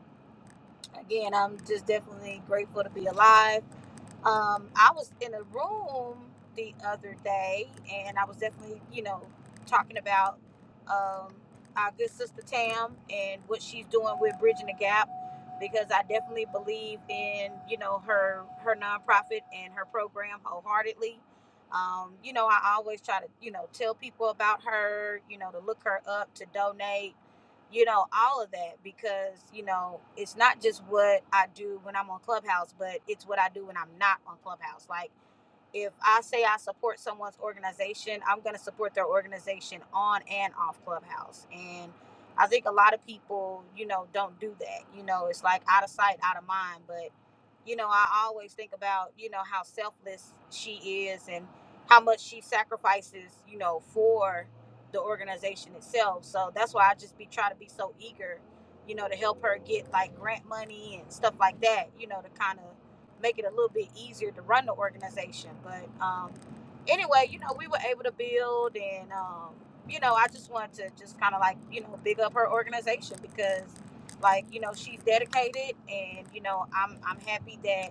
Speaker 8: again, I'm just definitely grateful to be alive um, I was in a room the other day, and I was definitely, you know, talking about um, our good sister Tam and what she's doing with bridging the gap, because I definitely believe in, you know, her her nonprofit and her program wholeheartedly. Um, you know, I always try to, you know, tell people about her, you know, to look her up, to donate you know, all of that because, you know, it's not just what I do when I'm on Clubhouse, but it's what I do when I'm not on Clubhouse. Like, if I say I support someone's organization, I'm going to support their organization on and off Clubhouse. And I think a lot of people, you know, don't do that. You know, it's like out of sight, out of mind. But, you know, I always think about, you know, how selfless she is and how much she sacrifices, you know, for the organization itself. So that's why I just be try to be so eager, you know, to help her get like grant money and stuff like that, you know, to kind of make it a little bit easier to run the organization. But um, anyway, you know, we were able to build, and um, you know, I just wanted to just kind of like you know big up her organization because, like, you know, she's dedicated, and you know, I'm I'm happy that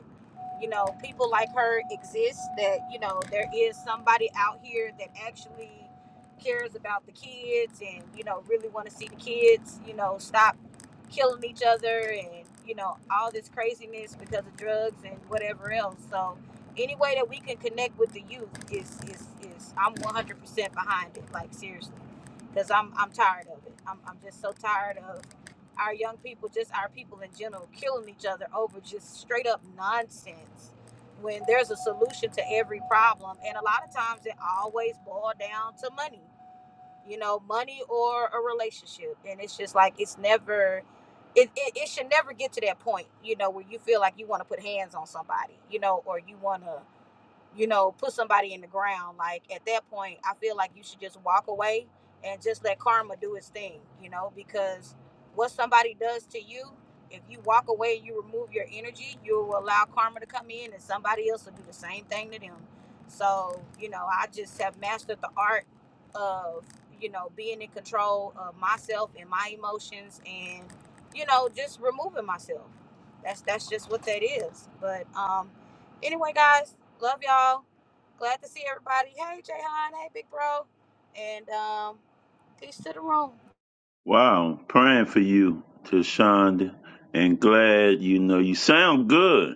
Speaker 8: you know people like her exist. That you know there is somebody out here that actually cares about the kids and you know really want to see the kids you know stop killing each other and you know all this craziness because of drugs and whatever else so any way that we can connect with the youth is is is i'm 100% behind it like seriously because i'm i'm tired of it I'm, I'm just so tired of our young people just our people in general killing each other over just straight up nonsense when there's a solution to every problem and a lot of times it always boils down to money you know, money or a relationship. And it's just like it's never it, it, it should never get to that point, you know, where you feel like you want to put hands on somebody, you know, or you wanna you know, put somebody in the ground. Like at that point, I feel like you should just walk away and just let karma do its thing, you know, because what somebody does to you, if you walk away and you remove your energy, you will allow karma to come in and somebody else will do the same thing to them. So, you know, I just have mastered the art of, you know, being in control of myself and my emotions and, you know, just removing myself. That's that's just what that is. But um Anyway, guys, love y'all. Glad to see everybody. Hey, Jayhan. Hey, big bro. And um, peace to the room.
Speaker 4: Wow. Praying for you, Tashonda. And glad you know you sound good.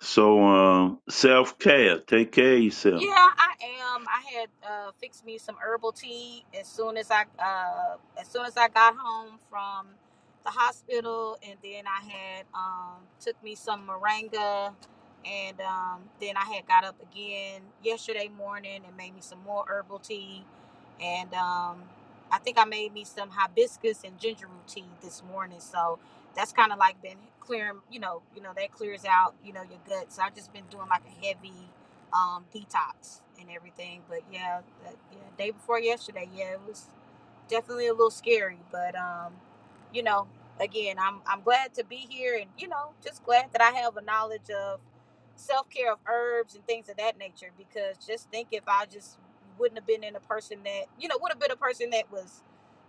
Speaker 4: So um self care. Take care of
Speaker 8: Yeah,
Speaker 4: yourself.
Speaker 8: I am. I had uh, fixed me some herbal tea as soon as I uh, as soon as I got home from the hospital, and then I had um, took me some moringa, and um, then I had got up again yesterday morning and made me some more herbal tea, and um, I think I made me some hibiscus and ginger root tea this morning. So that's kind of like been clearing, you know, you know that clears out, you know, your gut. So I've just been doing like a heavy um, detox and everything. But yeah, that, yeah, day before yesterday, yeah, it was definitely a little scary, but um, you know, again, I'm I'm glad to be here, and you know, just glad that I have a knowledge of self care of herbs and things of that nature. Because just think if I just wouldn't have been in a person that you know would have been a person that was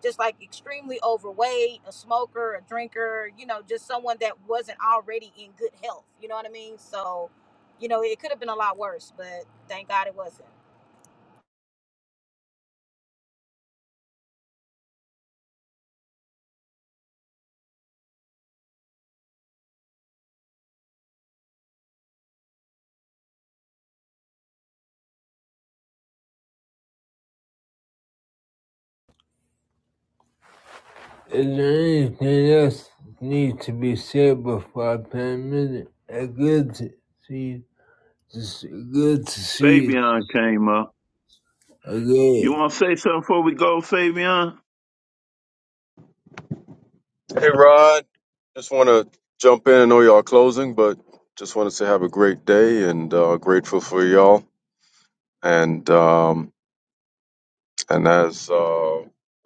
Speaker 8: just like extremely overweight, a smoker, a drinker, you know, just someone that wasn't already in good health. You know what I mean? So, you know, it could have been a lot worse, but thank God it wasn't.
Speaker 2: Is there anything else need to be said before I pay a minute? Uh, Good to see you. Good to see you
Speaker 4: Fabian came up. You
Speaker 2: again.
Speaker 4: wanna say something before we go, Fabian?
Speaker 9: Hey, Rod. Just want to jump in. I know y'all closing, but just wanted to say have a great day and uh, grateful for y'all. And um, and as uh,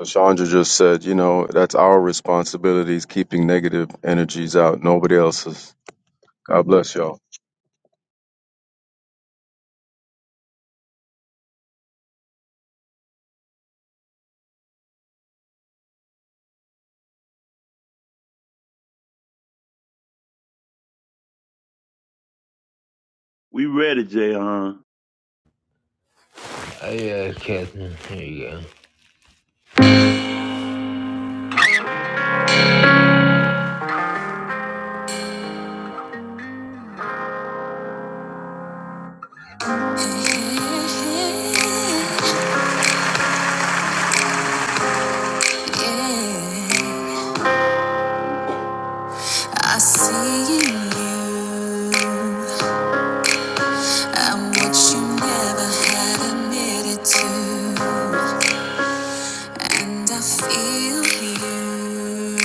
Speaker 9: Chandra just said, you know, that's our responsibility is keeping negative energies out, nobody else's. God bless y'all.
Speaker 4: We ready, Jayon.
Speaker 2: Oh yeah, Captain. Here you go. Whichever had to end, I feel huge.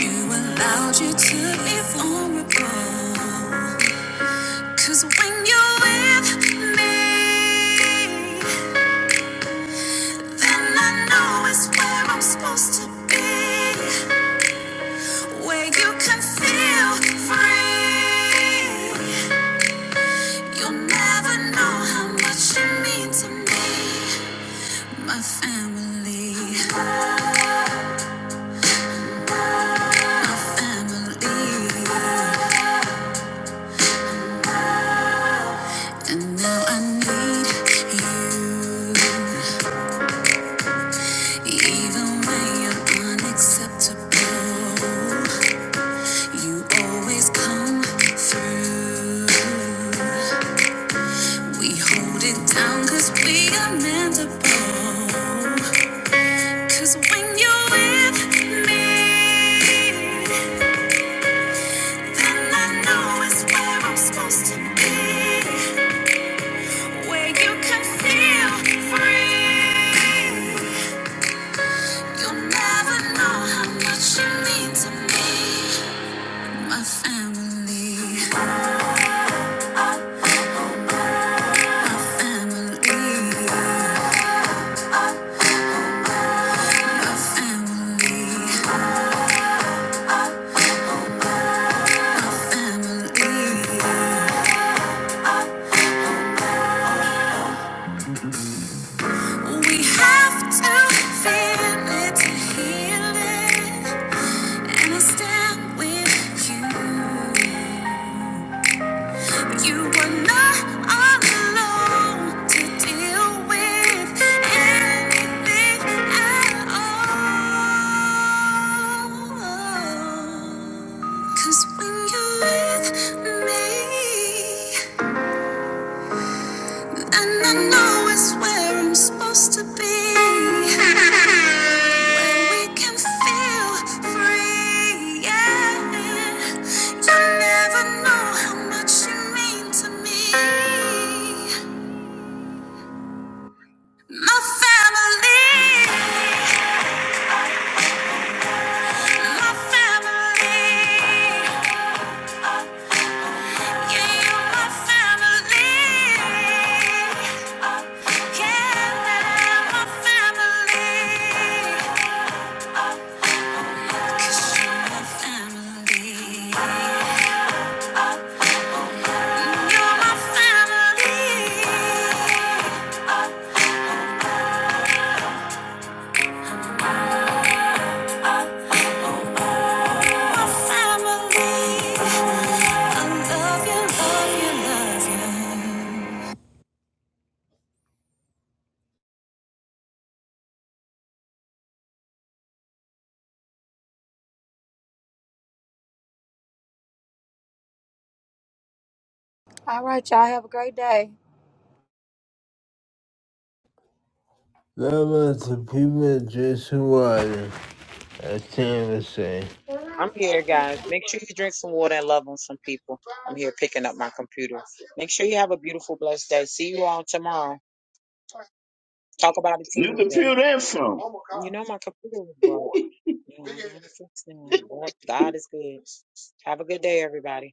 Speaker 2: You and I, cause when you're with, and I know it's where I'm supposed to be, where you can feel free. You'll never know how much you mean to me, my family, family. And now I need you, even when you're unacceptable. You always come through. We hold it down 'cause we are mendable. 'Cause when you're with me. And I know it's where I'm supposed to be, where you can feel free. You'll never know how much you mean to me, my family. We have to feel it to heal it, and I stand with you. You were not alone to deal with anything at all. 'Cause when you're with me, and I know it's where I'm supposed to be. Where we can feel free, yeah. You never know how much you mean to me. My family, my family.
Speaker 8: All right, y'all have a great day.
Speaker 2: Love to people just who Water, I can't even say.
Speaker 1: I'm here, guys. Make sure you drink some water and love on some people. I'm here picking up my computer. Make sure you have a beautiful, blessed day. See you all tomorrow. Talk about it
Speaker 4: New
Speaker 1: Tuesday.
Speaker 4: computer info.
Speaker 1: You know, my computer was broke. Yeah, I had to fix it. But God is good. Have a good day, everybody.